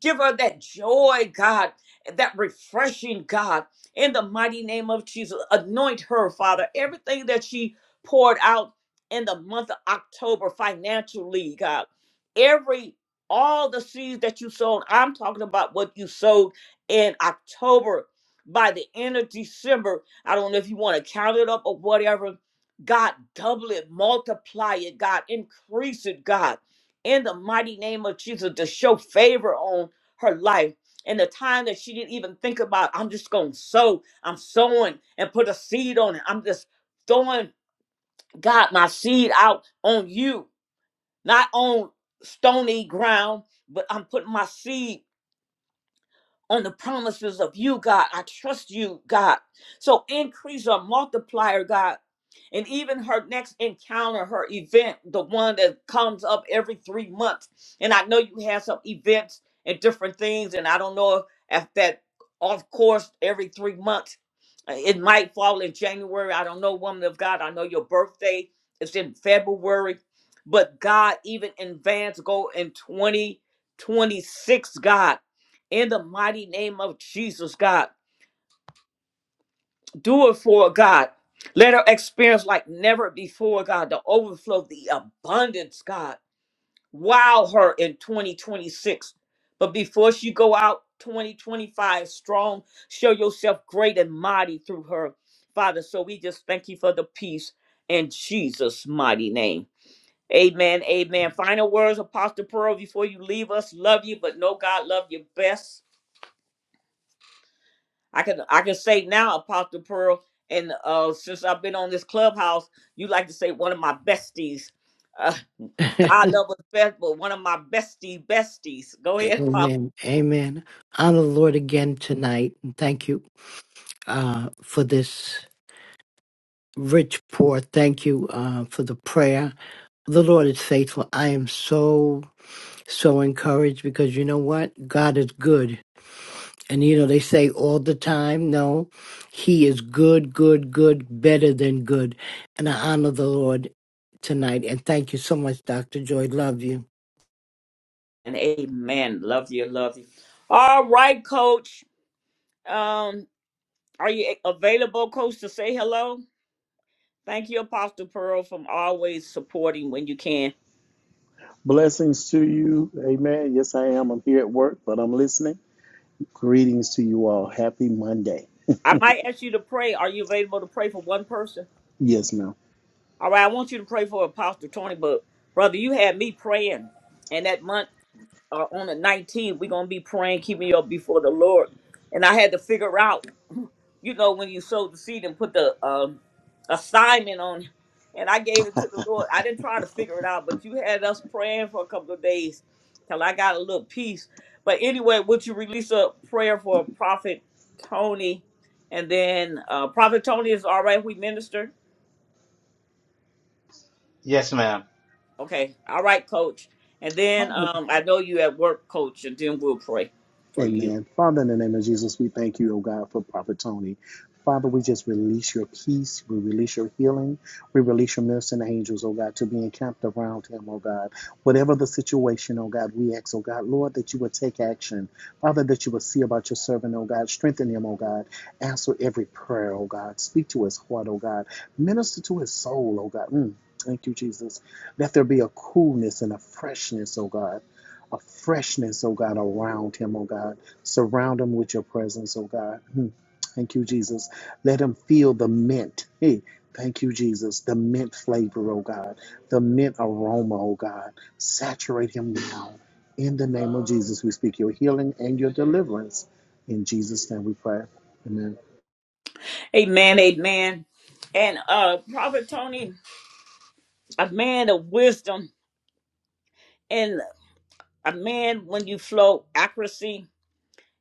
A: Give her that joy, God, that refreshing, God, in the mighty name of Jesus. Anoint her, Father. Everything that she poured out in the month of October financially, God. Every all the seeds that you sown, I'm talking about what you sowed in October by the end of December. I don't know if you want to count it up or whatever. God, double it, multiply it, God, increase it, God in the mighty name of Jesus to show favor on her life and the time that she didn't even think about i'm just gonna sow i'm sowing and put a seed on it i'm just throwing god my seed out on you not on stony ground but i'm putting my seed on the promises of you, God. I trust you, God. So increase or multiplier, God. And even her next encounter, her event, the one that comes up every three months. And I know you have some events and different things, and I don't know if if that off course every three months. Uh, It might fall in January. I don't know, woman of God. I know your birthday is in February. But God, even in advance, go in 2026, God in the mighty name of Jesus, God. Do it for her, God. Let her experience like never before, God, the overflow, the abundance, God. Wow her in 2026. But before she go out 2025 strong, show yourself great and mighty through her, Father. So we just thank you for the peace in Jesus' mighty name. Amen. Amen. Final words, Apostle Pearl, before you leave us. Love you, but know God love you best. I can I can say now, Apostle Pearl, and uh, since I've been on this clubhouse, you like to say one of my besties. Uh, God love us best, but one of my bestie besties. Go ahead, Apostle.
F: Amen. Amen. Honor the Lord again tonight. and Thank you uh, for this. Rich Poor, thank you uh, for the prayer. The Lord is faithful. I am so, so encouraged because you know what? God is good. And you know, they say all the time, no, He is good, good, good, better than good. And I honor the Lord tonight. And thank you so much, Dr. Joy. Love you.
A: and Amen. Love you, love you. All right, Coach. Um, are you a- available, Coach, to say hello? Thank you, Apostle Pearl, from always supporting when you can.
K: Blessings to you. Amen. Yes, I am. I'm here at work, but I'm listening. Greetings to you all. Happy Monday.
A: I might ask you to pray. Are you available to pray for one person?
K: Yes, ma'am.
A: All right, I want you to pray for Apostle Tony, but brother, you had me praying, and that month uh, on the 19th, we're gonna be praying, keeping you up before the Lord. And I had to figure out, you know, when you sowed the seed and put the um, assignment on, and I gave it to the Lord. I didn't try to figure it out, but you had us praying for a couple of days till I got a little peace. But anyway, would you release a prayer for Prophet Tony? And then uh, Prophet Tony is all right. We minister.
D: Yes, ma'am.
A: Okay. All right, coach. And then
K: Father,
A: um I know you at work, coach, and then we'll pray for you.
K: Amen. Father, in the name of Jesus, we thank you, oh God, for Prophet Tony. Father, we just release your peace. We release your healing. We release your ministering angels, oh God, to be encamped around him, oh God. Whatever the situation, oh God, we ask, oh God, Lord, that you would take action. Father, that you would see about your servant, oh God. Strengthen him, oh God. Answer every prayer, oh God. Speak to his heart, oh God. Minister to his soul, oh God. Mm, Thank you, Jesus. Let there be a coolness and a freshness, oh God a freshness, oh God, around him, oh God. Surround him with your presence, oh God. Hmm. Thank you, Jesus. Let him feel the mint. Hey, thank you, Jesus. The mint flavor, oh God. The mint aroma, oh God. Saturate him now. In the name of Jesus, we speak your healing and your deliverance. In Jesus' name we pray. Amen.
A: Amen, amen. And uh Prophet Tony, a man of wisdom and a man when you flow accuracy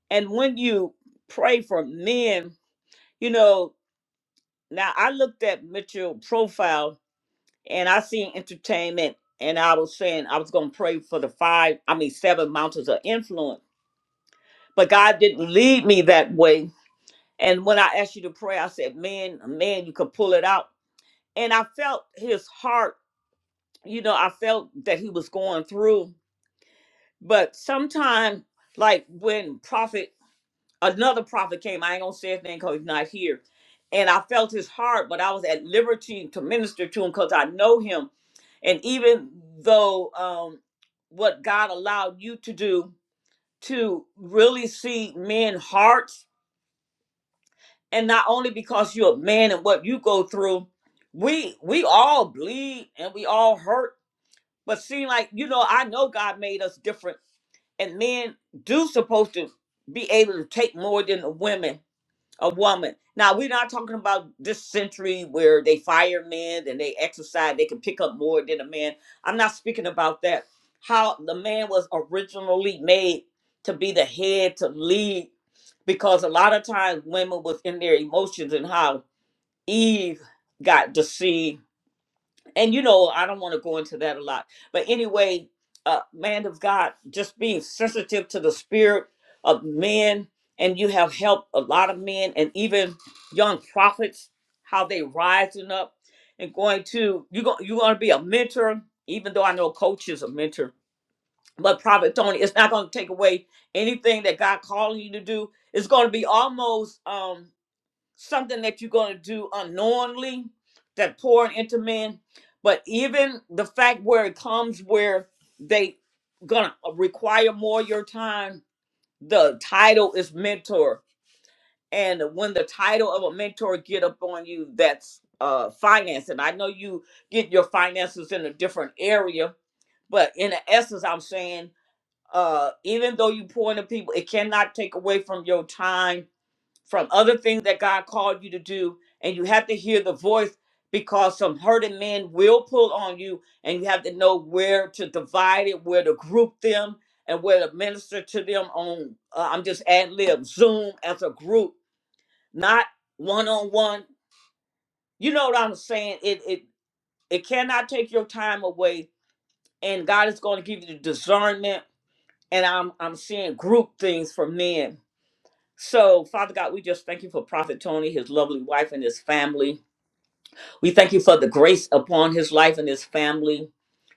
A: and when you pray for men, you know, now I looked at Mitchell profile and I seen entertainment and I was saying I was gonna pray for the five, I mean seven mountains of influence. But God didn't lead me that way And when I asked you to pray, I said, Man, man, you could pull it out. And I felt his heart, you know, I felt that he was going through. But sometime, like when prophet, another prophet came, I ain't gonna say his name because he's not here. And I felt his heart, but I was at liberty to minister to him because I know him. And even though um, what God allowed you to do to really see men's hearts and not only because you're a man and what you go through we we all bleed and we all hurt but seem like you know i know god made us different and men do supposed to be able to take more than the women a woman. Now we're not talking about this century where they fire men and they exercise, they can pick up more than a man. I'm not speaking about that. How the man was originally made to be the head to lead, because a lot of times women was in their emotions and how Eve got deceived and you know i don't want to go into that a lot but anyway uh man of god just being sensitive to the spirit of men and you have helped a lot of men and even young prophets how they rising up and going to you go you're going to be a mentor even though i know coach is a mentor but prophet tony it's not going to take away anything that god calling you to do it's going to be almost um something that you're going to do unknowingly that pouring into men but even the fact where it comes where they gonna uh, require more of your time the title is mentor and when the title of a mentor get up on you that's uh finance and i know you get your finances in a different area but in the essence i'm saying uh even though you pour into people it cannot take away from your time from other things that God called you to do, and you have to hear the voice because some hurting men will pull on you, and you have to know where to divide it, where to group them, and where to minister to them on. Uh, I'm just ad lib Zoom as a group, not one on one. You know what I'm saying? It it it cannot take your time away, and God is going to give you the discernment. And I'm I'm seeing group things for men So, Father God, we just thank you for Prophet Tony, his lovely wife, and his family. We thank you for the grace upon his life and his family.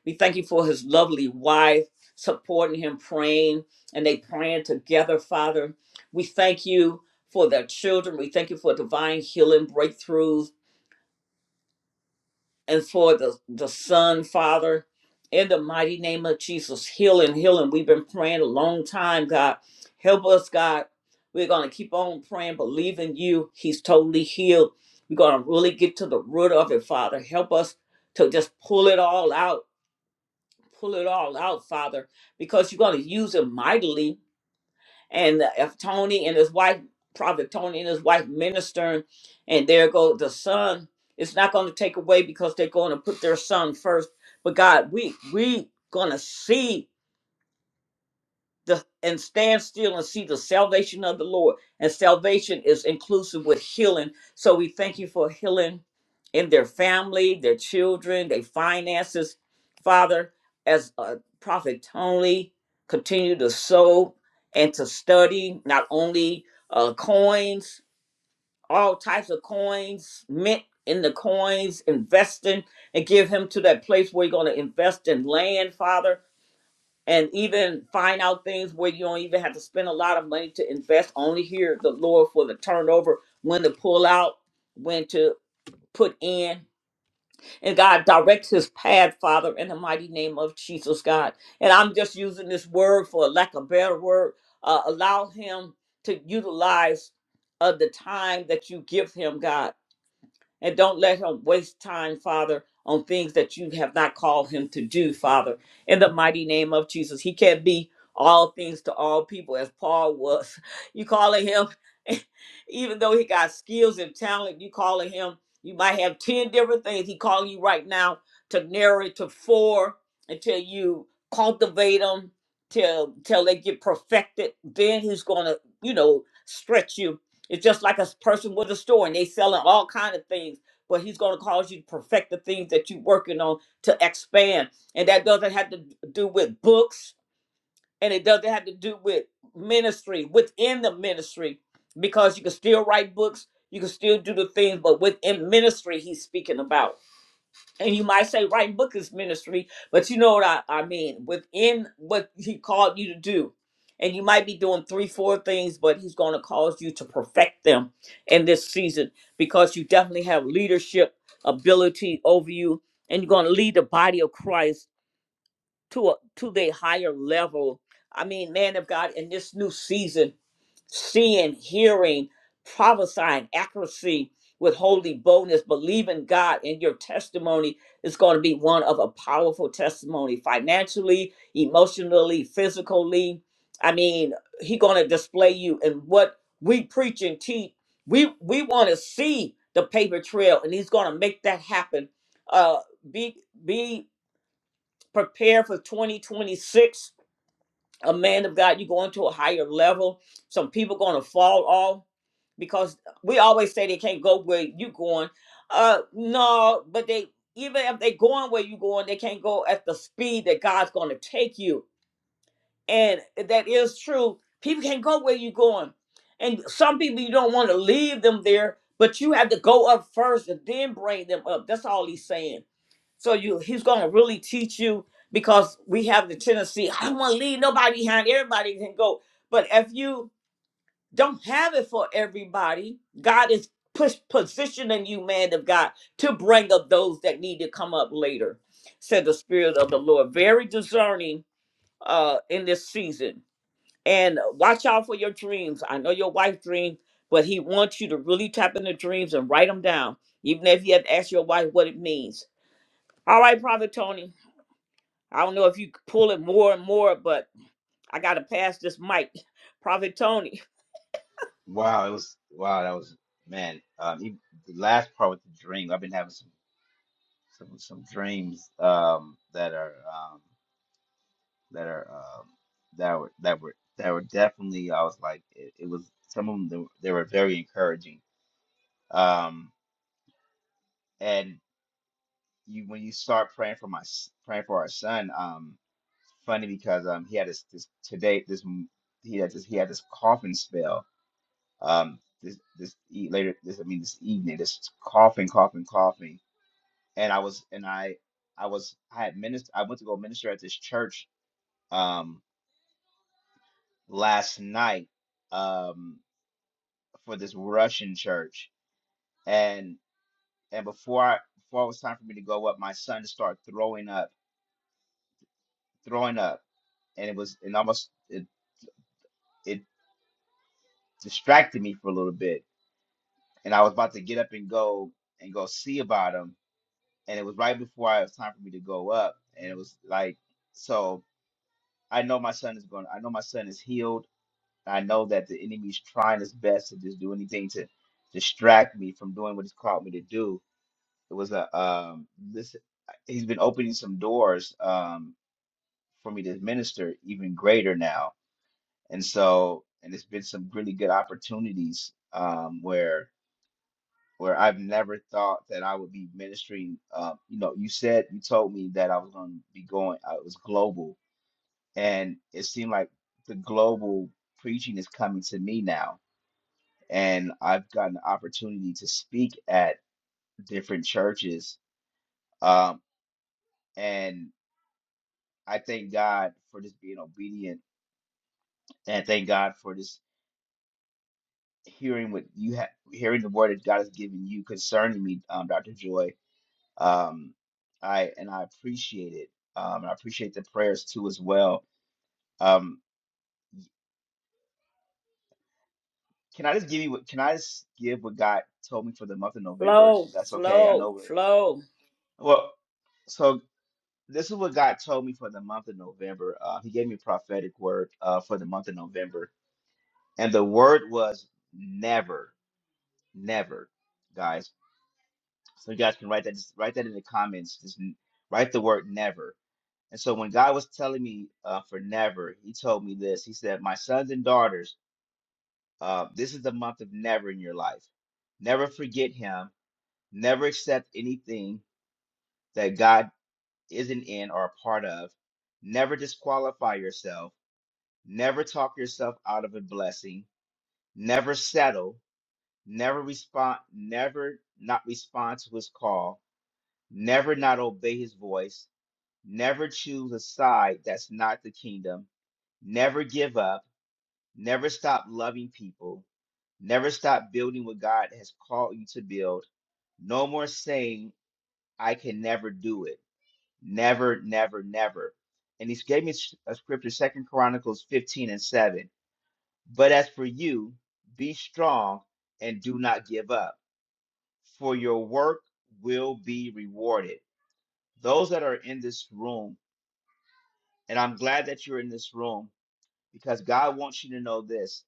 A: We thank you for his lovely wife supporting him, praying, and they praying together, Father. We thank you for their children. We thank you for divine healing breakthroughs and for the, the son, Father, in the mighty name of Jesus, healing, healing. We've been praying a long time, God. Help us, God. We're going to keep on praying, believing you. He's totally healed. We're going to really get to the root of it, Father. Help us to just pull it all out. Pull it all out, Father, because you're going to use it mightily and if Tony and his wife, Prophet Tony and his wife ministering, and there go the son, it's not going to take away because they're going to put their son first. But God, we we gonna see the, and stand still and see the salvation of the Lord. And salvation is inclusive with healing. So we thank you for healing in their family, their children, their finances. Father, as uh, Prophet Tony continue to sow and to study not only uh, coins, all types of coins, mint in the coins, investing, and give him to that place where you're going to invest in land, Father and even find out things where you don't even have to spend a lot of money to invest. Only hear the Lord for the turnover, when to pull out, when to put in. And God directs his path, Father, in the mighty name of Jesus, God. And I'm just using this word for lack of better word. Uh, allow him to utilize uh, the time that you give him, God and don't let him waste time, Father, on things that you have not called him to do, Father. In the mighty name of Jesus, he can't be all things to all people as Paul was. You calling him, even though he got skills and talent, you calling him, you might have 10 different things. He calling you right now to narrow it to four until you cultivate them, till, till they get perfected. Then he's going to, you know, stretch you it's just like a s- person with a store and they selling all kind of things, but he's going to cause you to perfect the things that you're working on to expand. And that doesn't have to d- do with books and it doesn't have to do with ministry within the ministry because you can still write books, you can still do the things, but within ministry he's speaking about and you might say writing book is ministry, but you know what I, I mean within what he called you to do. And you might be doing three, four things, but he's going to cause you to perfect them in this season because you definitely have leadership ability over you, and you're going to lead the body of Christ to a to the higher level. I mean, man of God, in this new season, seeing, hearing, prophesying, accuracy with holy boldness, believing God and your testimony is going to be one of a powerful testimony financially, emotionally, physically. I mean, he going to display you and what we preach and teach. We we want to see the paper trail, and he's going to make that happen. Uh, be be prepared for 2026 a man of God, you going to a higher level. Some people going to fall off because we always say they can't go where you going. Uh, no, but they even if they going where you going, they can't go at the speed that God's going to take you. And that is true. People can't go where you going, and some people you don't want to leave them there, but you have to go up first and then bring them up. That's all he's saying so you, he's going to really teach you because we have the tendency, I don't want to leave nobody behind. Everybody can go. But if you don't have it for everybody, God is push, positioning you, man of God, to bring up those that need to come up later, said the Spirit of the Lord. Very discerning uh, in this season. And watch out for your dreams. I know your wife dreams, but he wants you to really tap into dreams and write them down, even if you have to ask your wife what it means. All right, Prophet Tony. I don't know if you pull it more and more, but I got to pass this mic. Prophet Tony,
D: Wow, it was wow. That was man. Um, he, the last part with the dream. I've been having some some some dreams um that are that are um, that were that were that were definitely I was like it, it was some of them they were, they were very encouraging. Um, and you when you start praying for my s- praying for our son, um, funny because um he had this this today this m- he had this he had this coughing spell um this this e- later this I mean this evening this coughing coughing coughing and I was and I I was I had minister I went to go minister at this church um last night. Um, for this Russian church, and and before I before it was time for me to go up, my son started throwing up, throwing up, and it was and almost it it distracted me for a little bit, and I was about to get up and go and go see about him, and it was right before it was time for me to go up, and it was like so I know my son is going, I know my son is healed, I know that the enemy's trying his best to just do anything to distract me from doing what he's called me to do It was a um this uh, he's been opening some doors um for me to minister even greater now. And so and it's been some really good opportunities um where where I've never thought that I would be ministering um you know you said you told me that I was going to be going I was global and it seemed like the global preaching is coming to me now and I've gotten the opportunity to speak at different churches um and I thank God for just being obedient, and I thank God for just hearing what you have, hearing the word that God has given you concerning me, um, Doctor Joy. Um, I and I appreciate it. Um, and I appreciate the prayers too as well. Um, can I just give you what? Can I just give what God told me for the month of November?
A: flow,
D: If that's okay, I
A: flow,
D: know we're
A: flow.
D: well. So this is what God told me for the month of November. Uh, he gave me a prophetic word uh, for the month of November, and the word was never. Never, guys. So you guys can write that. Just write that in the comments. Just n- write the word never. And so when God was telling me uh, for never, He told me this. He said, "My sons and daughters, uh, this is the month of never in your life. Never forget Him. Never accept anything that God isn't in or a part of. Never disqualify yourself. Never talk yourself out of a blessing. Never settle. Never respond. Never not respond to His call never not obey his voice, never choose a side that's not the kingdom, never give up, never stop loving people, never stop building what God has called you to build. No more saying, I can never do it. Never, never, never. And he gave me s- a scripture, Second Chronicles 15 and 7. But as for you, be strong and do not give up, for your work will be rewarded those that are in this room And I'm glad that you're in this room because God wants you to know this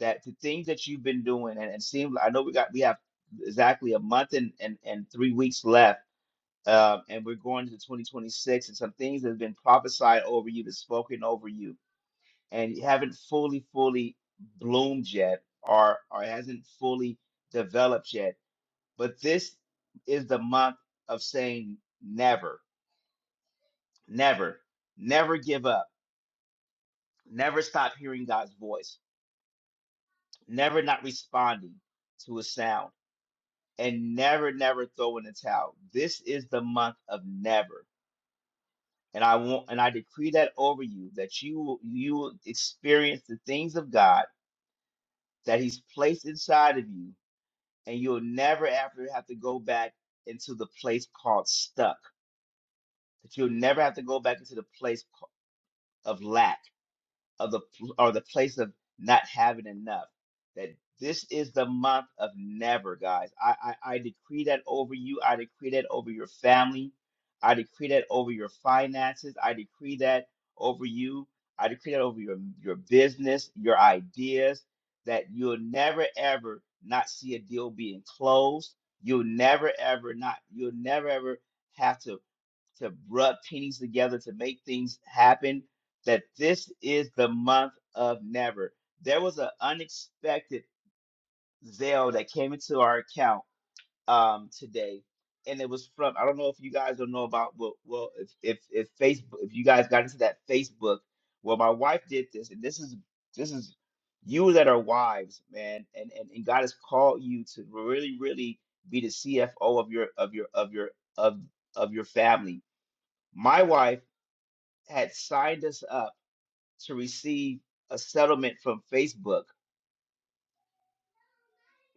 D: that the things that you've been doing and, and seem I know we got we have exactly a month and and, and three weeks left. Um, and we're going to 2026 and some things that have been prophesied over you, that's spoken over you, and you haven't fully, fully bloomed yet or or hasn't fully developed yet. But this is the month of saying never, never, never give up, never stop hearing God's voice never not responding to a sound, and never, never throwing a towel. This is the month of never. And I want and I decree that over you that you will you will experience the things of God that He's placed inside of you, and you'll never ever have to go back into the place called stuck. That you'll never have to go back into the place ca- of lack of the or the place of not having enough. That this is the month of never, guys. I, I I decree that over you. I decree that over your family. I decree that over your finances. I decree that over you. I decree that over your your business, your ideas. That you'll never ever not see a deal being closed. You'll never ever not. You'll never ever have to to rub pennies together to make things happen that this is the month of never there was an unexpected zeal that came into our account um today and it was from i don't know if you guys don't know about well, well if, if if facebook if you guys got into that facebook well my wife did this and this is this is you that are wives man and and, and god has called you to really really be the cfo of your of your of your of of your family my wife had signed us up to receive a settlement from Facebook,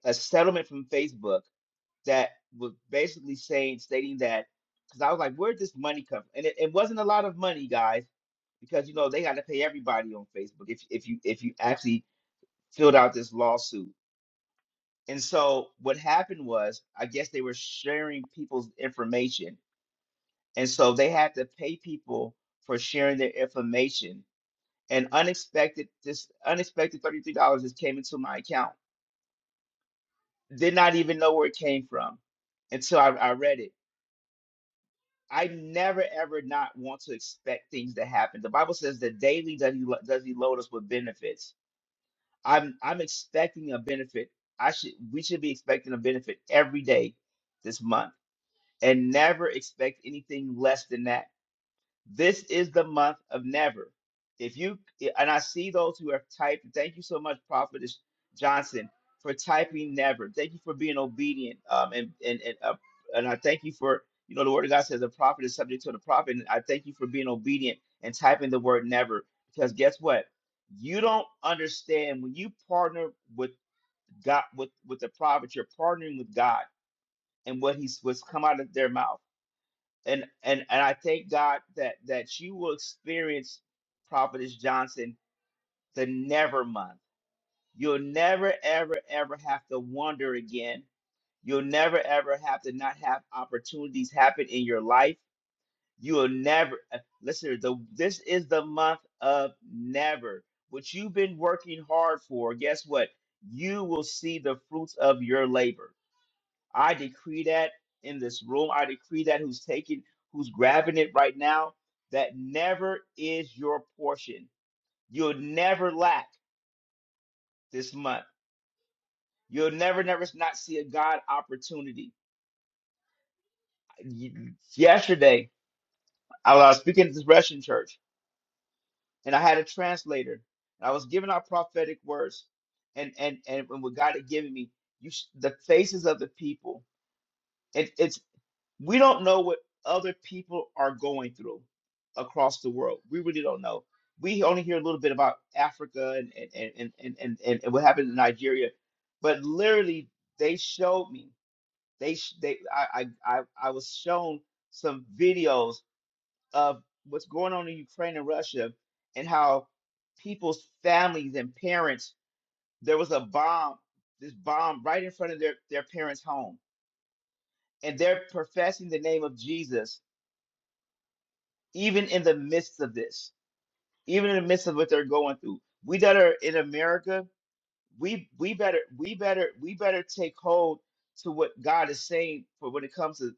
D: a settlement from Facebook that was basically saying, stating that, because I was like, where'd this money come from? And it, it wasn't a lot of money, guys, because you know they got to pay everybody on Facebook if if you if you actually filled out this lawsuit. And so what happened was, I guess they were sharing people's information, and so they had to pay people for sharing their information and unexpected this unexpected $33 just came into my account did not even know where it came from until I, I read it i never ever not want to expect things to happen the bible says that daily does he, lo- does he load us with benefits i'm i'm expecting a benefit i should we should be expecting a benefit every day this month and never expect anything less than that This is the month of never. If you eh, and I see those who have typed, thank you so much, Prophetess Johnson, for typing never. Thank you for being obedient. Um, and and and uh, and I thank you for you know the word of God says the prophet is subject to the prophet. And I thank you for being obedient and typing the word never because guess what? You don't understand when you partner with God with with the prophet, you're partnering with God and what he's what's come out of their mouth and and and I thank God that that you will experience Prophetess Johnson the never month. You'll never ever ever have to wonder again. You'll never ever have to not have opportunities happen in your life. You'll never uh, listen. The this is the month of never. What you've been working hard for, guess what? You will see the fruits of your labor I decree that in this room. I decree that who's taking, who's grabbing it right now, that never is your portion. You'll never lack this month. You'll never, never not see a God opportunity. Y- Yesterday, I was speaking at this Russian church, and I had a translator. I was giving out prophetic words, and and and when what God had given me, you sh- the faces of the people. It, it's. we don't know what other people are going through across the world. We really don't know. We only hear a little bit about Africa and and and and and, and, and what happened in Nigeria, but literally they showed me they sh- they I, I I I was shown some videos of what's going on in Ukraine and Russia and how people's families and parents there was a bomb this bomb right in front of their their parents' home and they're professing the name of Jesus even in the midst of this, even in the midst of what they're going through. We that are in America, we we better we better we better take hold to what God is saying for when it comes to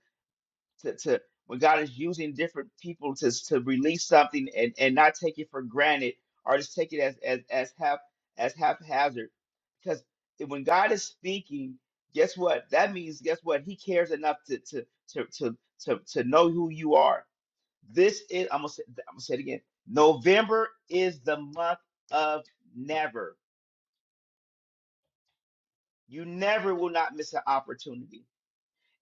D: to, to when God is using different people to to release something and and not take it for granted or just take it as as as half as haphazard because when God is speaking, guess what? That means guess what? He cares enough to to to to to, to know who you are this is I'm gonna say, I'm gonna say it again. November is the month of never. You never will not miss an opportunity.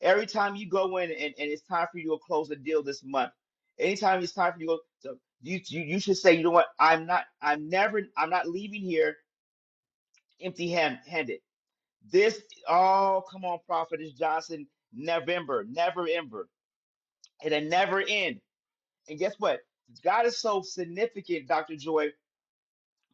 D: Every time you go in and, and it's time for you to close a deal this month, anytime it's time for you to go, so you, you you should say, you know what, I'm not, I'm never, I'm not leaving here empty hand, handed. This, oh, come on, Prophetess Johnson, November, never ever. It'll never end. And guess what? God is so significant, Dr. Joy.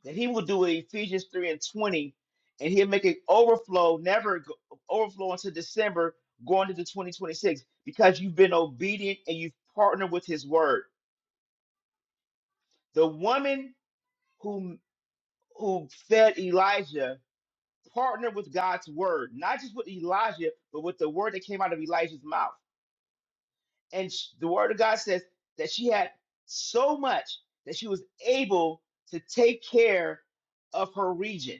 D: that he will do in Ephesians 3 and 20, and he'll make it overflow, never go, overflow into December, going into 2026, because you've been obedient and you've partnered with his word. The woman who who fed Elijah partnered with God's word, not just with Elijah, but with the word that came out of Elijah's mouth. And sh- the word of God says that she had so much that she was able to take care of her region.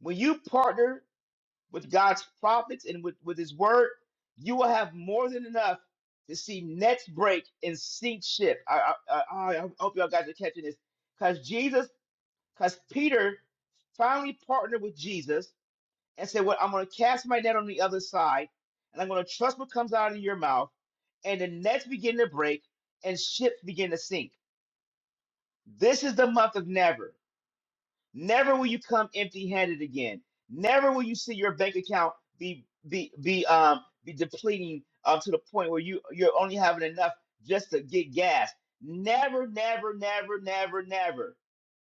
D: When you partner with God's prophets and with, with his word, you will have more than enough to see nets break and sink ship. I, I, I, I hope y'all guys are catching this. Because Jesus, because Peter finally partnered with Jesus and said, Well, I'm going to cast my net on the other side and I'm going to trust what comes out of your mouth. And the nets begin to break and ships begin to sink. This is the month of never. Never will you come empty-handed again. Never will you see your bank account be be be um be depleting um to the point where you you're only having enough just to get gas. Never, never, never, never, never.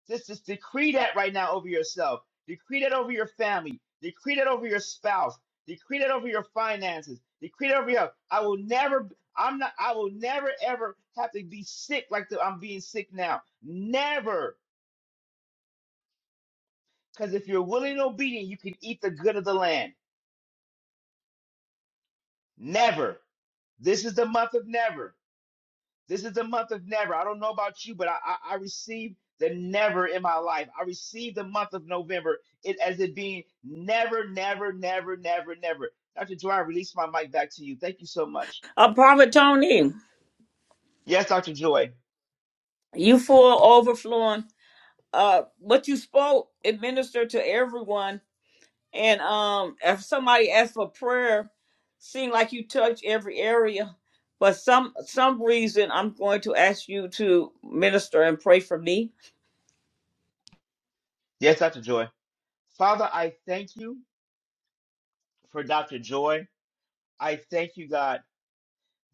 D: Just just decree that right now over yourself. Decree that over your family. Decree that over your spouse. Decree that over your finances. Decree that over your. I will never. I'm not. I will never ever have to be sick like the, I'm being sick now. Never. Because if you're willing and obedient, you can eat the good of the land. Never. This is the month of never. This is the month of never. I don't know about you, but I, I, I received the never in my life. I received the month of November it, as it being never, never, never, never, never. Dr. Joy, I release my mic back to you. Thank you so much.
A: Uh, Prophet Tony,
D: Yes, Dr. Joy.
A: you full overflowing. Uh, what you spoke, it ministered to everyone. And um, if somebody asked for prayer, seemed like you touched every area. But some some reason, I'm going to ask you to minister and pray for me.
D: Yes, Dr. Joy. Father, I thank you for Dr. Joy. I thank you, God,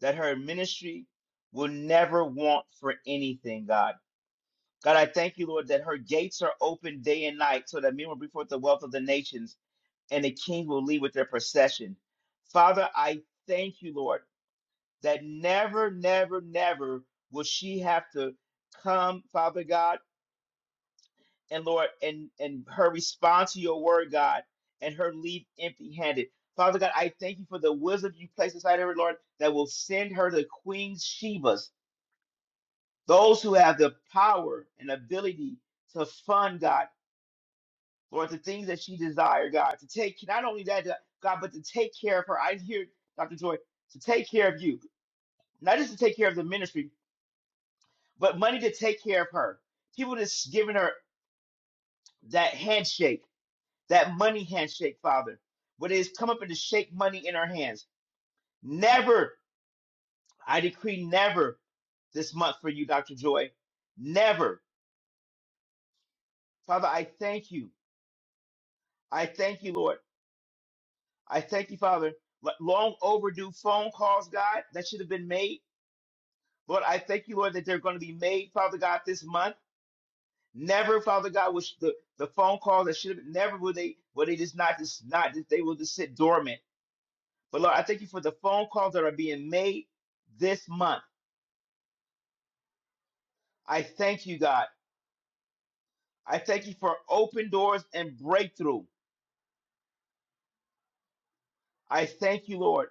D: that her ministry will never want for anything, God. God, I thank you, Lord, that her gates are open day and night so that men will bring forth the wealth of the nations and the king will lead with their procession. Father, I thank you, Lord, that never, never, never will she have to come, Father God, and Lord, and, and her response to your word, God, and her leave empty handed. Father God, I thank you for the wisdom you place inside her, Lord, that will send her to Queen Sheba's, those who have the power and ability to fund God Lord, the things that she desired, God, to take not only that, God, but to take care of her. I hear Dr. Joy to take care of you, not just to take care of the ministry, but money to take care of her. People that's giving her that handshake, that money handshake, Father, what is come up and to shake money in her hands. Never, I decree, never this month for you, Dr. Joy. Never, Father, I thank you. I thank you, Lord. I thank you, Father. Lo- Long overdue phone calls, God, that should have been made Lord, I thank you, Lord, that they're going to be made, Father God, this month. Never, Father God, which the, the phone call that should have never will they will they just not just not they will just sit dormant. But Lord, I thank you for the phone calls that are being made this month. I thank you, God. I thank you for open doors and breakthrough. I thank you, Lord,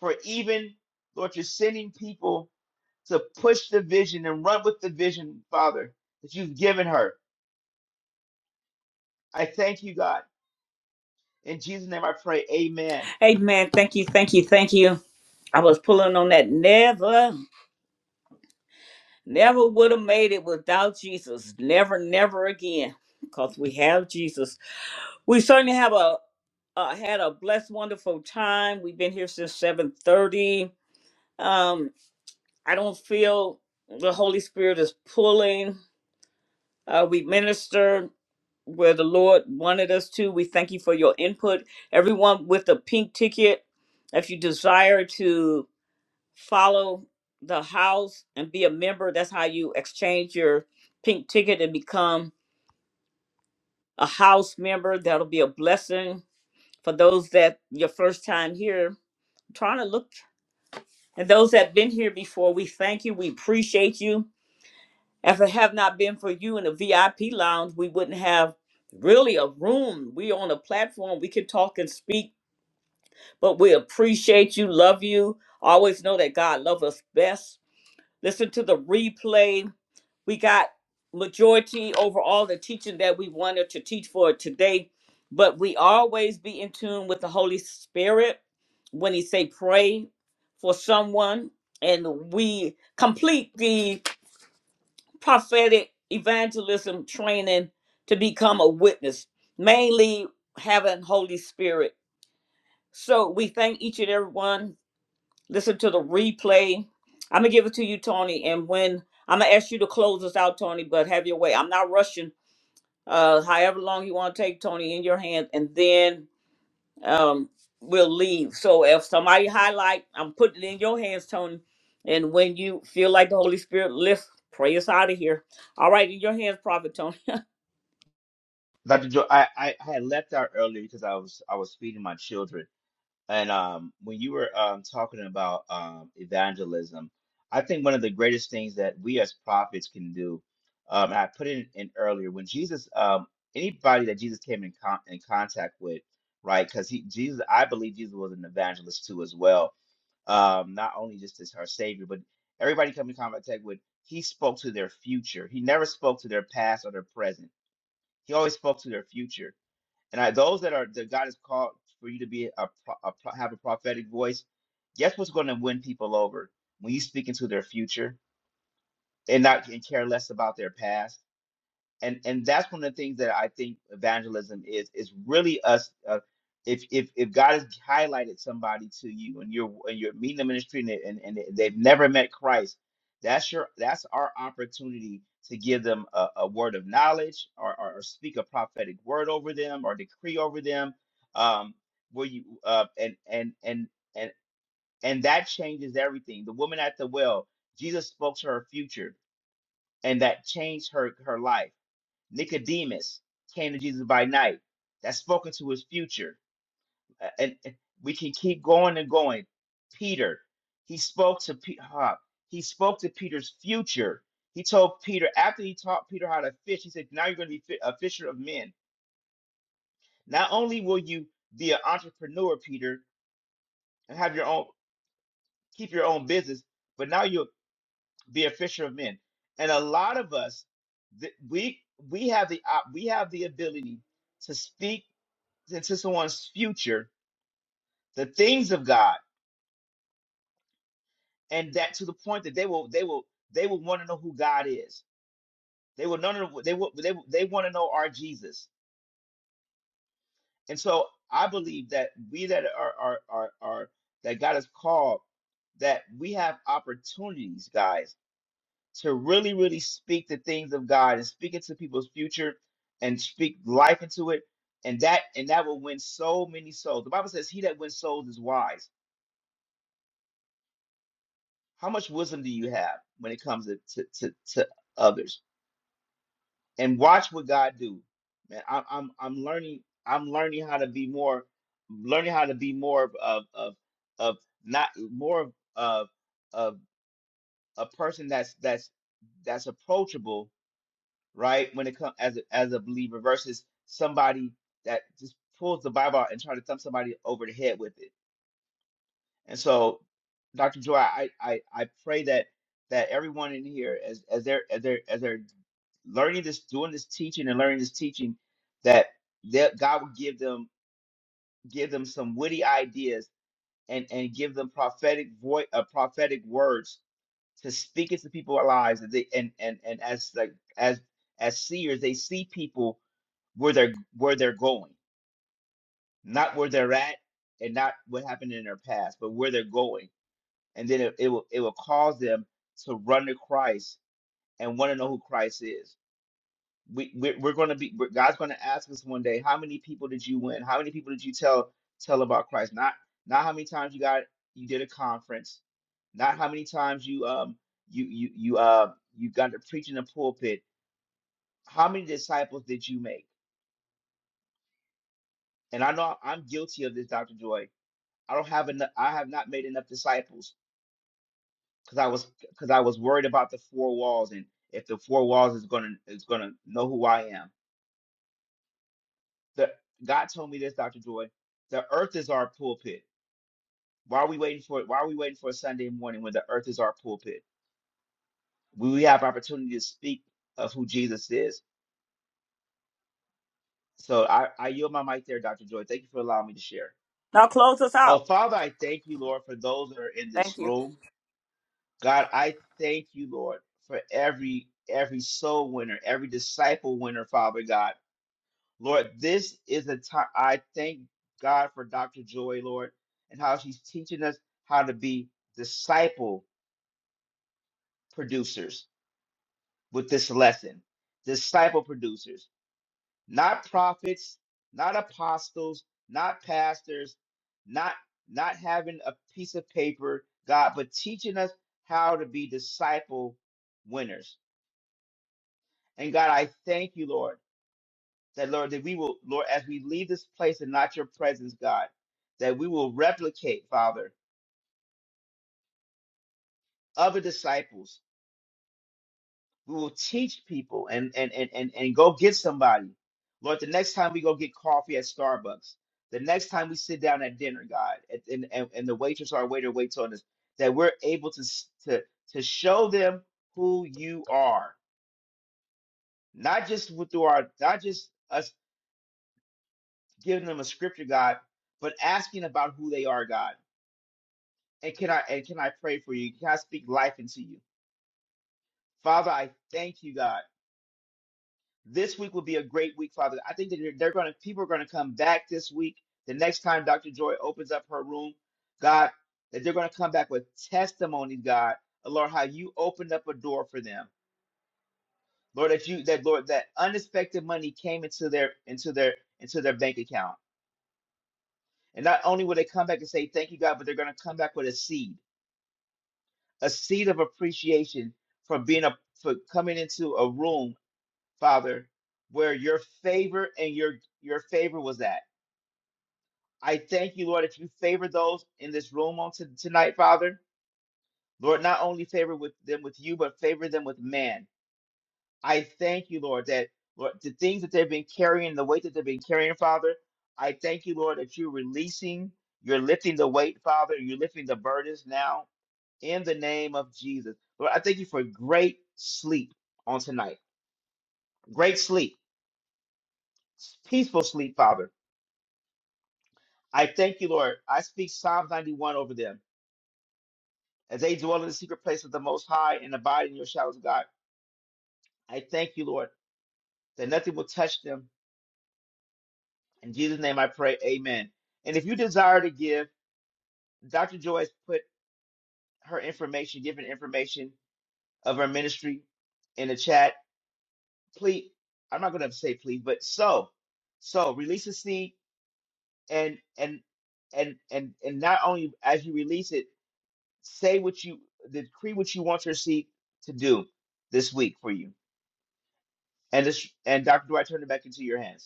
D: for even Lord, you're sending people to push the vision and run with the vision, Father, that you've given her. I thank you, God. In Jesus' name I pray, amen.
A: Hey, man, Thank you, thank you, thank you. I was pulling on that never. Never would have made it without Jesus. Never, never again. Because we have Jesus. We certainly have a uh, had a blessed, wonderful time. We've been here since 7:30. Um, I don't feel the Holy Spirit is pulling. Uh, we ministered where the Lord wanted us to. We thank you for your input. Everyone with a pink ticket, if you desire to. follow the house and be a member. That's how you exchange your pink ticket and become a house member. That'll be a blessing for those that your first time here. I'm trying to look and those that been here before, we thank you. We appreciate you. If it have not been for you in the VIP lounge, we wouldn't have really a room. We on a platform. We can talk and speak, but we appreciate you, love you. Always know that God loves us best Listen to the replay. We got majority overall the teaching that we wanted to teach for today, but we always be in tune with the Holy Spirit when he say pray for someone and we complete the prophetic evangelism training to become a witness, mainly having Holy Spirit. So we thank each and every one listen to the replay. I'm gonna give it to you, Tony, and when I'm gonna ask you to close us out, Tony, but have your way. I'm not rushing. Uh, however long you want to take, Tony, in your hands, and then um, we'll leave. So if somebody highlight, I'm putting it in your hands, Tony. And when you feel like the Holy Spirit lift, pray us out of here. All right, in your hands, Prophet Tony.
D: Dr. Joe, I, I, I had left out early because I was I was feeding my children. And um, when you were um, talking about um, evangelism, I think one of the greatest things that we as prophets can do, um, and I put it in earlier, when Jesus, um, anybody that Jesus came in con in contact with, right? Because he Jesus, I believe Jesus was an evangelist too as well. Um, not only just as our Savior, but everybody come in contact with, he spoke to their future. He never spoke to their past or their present. He always spoke to their future and I, those that are that God has called for you to be a, pro- a pro- have a prophetic voice, guess what's going to win people over when you speak into their future and not and care less about their past and and that's one of the things that I think evangelism is is really us. Uh, if if if God has highlighted somebody to you and you're and you're meeting them in the street and, they- and and they've never met Christ, that's your that's our opportunity to give them a, a word of knowledge or, or or speak a prophetic word over them or decree over them. Um, where you uh and and and and and that changes everything. The woman at the well, Jesus spoke to her future, and that changed her her life Nicodemus came to Jesus by night. That's spoken to his future. Uh, And and we can keep going and going. Peter, he spoke to Pe- huh, he spoke to Peter's future. He told Peter after he taught Peter how to fish, he said, "Now you're going to be fi- a fisher of men. Not only will you be an entrepreneur, Peter, and have your own keep your own business, but now you'll be a fisher of men." And a lot of us, th- we we have the op- we have the ability to speak into someone's future the things of God, and that to the point that they will they will they will want to know who God is. They will know they will they will, they want to know our Jesus. And so I believe that we that are are are, are that God has called that we have opportunities, guys, to really really speak the things of God and speak into people's future and speak life into it. And that and that will win so many souls. The Bible says, "He that wins souls is wise." How much wisdom do you have when it comes to to to, to others? And watch what God do, man. I'm I'm I'm learning. I'm learning how to be more, learning how to be more of of of, of not more of of of a person that's that's that's approachable, right? When it comes as a, as a believer versus somebody that just pulls the Bible out and try to thump somebody over the head with it And so, Dr. Joy, I, I, I pray that that everyone in here, as as they're as they're as they're learning this, doing this teaching and learning this teaching, that that God would give them give them some witty ideas and and give them prophetic voice, uh, prophetic words to speak into people's lives. That they and and and as like as as seers, they see people where they're where they're going, not where they're at, and not what happened in their past, but where they're going and then it, it will it will cause them to run to Christ and want to know who Christ is. We we're, we're going to be we're- God's going to ask us one day, how many people did you win? How many people did you tell tell about Christ? Not not how many times you got you did a conference, not how many times you um you you you uh you got to preach in the pulpit. How many disciples did you make? And I know I'm guilty of this, Dr. Joy. I don't have enough. I have not made enough disciples because I was because I was worried about the four walls and if the four walls is gonna is gonna know who I am. The God told me this, Doctor Joy. The earth is our pulpit. Why are we waiting for it? Why are we waiting for a Sunday morning when the earth is our pulpit? We have opportunity to speak of who Jesus is. So I, I yield my mic there, Dr. Joy. Thank you for allowing me to share.
A: Now close us
D: Oh,
A: out.
D: Father, I thank you, Lord, for those that are in
A: Thank
D: this
A: you.
D: room. God, I thank you, Lord, for every every soul winner, every disciple winner, Father God. Lord, this is a time I thank God for Dr. Joy, Lord, and how she's teaching us how to be disciple producers with this lesson. Disciple producers, not prophets, not apostles, not pastors, not not having a piece of paper, God, but teaching us how to be disciple winners. And God, I thank you, Lord. that Lord, that we will, Lord, as we leave this place and not your presence, God, that we will replicate, Father, other disciples. We will teach people and and and and, and go get somebody. Lord, the next time we go get coffee at Starbucks, the next time we sit down at dinner, God, at- and, and, and the waitress or waiter waits on us, that we're able to s- to to show them who you are, not just with- through our, not just us giving them a scripture, God, but asking about who they are, God And can I and can I pray for you? Can I speak life into you? Father, I thank you, God. This week will be a great week, Father. I think that they're, they're gonna people are gonna come back this week. The next time Dr. Joy opens up her room, God, that they're gonna come back with testimonies, God, of, Lord, how you opened up a door for them. Lord, that you that Lord, that unexpected money came into their into their into their bank account. And not only will they come back and say thank you, God, but they're gonna come back with a seed. a seed of appreciation for being a for coming into a room, Father, where your favor and your your favor was at. I thank you, Lord, if you favor those in this room on to, tonight, Father. Lord, not only favor with them with you, but favor them with man. I thank you, Lord, that Lord, the things that they've been carrying, the weight that they've been carrying, Father. I thank you, Lord, that you're releasing, you're lifting the weight, Father, you're lifting the burdens now in the name of Jesus. Lord, I thank you for great sleep on tonight. Great sleep, peaceful sleep, Father. I thank you, Lord. I speak Psalms 91 over them as they dwell in the secret place of the Most High and abide in your shadows, God. I thank you, Lord, that nothing will touch them. In Jesus' name I pray, amen. And if you desire to give, Dr. Joy has put her information, given information of her ministry in the chat. Please, I'm not going to say please, but so, so release a seed and and and and and not only as you release it, say what you decree what you want your seat to do this week for you. And this and Dr. Dwight, turn it back into your hands.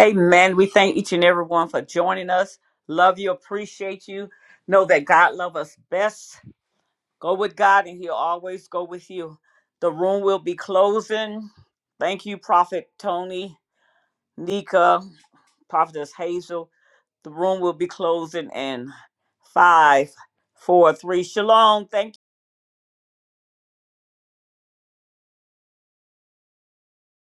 A: Amen. We thank each and every one for joining us. Love you. Appreciate you. Know that God loves us best Go with God and he'll always go with you. The room will be closing. Thank you, Prophet Tony, Nika, Prophetess Hazel. The room will be closing in five, four, three. Shalom. Thank you.